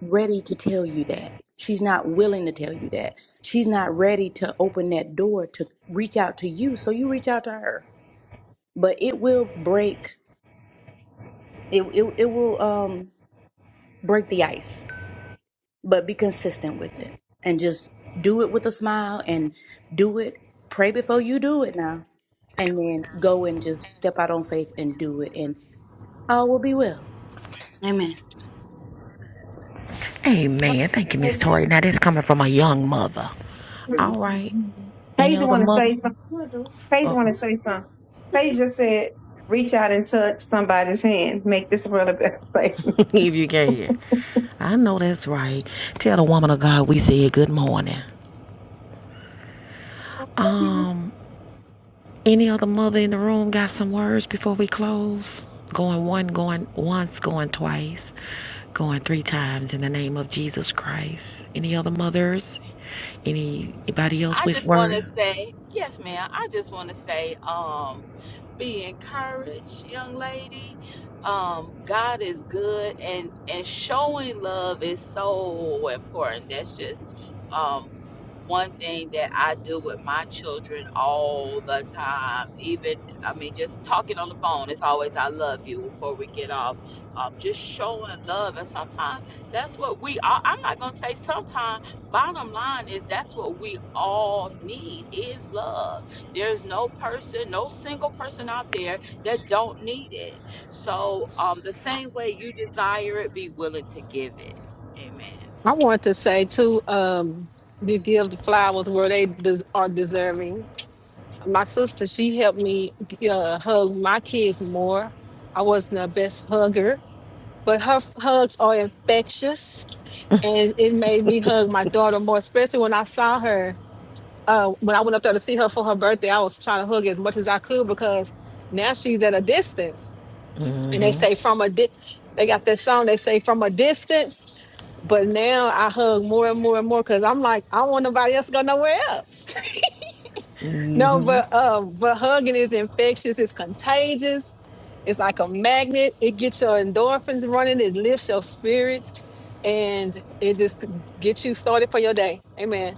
Speaker 10: ready to tell you that. She's not willing to tell you that. She's not ready to open that door to reach out to you. So you reach out to her. But it will break it it, it will um break the ice but be consistent with it and just do it with a smile and do it pray before you do it now and then go and just step out on faith and do it and all will be well amen
Speaker 1: Amen. Thank you, Miss
Speaker 5: Right.
Speaker 1: Tori. Now that's coming from a young mother. All right.
Speaker 5: Mm-hmm.
Speaker 1: Any
Speaker 5: Paige
Speaker 1: other
Speaker 5: want to
Speaker 1: mother?
Speaker 5: say something. Paige
Speaker 1: Uh,
Speaker 5: want to say something. Paige just said, "Reach out and touch somebody's hand. Make this world a better place."
Speaker 1: if you can hear. I know that's right. Tell the woman of God we said good morning. Um, any other mother in the room got some words before we close? Going one, going once, going twice, going three times in the name of Jesus Christ. Any other mothers? Anybody else
Speaker 2: I
Speaker 1: with
Speaker 2: just want
Speaker 1: words?
Speaker 2: to say, yes, ma'am. I just want to say, um, be encouraged, young lady. Um, God is good, and and showing love is so important. That's just um, one thing that I do with my children all the time. Even I mean, just talking on the phone, it's always "I love you" before we get off. Um, just showing love, and sometimes that's what we. Are. I'm not gonna say sometimes bottom line is that's what we all need is love there's no person no single person out there that don't need it so um, the same way you desire it be willing to give it amen
Speaker 3: I want to say too, um, to give the flowers where they des- are deserving. My sister, she helped me uh, hug my kids more. I wasn't the best hugger, but her f- hugs are infectious, and it made me hug my daughter more, especially when I saw her. Uh, when I went up there to see her for her birthday, I was trying to hug as much as I could because now she's at a distance, and they
Speaker 1: Mhm.
Speaker 3: say from a di- they got that song. They say from a distance. But now I hug more and more and more because I'm like, I don't want nobody else to go nowhere else. No,
Speaker 1: hmm
Speaker 3: but um, but hugging is infectious, it's contagious, it's like a magnet, it gets your endorphins running, it lifts your spirits, and it just gets you started for your day. Amen.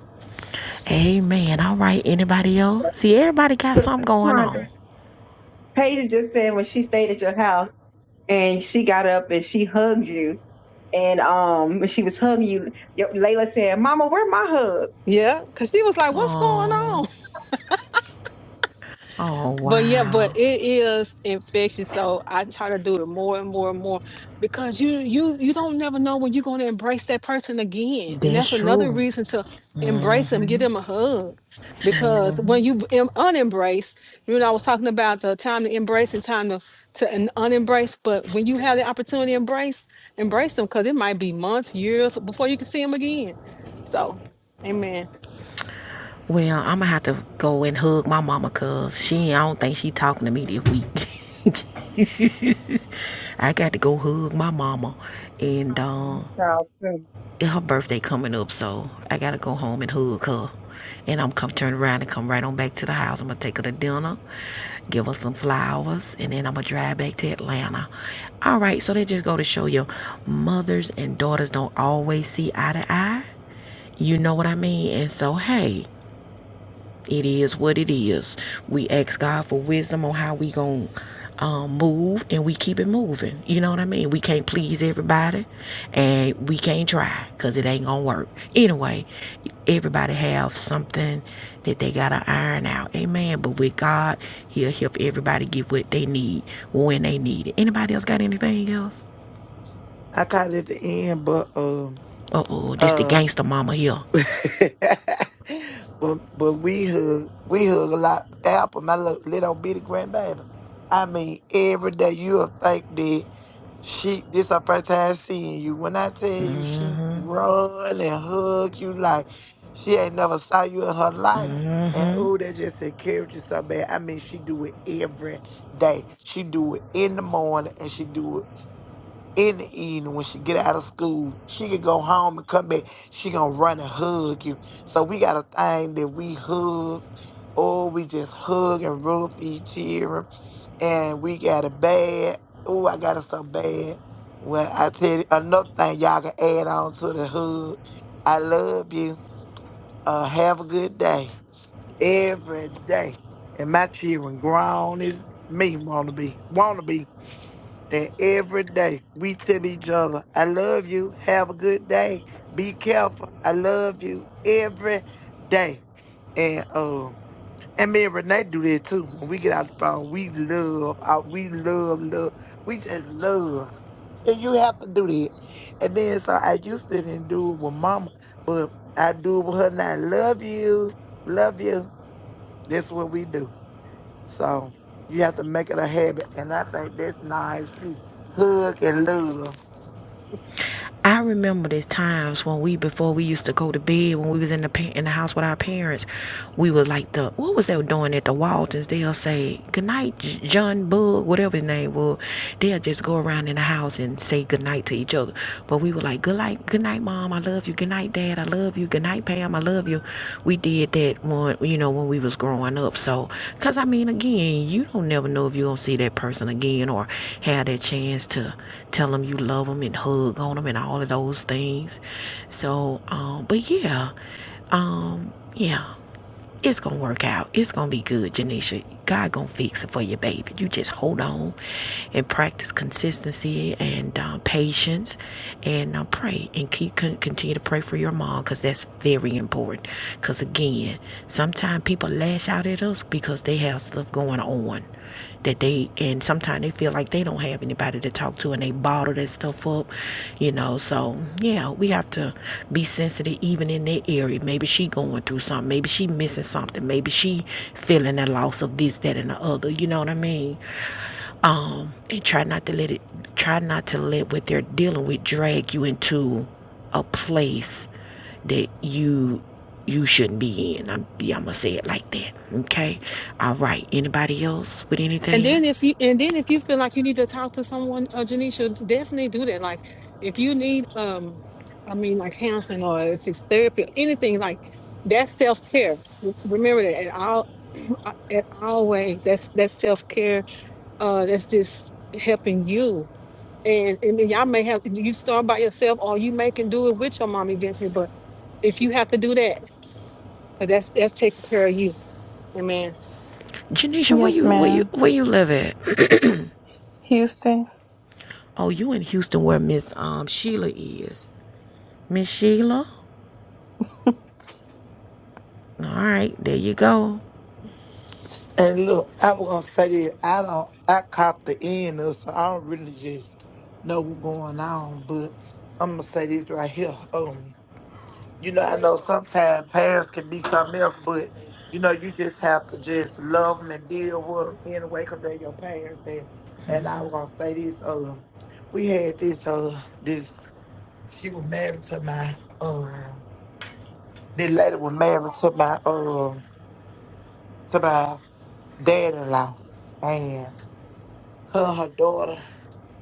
Speaker 1: Amen. All right. Anybody else? See, everybody got
Speaker 5: So,
Speaker 1: something going on.
Speaker 5: Sandra, Paige just said when she stayed at your house and she got up and she hugged you, and um, when she was hugging you, your- Layla said, "Mama, where my hug?"
Speaker 3: Yeah, because she was like, What's going on?
Speaker 1: Oh, oh,
Speaker 3: But yeah,
Speaker 1: wow.
Speaker 3: but it is infectious. So I try to do it more and more and more because you you you don't never know when you're gonna embrace that person again. And that's another reason to embrace them, give
Speaker 1: hmm
Speaker 3: them a hug. Because when you em- unembrace, you know, I was talking about the time to embrace and time to to un- unembrace, but when you have the opportunity to embrace, embrace them because it might be months, years before you can see them again. So amen.
Speaker 1: Well, I'm gonna have to go and hug my mama, cause she, I don't think she talking to me this week. I got to go hug my mama, and um,
Speaker 5: Y'all too.
Speaker 1: her birthday coming up, so I gotta go home and hug her. And I'm come turn around and come right on back to the house. I'm gonna take her to dinner, give her some flowers, and then I'm gonna drive back to Atlanta. All right, so they just go to show you, mothers and daughters don't always see eye to eye. You know what I mean? And so, hey, it is what it is. We ask God for wisdom on how we going to um, move and we keep it moving. You know what I mean? We can't please everybody and we can't try because it ain't going to work. Anyway, everybody have something that they got to iron out. Amen. But with God, he'll help everybody get what they need when they need it. Anybody else got anything else?
Speaker 11: I caught it at the end, but um
Speaker 1: Uh-oh, this the
Speaker 11: uh
Speaker 1: gangster mama here.
Speaker 11: but but we hug we hug a lot. Apple, my little, little bitty grandbaby. I mean, every day you'll think that she this her first time seeing you. When I tell you she
Speaker 1: Mm-hmm.
Speaker 11: run and hug you like she ain't never saw you in her life. And
Speaker 1: Mm-hmm.
Speaker 11: oh, that just encourages you so bad. I mean, she do it every day. She do it in the morning and she do it in the evening when she get out of school. She could go home and come back. She gonna run and hug you. So we got a thing that we hug. or we just hug and rub each other. And we got a bad. Oh, I got it so bad. Well, I tell you another thing y'all can add on to the hug. I love you. Uh, have a good day every day. And my children grown as me wanna be. Wanna be. And every day we tell each other, I love you. Have a good day. Be careful. I love you every day. And um and me and Renee do that too. When we get out the phone, we love out we love love. We just love. And you have to do that. And then so I used to didn't do it with mama, but I do it with her now. Love you. Love you. That's what we do. So you have to make it a habit. And I think that's nice too. Hug and love.
Speaker 1: I remember there's times when we before we used to go to bed when we was in the pa- in the house with our parents, we would like the what was they doing at the Waltons? They'll say good night, J- John Bug, whatever his name was. They'll just go around in the house and say good night to each other. But we were like good night, good night, mom, I love you you. Good night, Dad. I love you. Good night, Pam. I love you. We did that when you know when we was growing up. So, cause I mean, again, you don't never know if you are gonna see that person again or have that chance to tell them you love them and hug on them and all of those things. So, um, but yeah, um, yeah. It's gonna work out. It's gonna be good, Janisha. God gonna fix it for you, baby. You just hold on and practice consistency and uh, patience, and uh, pray and keep continue to pray for your mom because that's very important. Because again, sometimes people lash out at us because they have stuff going on that they and sometimes they feel like they don't have anybody to talk to and they bottle that stuff up you know so yeah we have to be sensitive even in that area maybe she going through something maybe she missing something maybe she feeling the loss of this that and the other you know what i mean um and try not to let it try not to let what they're dealing with drag you into a place that you you shouldn't be in. I'm, yeah, I'm gonna say it like that. Okay. All right. Anybody else with
Speaker 3: And
Speaker 1: anything?
Speaker 3: then if you and then if you feel like you need to talk to someone, uh, Janisha, definitely do that. Like if you need, um, I mean, like counseling or if it's therapy, or anything like that's self care. Remember that at all, at always that's that's self care. Uh, that's just helping you. And and then y'all may have you start by yourself, or you may can do it with your mom eventually. But if you have to do that, 'cause that's that's taking care of you. Amen.
Speaker 1: Janisha, where
Speaker 8: Yes,
Speaker 1: you where you
Speaker 8: ma'am.
Speaker 1: where you live at?
Speaker 8: Houston.
Speaker 1: oh, you in Houston where Miss um Sheila is. Miss Sheila? All right, there you go.
Speaker 11: And look, I was gonna say this. I don't I caught the end of it, so I don't really just know what's going on, but I'm gonna say this right here. Um, you know, I know sometimes parents can be something else, but you know, you just have to just love them and deal with them in a way because they're your parents. And and
Speaker 1: Mm,
Speaker 11: I was gonna say this. Um, we had this. Uh, this she was married to my um This lady was married to my um to my dad in law, and her and her daughter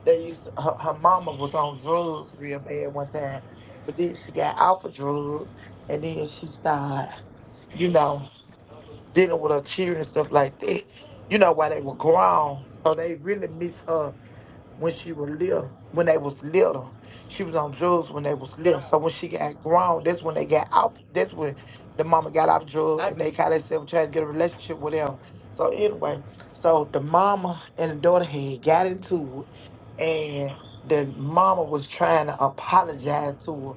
Speaker 11: they used to, her, her mama was on drugs real bad one time, but then she got off of drugs, and then she started you know dealing with her children and stuff like that. You know why they were grown, so they really miss her when she was little, when they was little. She was on drugs when they was little. So when she got grown, that's when they got out. That's when the mama got out of drugs and they kind themselves trying to get a relationship with them. So anyway, so the mama and the daughter had got into it, and the mama was trying to apologize to her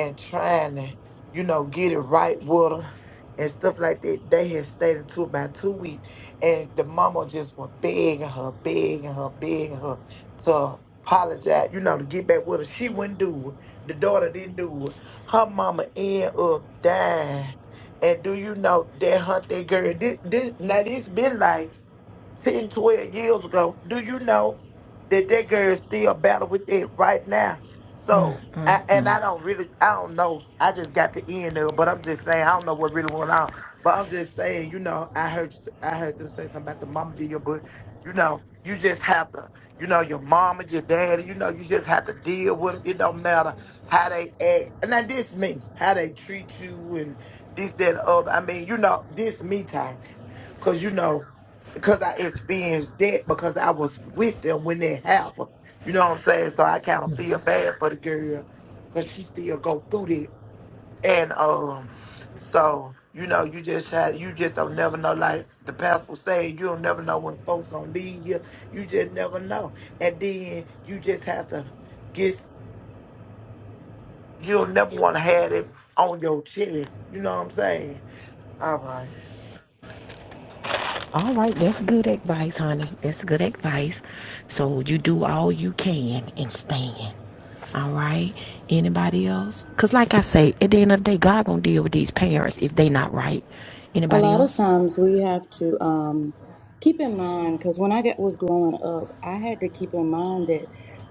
Speaker 11: and trying to, you know, get it right with her and stuff like that. They had stayed into it about two weeks, and the mama just was begging her, begging her, begging her to apologize, you know, to get back with her. She wouldn't do it. The daughter didn't do it. Her mama end up dying. And do you know that hunt that girl? This, this now this been like 10, 12 years ago. Do you know that that girl is still battling with it right now?
Speaker 1: mm,
Speaker 11: So,
Speaker 1: mm.
Speaker 11: I, and
Speaker 1: mm.
Speaker 11: I don't really, I don't know. I just got the end of it, but I'm just saying, I don't know what really went on. But I'm just saying, you know, I heard, I heard them say something about the mama deal, but you know, you just have to, you know, your mama, your daddy, you know, you just have to deal with with 'em. it. don't matter how they act. And now this me, how they treat you and this, that, and the other. I mean, you know, this me talking. Cause you know because I experienced that because I was with them when that happened. You know what I'm saying? So I kind of feel bad for the girl because she still go through that. And um, so you know, you just try, you just don't never know. Like the pastor was saying, you don't never know when folks gonna leave you. You just never know. And then you just have to get. You'll never want to have it on your chest. You know what I'm saying? All right.
Speaker 1: All right, that's good advice, honey. That's good advice. So you do all you can and stand. All right. Anybody else? Cause like I say, at the end of the day, God gonna deal with these parents if they not right.
Speaker 10: A
Speaker 1: Anybody
Speaker 10: lot of
Speaker 1: else?
Speaker 10: times we have to um, keep in mind because when I get, was growing up, I had to keep in mind that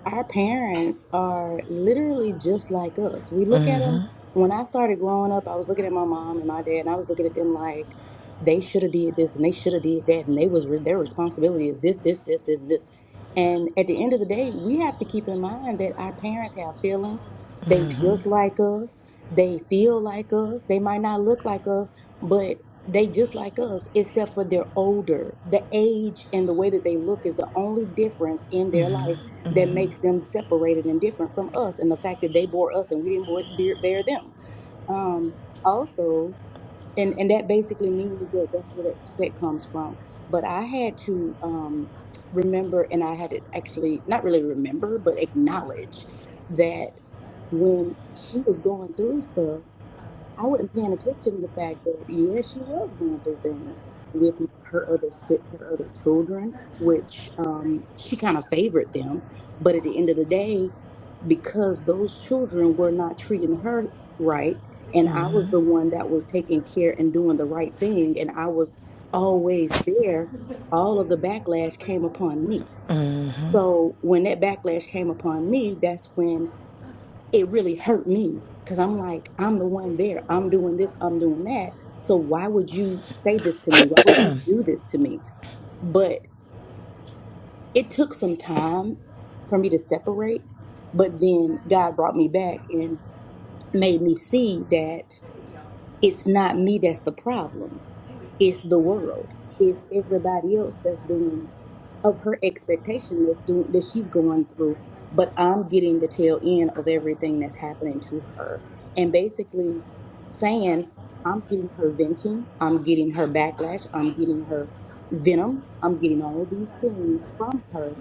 Speaker 10: our parents are literally just like us. We look at them.
Speaker 1: Mm-hmm,
Speaker 10: When I started growing up, I was looking at my mom and my dad, and I was looking at them like they should have did this and they should have did that, and they was re- their responsibility is this, this, this, and this. And at the end of the day, we have to keep in mind that our parents have feelings. They
Speaker 1: mm-hmm,
Speaker 10: just like us. They feel like us. They might not look like us, but they just like us, except for they're older. The age and the way that they look is the only difference in their life that makes them separated and different from us. And the fact that they bore us and we didn't bore, bear bear them. Um, also, and and that basically means that that's where that respect comes from. But I had to um, remember, and I had to actually not really remember, but acknowledge that when she was going through stuff. I wasn't paying attention to the fact that yes, she was going through things with her other si- her other children, which um, she kind of favored them. But at the end of the day, because those children were not treating her right, and I was the
Speaker 1: mm-hmm,
Speaker 10: one that was taking care and doing the right thing, and I was always there. All of the backlash came upon me.
Speaker 1: mm-hmm,
Speaker 10: So when that backlash came upon me, that's when it really hurt me because I'm like, I'm the one there. I'm doing this, I'm doing that. So why would you say this to me? Why would you do this to me? But it took some time for me to separate. But then God brought me back and made me see that it's not me that's the problem, it's the world, it's everybody else that's doing of her expectation that's doing that she's going through, but I'm getting the tail end of everything that's happening to her. And basically saying, I'm getting her venting, I'm getting her backlash, I'm getting her venom, I'm getting all these things from her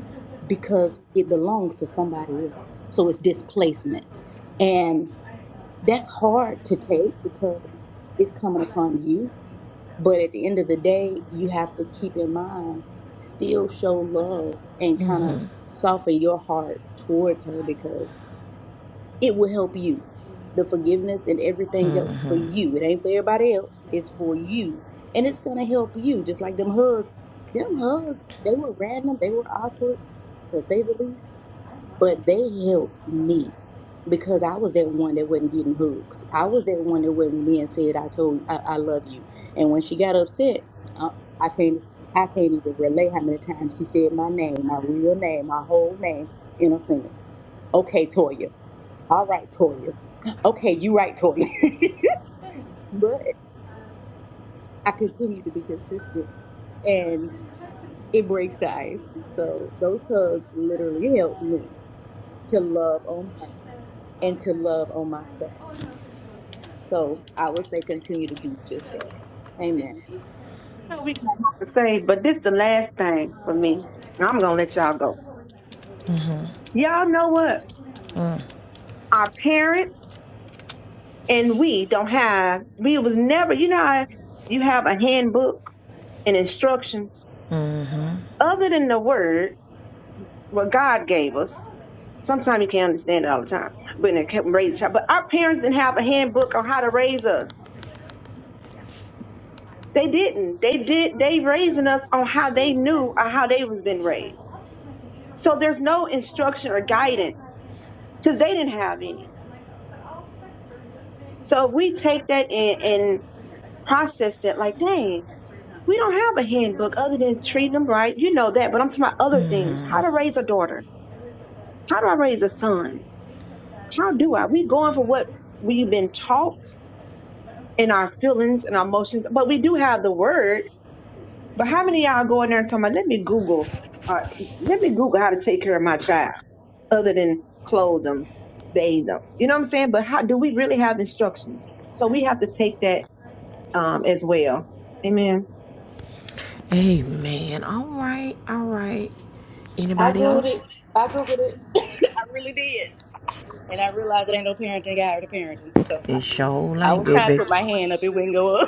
Speaker 10: because it belongs to somebody else. So it's displacement. And that's hard to take because it's coming upon you but at the end of the day, you have to keep in mind, still show love and kind of
Speaker 1: mm-hmm,
Speaker 10: soften your heart towards her because it will help you. The forgiveness and everything else for
Speaker 1: mm-hmm.
Speaker 10: you. It ain't for everybody else. It's for you. And it's gonna help you. Just like them hugs. Them hugs, they were random, they were awkward, to say the least but they helped me because I was that one that wasn't getting hugs. I was that one that wasn't being said, "I told, I, I love you." And when she got upset, I, I can't, I can't even relate how many times she said my name, my real name, my whole name in a sentence. Okay, Toya. All right, Toya. Okay, you right, Toya. but I continue to be consistent, and it breaks the ice. So those hugs literally helped me to love on her and to love on myself.
Speaker 1: Oh, no,
Speaker 10: So I would say continue to do
Speaker 1: So,
Speaker 10: just
Speaker 1: so
Speaker 10: that. Amen.
Speaker 5: So we got a lot to say, but this the last thing for
Speaker 1: Oh.
Speaker 5: me. I'm
Speaker 1: "Well,
Speaker 5: gonna let y'all go. Y'all know what? Our parents. and we don't have we was never you know how you have a handbook and instructions
Speaker 1: Mm-hmm. So
Speaker 5: other than the word what god gave us sometimes you can't understand it all the time but it kept raise child but our parents didn't have a handbook on how to raise us they didn't they did they raising us on how they
Speaker 1: she then
Speaker 5: knew or
Speaker 1: had to,
Speaker 5: how they was
Speaker 1: like,
Speaker 5: been
Speaker 1: she's
Speaker 5: raised
Speaker 1: like, well, I'll take my computer
Speaker 5: so
Speaker 1: home.
Speaker 5: there's no
Speaker 1: Oh,
Speaker 5: instruction or
Speaker 1: I'm
Speaker 5: guidance because they didn't have any
Speaker 1: like, but I'll text her just
Speaker 5: so
Speaker 1: make
Speaker 5: we take that in
Speaker 1: sure.
Speaker 5: and process that like dang
Speaker 1: Text her history is not
Speaker 5: We
Speaker 1: showing
Speaker 5: don't have a handbook other than treating them right. You know that, but I'm talking about other things.
Speaker 1: Mm-hmm.
Speaker 5: How to raise a daughter. How do I raise a son? How do I? We going for what we've been taught in our feelings and our emotions, but we do have the word. But how many of y'all go in there and talking about, let me Google, uh, let me Google how to take care of my child other than clothe them, bathe them. You know what I'm saying? But how do we really have instructions? So we have to take that um, as well. Amen.
Speaker 1: Amen. All right, all right.
Speaker 10: I
Speaker 1: Anybody
Speaker 10: googled
Speaker 1: else?
Speaker 10: it. I googled it. I really did. And I realized it ain't no parenting guide to parenting. So I,
Speaker 1: It sure
Speaker 10: I
Speaker 1: ain't
Speaker 10: was
Speaker 1: that
Speaker 10: trying to
Speaker 1: big.
Speaker 10: put my hand up, it wouldn't go up.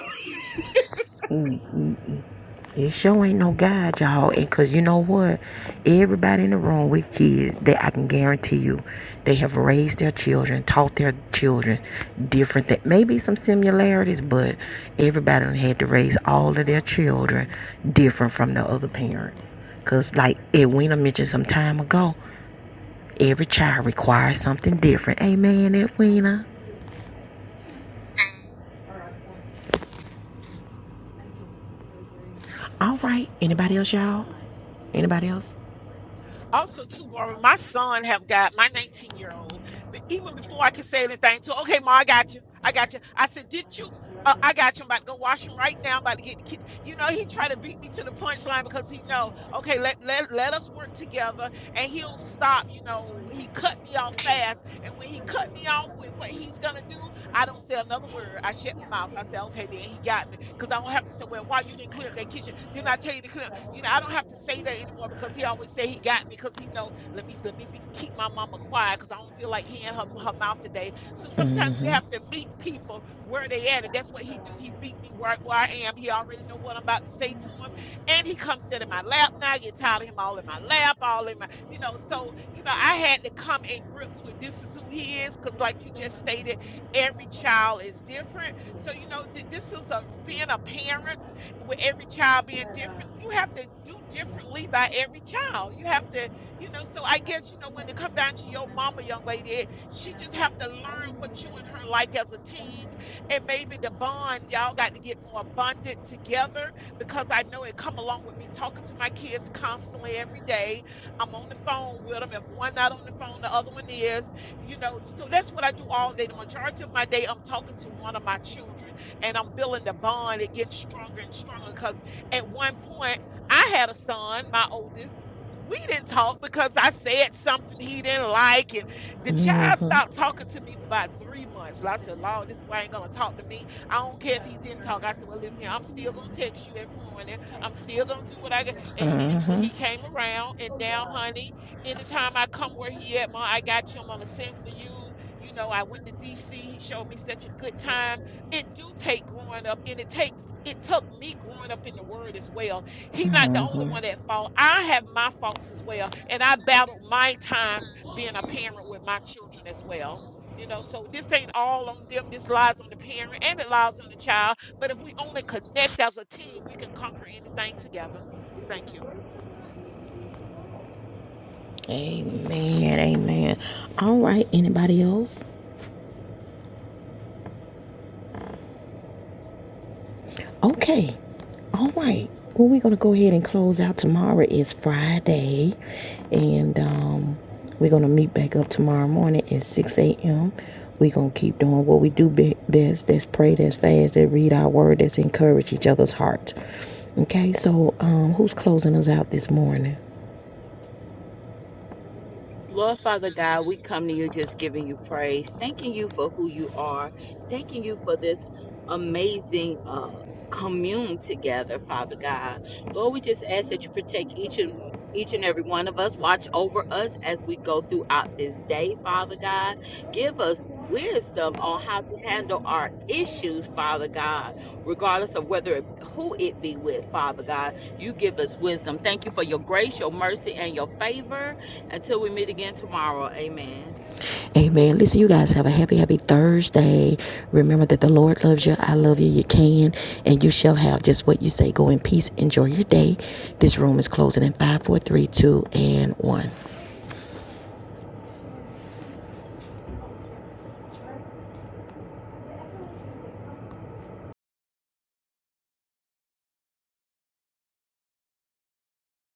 Speaker 1: It sure ain't no guide, y'all. And cause you know what? Everybody in the room with kids, that I can guarantee you, they have raised their children, taught their children different things. Maybe some similarities, but everybody done had to raise all of their children different from the other parent. Cause like Edwina mentioned some time ago, every child requires something different. Amen, Edwina. All right. Anybody else, y'all? Anybody else? Mm-hmm. Mm-hmm. Mm-hmm. Mm-hmm. Mm-hmm.
Speaker 7: and it lies on the child. But if we only connect as a team, we can conquer anything together. Thank you.
Speaker 1: Amen. Amen. All right. Anybody else? Okay. All right. Well, we're going to go ahead and close out. Tomorrow is Friday. And um, we're going to meet back up tomorrow morning at 6 a.m. We're going to keep doing what we do be- best. That's pray, that's fast, that's read our word, that's encourage each other's hearts. Okay. So um, who's closing us out this morning?
Speaker 2: Lord Father God, we come to you just giving you praise, thanking you for who you are, thanking you for this amazing uh, commune together, Father God. Lord, we just ask that you protect each and each and every one of us. Watch over us as we go throughout this day, Father God. Give us wisdom on how to handle our issues, Father God, regardless of whether it, who it be with, Father God. You give us wisdom. Thank you for your grace, your mercy, and your favor. Until we meet again tomorrow, amen.
Speaker 1: Amen. Listen, you guys have a happy, happy Thursday. Remember that the Lord loves you. I love you. You can and you shall have just what you say. Go in peace. Enjoy your day. This room is closing in five, four, three, two, and 1.